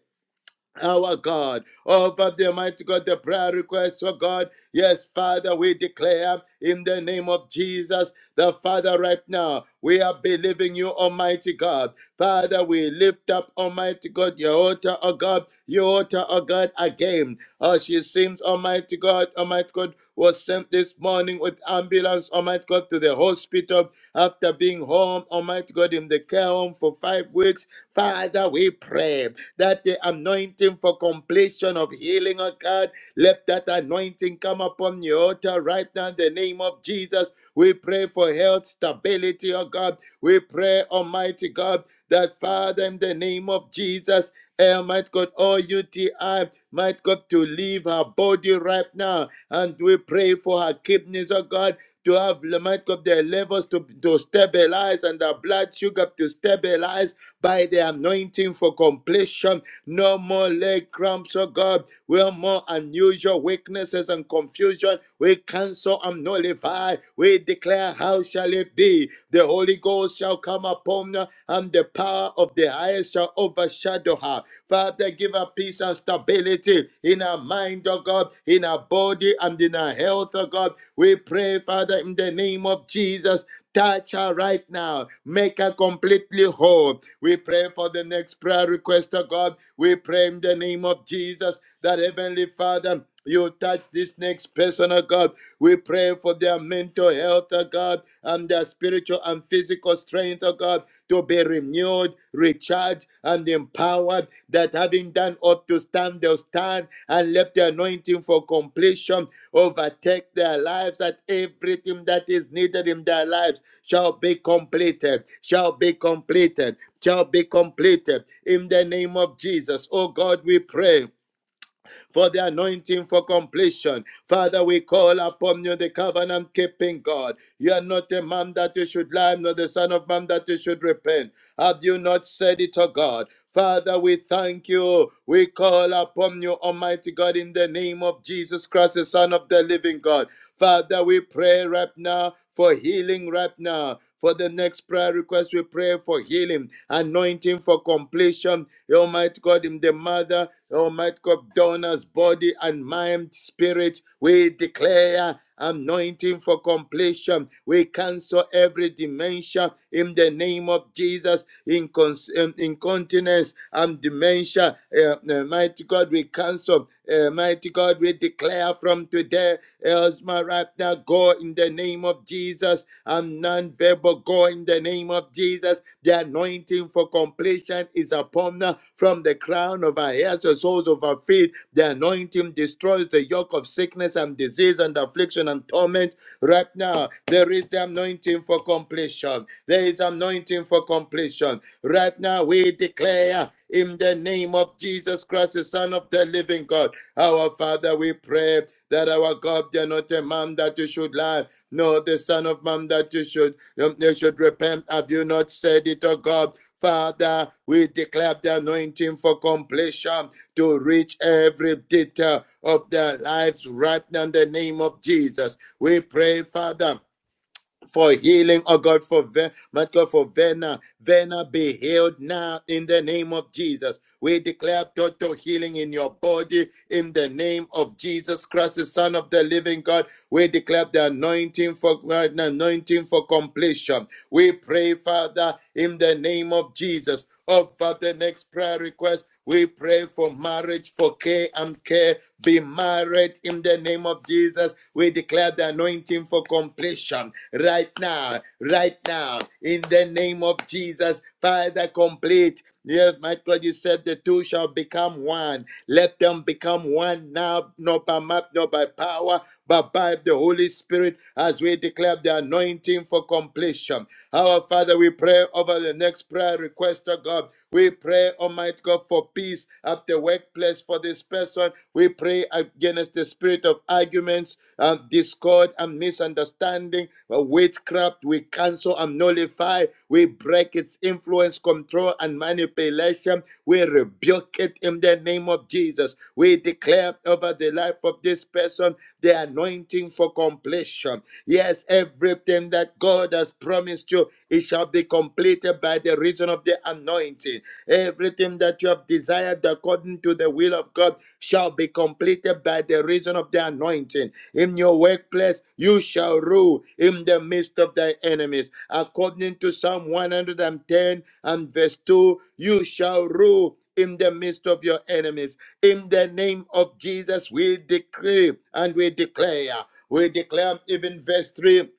D: our God. Over the mighty God, the prayer requests for God. Yes, Father, we declare in the name of Jesus, the Father, right now, we are believing you, Almighty God. Father, we lift up, Almighty God, your altar, O God, your altar, O God, again. As she seems, Almighty God, Almighty God, was sent this morning with ambulance, Almighty God, to the hospital after being home, Almighty God, in the care home for five weeks. Father, we pray that the anointing for completion of healing, oh God, let that anointing come upon the altar right now in the name of Jesus. We pray for health, stability, oh God. We pray, Almighty God, that Father, in the name of Jesus, eh, might God, all UTI, might God, to leave her body right now. And we pray for her kidneys, oh God, to have, might God, their levels to, to stabilize and her blood sugar to stabilize by the anointing for completion. No more leg cramps, oh God. No more unusual weaknesses and confusion. We cancel and nullify. We declare, How shall it be? The Holy Ghost shall come upon her, and the power of the highest shall overshadow her. Father, give her peace and stability in her mind, oh God, in her body and in her health, oh God. We pray, Father, in the name of Jesus Touch her right now. Make her completely whole. We pray for the next prayer request of God. We pray in the name of Jesus that Heavenly Father, you touch this next person, oh God. We pray for their mental health, oh God, and their spiritual and physical strength, oh God, to be renewed, recharged, and empowered. That having done ought to stand, they'll stand and let the anointing for completion overtake their lives at everything that is needed in their lives shall be completed, shall be completed, shall be completed. In the name of Jesus, oh God, we pray for the anointing for completion. Father, we call upon you, the covenant keeping God. You are not a man that you should lie, nor the son of man that you should repent. Have you not said it, O God? Father, we thank you. We call upon you, Almighty God, in the name of Jesus Christ, the Son of the living God. Father, we pray right now for healing right now. For the next prayer request, we pray for healing, anointing for completion. Almighty God, in the mother Almighty God, donors, body and mind, spirit, we declare anointing for completion. We cancel every dementia in the name of Jesus, incons- um, incontinence and dementia. Uh, uh, mighty God, we cancel. Uh, mighty God, we declare from today else, my right now, go in the name of Jesus. I'm non-verbal, go in the name of Jesus. The anointing for completion is upon us from the crown of our heads to the soles of our feet. The anointing destroys the yoke of sickness and disease and affliction and torment. Right now, there is the anointing for completion. There is anointing for completion. Right now, we declare in the name of Jesus Christ, the Son of the living God. Our Father, we pray that our God, you are not a man that you should lie, nor the Son of Man that you should um, you should repent. Have you not said it, O God? Father, we declare the anointing for completion to reach every detail of their lives right now in the name of Jesus. We pray, Father for healing, oh God, for Ve- my God, for Vena. Vena be healed now in the name of Jesus. We declare total healing in your body in the name of Jesus Christ, the Son of the Living God. We declare the anointing for anointing for completion. We pray, Father, in the name of Jesus. Oh, Father, next prayer request. We pray for marriage, for care and care. Be married in the name of Jesus. We declare the anointing for completion right now, right now, in the name of Jesus. Father, complete. Yes, my God, you said the two shall become one. Let them become one now, not by might, not by power, but by the Holy Spirit, as we declare the anointing for completion. Our Father, we pray over the next prayer request, oh God. We pray, Almighty God, for peace at the workplace for this person. We pray against the spirit of arguments, uh, discord, and misunderstanding, uh, witchcraft. We cancel and nullify. We break its influence, control, and manipulation. We rebuke it in the name of Jesus. We declare over the life of this person the anointing for completion Yes, everything that God has promised you, it shall be completed by the reason of the anointing. Everything that you have desired according to the will of God shall be completed by the reason of the anointing. In your workplace, you shall rule in the midst of thy enemies. According to Psalm 110 and ten and verse 2, you shall rule. In the midst of your enemies, in the name of Jesus, we decree and we declare. We declare even verse 3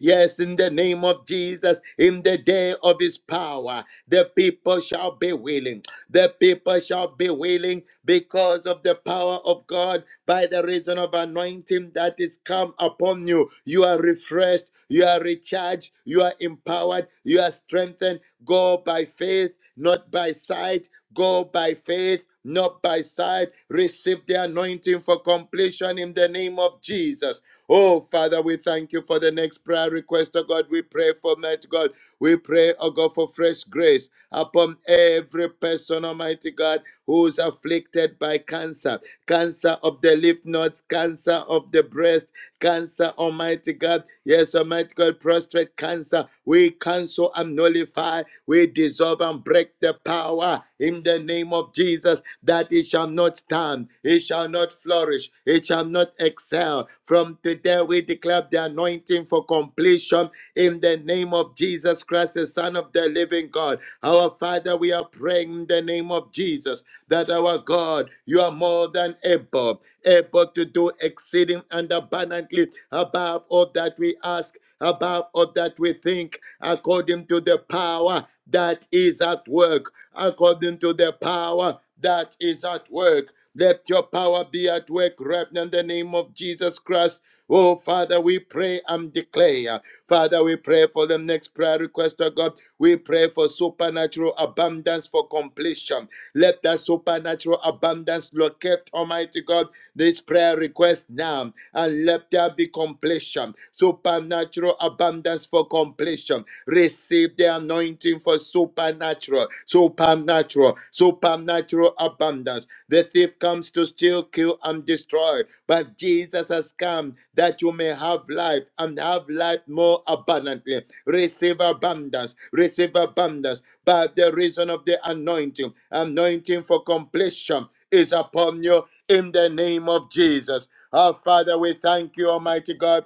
D: Yes, in the name of Jesus, in the day of his power, the people shall be willing. The people shall be willing because of the power of God by the reason of anointing that is come upon you. You are refreshed, you are recharged, you are empowered, you are strengthened. Go by faith, not by sight. Go by faith. Not by sight, receive the anointing for completion in the name of Jesus. Oh, Father, we thank you for the next prayer request, oh God. We pray for mighty God. We pray, oh God, for fresh grace upon every person, Almighty God, who's afflicted by cancer, cancer of the lymph nodes, cancer of the breast, cancer, Almighty God. Yes, Almighty God, prostrate cancer. We cancel and nullify we dissolve and break the power in the name of Jesus that it shall not stand, it shall not flourish, it shall not excel. From today, we declare the anointing for completion in the name of Jesus Christ, the Son of the living God. Our Father, we are praying in the name of Jesus that our God, you are more than able able to do exceeding and abundantly above all that we ask, above all that we think, according to the power that is at work, according to the power that is at work. Let your power be at work right now in the name of Jesus Christ. Oh, Father, we pray and declare. Father, we pray for the next prayer request of God. We pray for supernatural abundance for completion. Let that supernatural abundance locate, Almighty God, this prayer request now and let there be completion, supernatural abundance for completion. Receive the anointing for supernatural, supernatural, supernatural abundance. The thief comes to steal, kill, and destroy, but Jesus has come that you may have life and have life more abundantly. Receive abundance, receive abundance by the reason of the anointing, anointing for completion is upon you in the name of Jesus. Our Father, we thank you, Almighty God.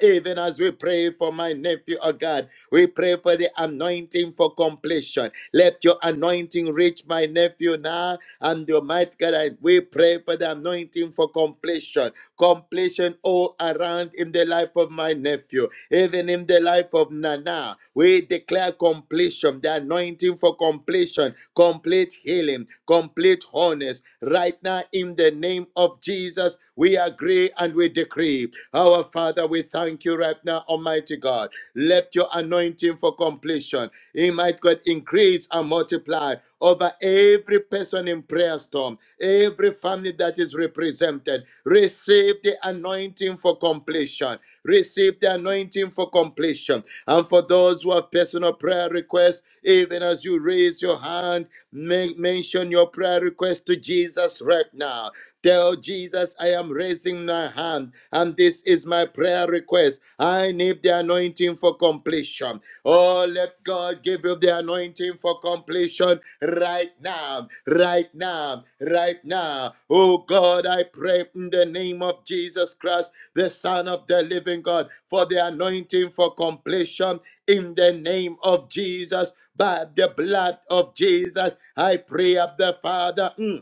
D: Even as we pray for my nephew, oh God, we pray for the anointing for completion. Let your anointing reach my nephew now, and Almighty God, I- we pray for the anointing for completion completion all around in the life of my nephew, even in the life of Nana. We declare completion, the anointing for completion, complete healing, complete wholeness. Right now, in the name of Jesus, we agree and we decree. Our Father, we thank you right now, Almighty God. Let your anointing for completion. He might God increase and multiply over every person in prayer storm, every family that is represented. Receive the anointing for completion. Receive the anointing for completion. And for those who have personal prayer requests, even as you raise your hand, make, mention your prayer request to Jesus right now. Tell Jesus, I am raising my hand, and this is my prayer request. I need the anointing for completion. Oh, let God give you the anointing for completion right now, right now, right now. Oh God, I pray in the name of Jesus Christ, the Son of the living God, for the anointing for completion in the name of Jesus, by the blood of Jesus. I pray of the Father. mm,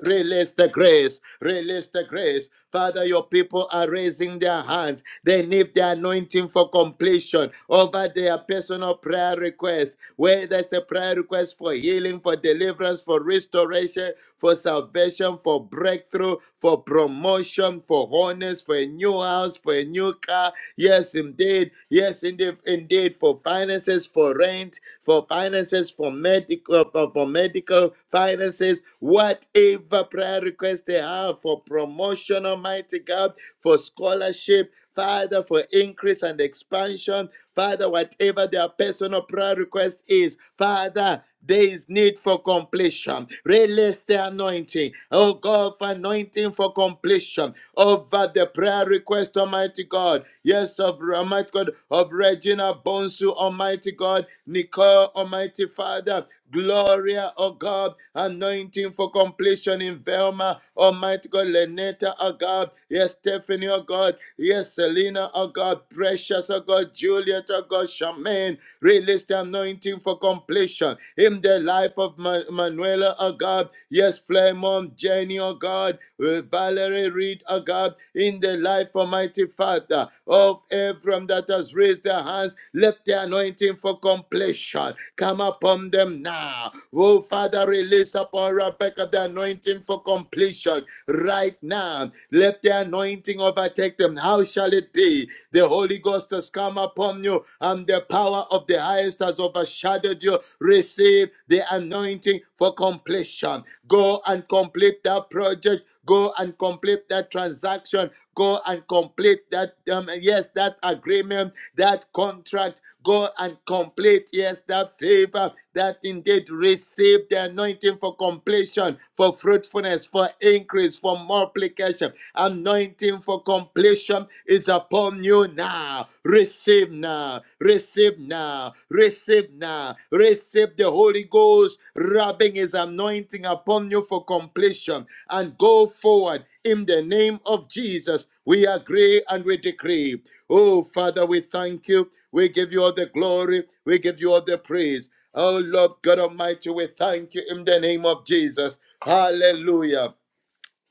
D: Release the grace. Release the grace. Father, your people are raising their hands. They need the anointing for completion over their personal prayer requests, whether it's a prayer request for healing, for deliverance, for restoration, for salvation, for breakthrough, for promotion, for honors, for a new house, for a new car. Yes, indeed. Yes, indeed. In indeed for finances, for rent, for finances, for medical, for, for medical finances, whatever prayer request they have for promotion, Almighty God, for scholarship, Father, for increase and expansion, Father, whatever their personal prayer request is, Father there is need for completion. Release the anointing. Oh God, for anointing for completion over the prayer request, Almighty God. Yes, of Almighty God, of Regina Bonsu, Almighty God, Nicole, Almighty Father. Gloria, oh God, anointing for completion in Velma, Almighty God, Leneta, oh God, yes, Stephanie, oh God, yes, Selena, oh God, precious, oh God, Juliet, oh God, Charmaine, Release the anointing for completion in the life of Ma- Manuela, oh God. Yes, Flamon, Jenny, oh God. Uh, Valerie Reed, oh God. In the life, Almighty Father, of everyone that has raised their hands, let the anointing for completion come upon them now. Oh, Father, release upon Rebecca the anointing for completion right now. Let the anointing overtake them. How shall it be? The Holy Ghost has come upon you, and the power of the highest has overshadowed you. Receive the anointing for completion. Go and complete that project. Go and complete that transaction. Go and complete that, um, yes, that agreement that contract. Go and complete, yes, that favor that indeed receive the anointing for completion, for fruitfulness, for increase, for multiplication. Anointing for completion is upon you now. Receive now, receive now, receive now, receive the the Holy Ghost rubbing his anointing upon you for completion and go forward in the name of Jesus. We agree and we decree. Oh, Father, we thank you. We give you all the glory. We give you all the praise. Oh, Lord God Almighty, we thank you in the name of Jesus. Hallelujah.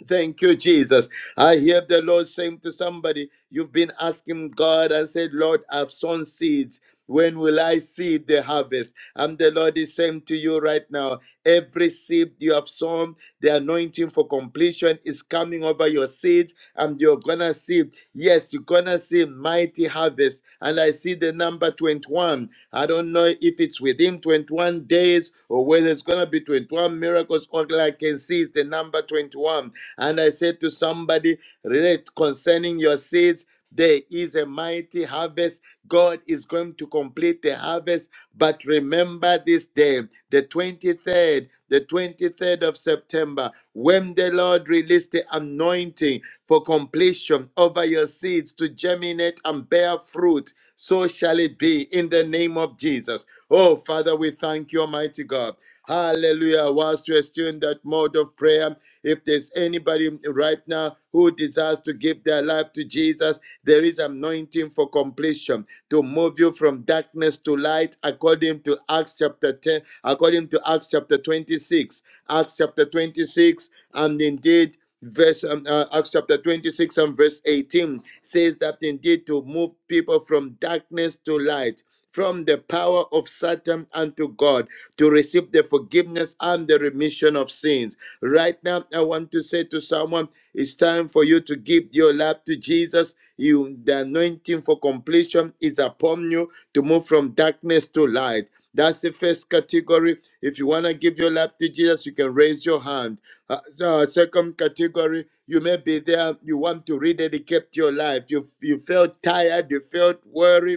D: Thank you, Jesus. I hear the Lord saying to somebody, You've been asking God and said, Lord, I've sown seeds. When will I see the harvest? And the Lord is saying to you right now, every seed you have sown, the anointing for completion is coming over your seeds, and you're gonna see, yes, you're gonna see mighty harvest. And I see the number 21. I don't know if it's within 21 days or whether it's gonna be 21 miracles, all I can see is the number 21 and I said to somebody, relate concerning your seeds, there is a mighty harvest. God is going to complete the harvest. But remember this day, the 23rd, the 23rd of September, when the Lord released the anointing for completion over your seeds to germinate and bear fruit, so shall it be in the name of Jesus. Oh, Father, we thank you, Almighty God. Hallelujah. Whilst we are still in that mode of prayer, if there's anybody right now who desires to give their life to Jesus, there is anointing for completion to move you from darkness to light according to Acts chapter 10, according to Acts chapter 26. Acts chapter 26, and indeed, verse um, uh, Acts chapter 26 and verse 18 says that indeed to move people from darkness to light. From the power of Satan unto God to receive the forgiveness and the remission of sins. Right now, I want to say to someone, it's time for you to give your life to Jesus. You, the anointing for completion is upon you to move from darkness to light. That's the first category. If you want to give your life to Jesus, you can raise your hand. Uh, so, uh, second category, you may be there. You want to rededicate your life. You you felt tired. You felt worried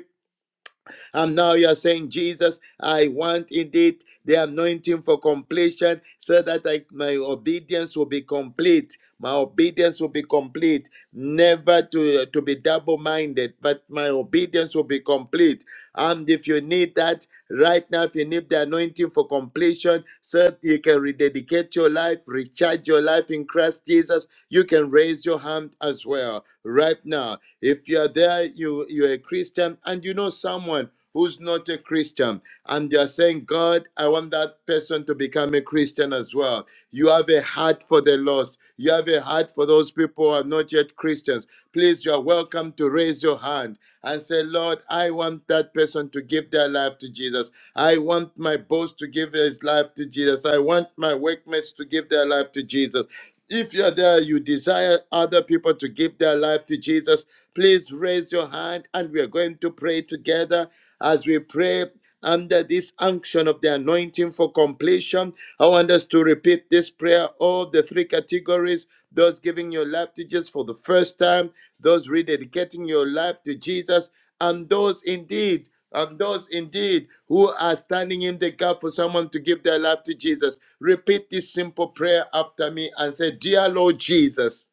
D: and now you are saying, Jesus, I want indeed the anointing for completion so that I, my obedience will be complete. My obedience will be complete, never to, to be double minded, but my obedience will be complete. And if you need that right now, if you need the anointing for completion, so that you can rededicate your life, recharge your life in Christ Jesus, you can raise your hand as well right now. If you are there, you, you're a Christian and you know someone who's not a Christian, and you're saying, God, I want that person to become a Christian as well. You have a heart for the lost. You have a heart for those people who are not yet Christians. Please, you are welcome to raise your hand and say, Lord, I want that person to give their life to Jesus. I want my boss to give his life to Jesus. I want my workmates to give their life to Jesus. If you're there, you desire other people to give their life to Jesus, please raise your hand and we are going to pray together as we pray under this unction of the anointing for completion. I want us to repeat this prayer, all the three categories those giving your life to Jesus for the first time, those rededicating your life to Jesus, and those indeed. And those indeed who are standing in the gap for someone to give their life to Jesus, repeat this simple prayer after me and say, Dear Lord Jesus,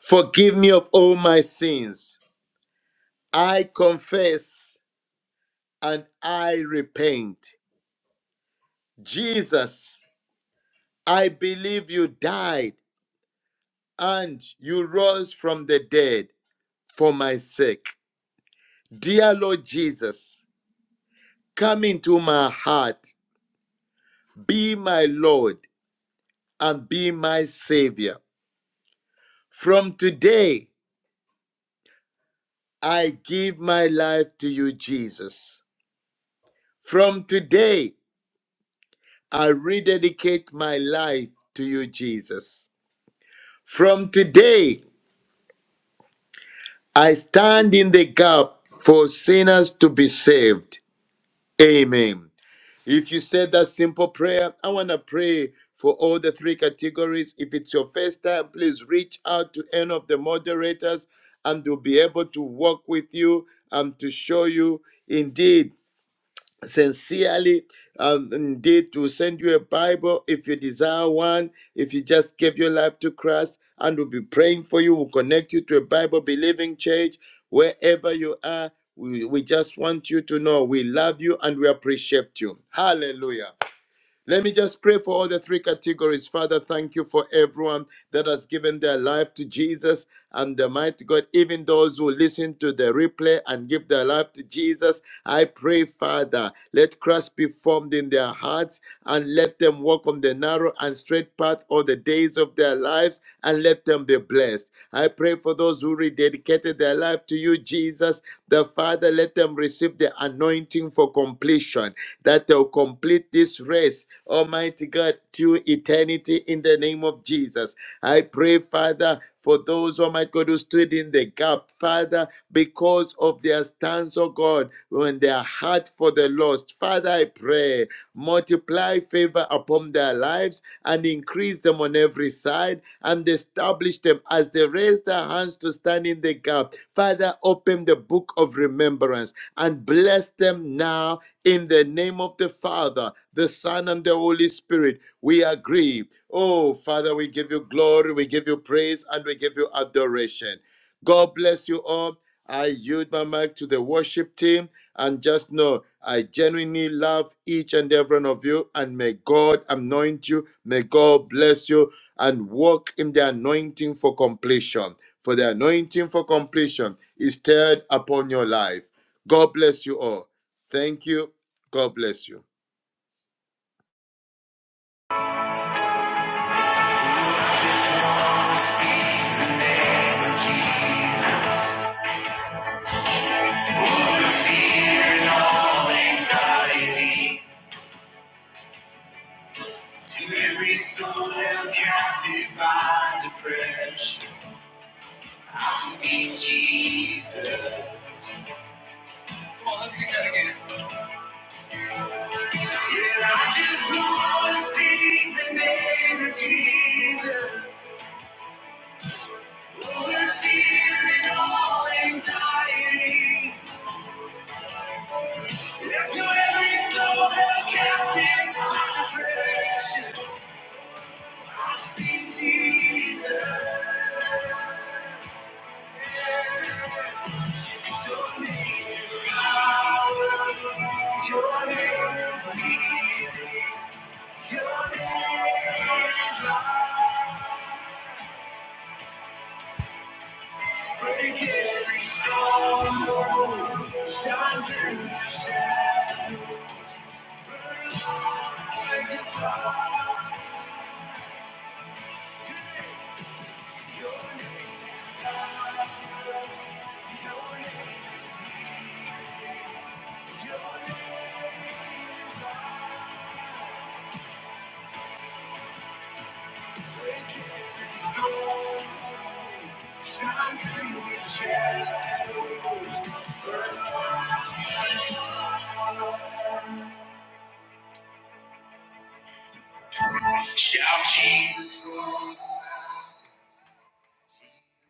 D: forgive me of all my sins. I confess and I repent. Jesus, I believe you died and you rose from the dead for my sake. Dear Lord Jesus, come into my heart, be my Lord and be my Savior. From today, I give my life to you, Jesus. From today, I rededicate my life to you, Jesus. From today, I stand in the gap for sinners to be saved. Amen. If you said that simple prayer, I want to pray for all the three categories. If it's your first time, please reach out to any of the moderators and we'll be able to work with you and to show you indeed sincerely um, indeed to send you a Bible if you desire one, if you just gave your life to Christ, and we'll be praying for you. We'll connect you to a Bible believing church wherever you are. We, we just want you to know we love you and we appreciate you. Hallelujah. Let me just pray for all the three categories. Father, thank you for everyone that has given their life to Jesus and the mighty God, even those who listen to the replay and give their life to Jesus. I pray, Father, let Christ be formed in their hearts and let them walk on the narrow and straight path all the days of their lives and let them be blessed. I pray for those who rededicated their life to you, Jesus. The Father, let them receive the anointing for completion that they'll complete this race, Almighty God, to eternity in the name of Jesus. I pray, Father, for those, Almighty God, who stood in the gap, Father, because of their stance, oh God, when their heart for the lost. Father, I pray, multiply favor upon their lives and increase them on every side and establish them as they raise their hands to stand in the gap. Father, open the book of remembrance and bless them now in the name of the Father, the Son, and the Holy Spirit, we agree. Oh, Father, we give you glory, we give you praise, and we give you adoration. God bless you all. I yield my mic to the worship team and just know I genuinely love each and every one of you and may God anoint you, may God bless you and walk in the anointing for completion. For the anointing for completion is stirred upon your life. God bless you all. Thank you. God bless you.
A: Speak the name of Jesus. Over the entirety to every soul held captive by depression. I speak Jesus. Come on, let's sing that again. Yeah, I just want to speak the name of Jesus. Over fear and all anxiety. Lift to every soul held captive by depression. I speak Jesus. Your name is power. Your name is healing. Your name is life. Break every stronghold. Shine through the shadow. Shout Jesus.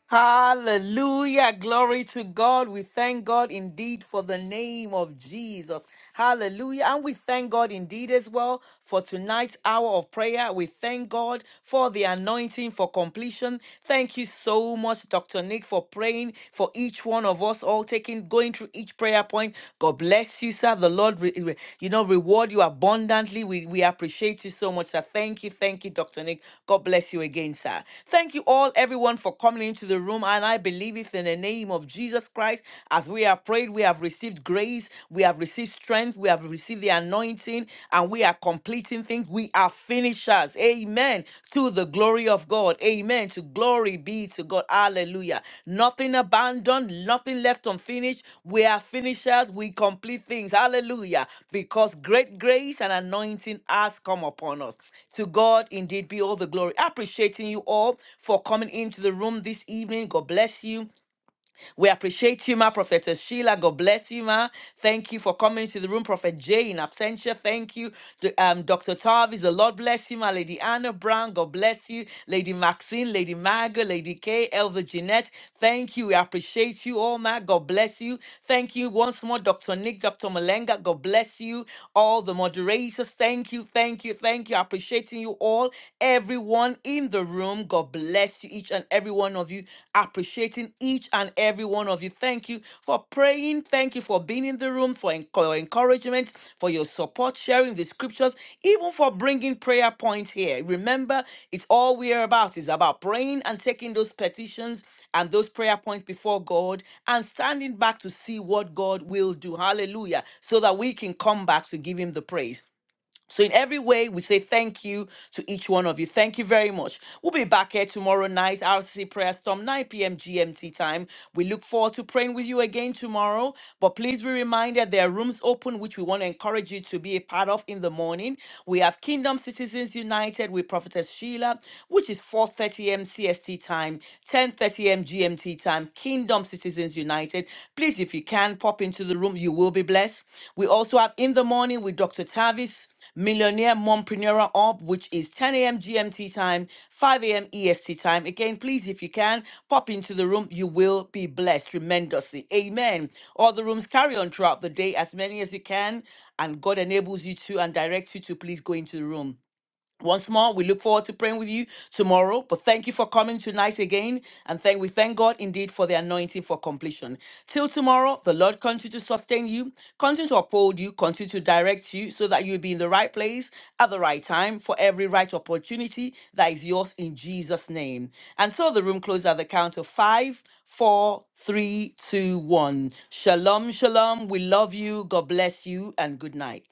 B: Hallelujah. Glory to God. We thank God indeed for the name of Jesus. Hallelujah. And we thank God indeed as well for tonight's hour of prayer. We thank God for the anointing for completion. Thank you so much, Dr. Nick, for praying for each one of us all, taking going through each prayer point. God bless bless you, sir. The Lord, re- re- you know, reward you abundantly. We, we appreciate you so much, sir. Thank you. Thank you, Dr. Nick. God bless you again, sir. Thank you all, everyone, for coming into the room. And I believe it in the name of Jesus Christ. As we have prayed, we have received grace, we have received strength, we have received the anointing, and we are completing things. We are finishers. Jesus. Amen. To the glory of God. Amen. To glory be to God. Hallelujah. Nothing abandoned, nothing left unfinished. We are finishers. We complete things. Hallelujah. Because great grace and anointing has come upon us. To God indeed be all the glory. Appreciating you all for coming into the room this evening. God bless you. We appreciate you, ma. Prophetess Sheila, God bless you, ma. Thank you for coming to the room. Prophet Jay in absentia, thank you. D- um, Dr. Tarvis, the Lord bless you, ma. Lady Anna Brown, God bless you. Lady Maxine, Lady Margaret, Lady Kay, Elder Jeanette, thank you. We appreciate you all, ma. God bless you. Thank you once more, Dr. Nick, Dr. Malenga, God bless you. All the moderators, thank you, thank you, thank you. Appreciating you all, everyone in the the room. God bless you, each and every one of you. Appreciating each and every one of you. Thank you for praying. Thank you for being in the room, for enc- your encouragement, for your support, sharing the scriptures, even for bringing prayer points here. Remember, it's all we are about. It's about praying and taking those petitions and those prayer points before God and standing back to see what God will do. Hallelujah. So that we can come back to give Him the praise. So, in every way, we say thank you to each one of you. Thank you very much. We'll be back here tomorrow night, RCC Prayer Storm, 9 p.m. GMT time. We look forward to praying with you again tomorrow. But please be reminded there are rooms open, which we want to encourage you to be a part of in the morning. We have Kingdom Citizens United with Prophetess Sheila, which is 4.30 m CST time, 10.30 m GMT time, Kingdom Citizens United. Please, if you can, pop into the room. You will be blessed. We also have In the Morning with Dr. Tavis. Millionaire Mompreneur Up, which is 10 a.m. GMT time, 5 a.m. EST time. Again, please, if you can, pop into the room. You will be blessed tremendously. Amen. All the rooms carry on throughout the day, as many as you can, and God enables you to and directs you to please go into the room. Once more, we look forward to praying with you tomorrow. But thank you for coming tonight again. And thank we thank God indeed for the anointing for completion. Till tomorrow, the Lord continue to sustain you, continue to uphold you, continue to direct you so that you'll be in the right place at the right time for every right opportunity that is yours in Jesus' name. And so the room closes at the count of five, four, three, two, one. Shalom, shalom. We love you. God bless you and good night.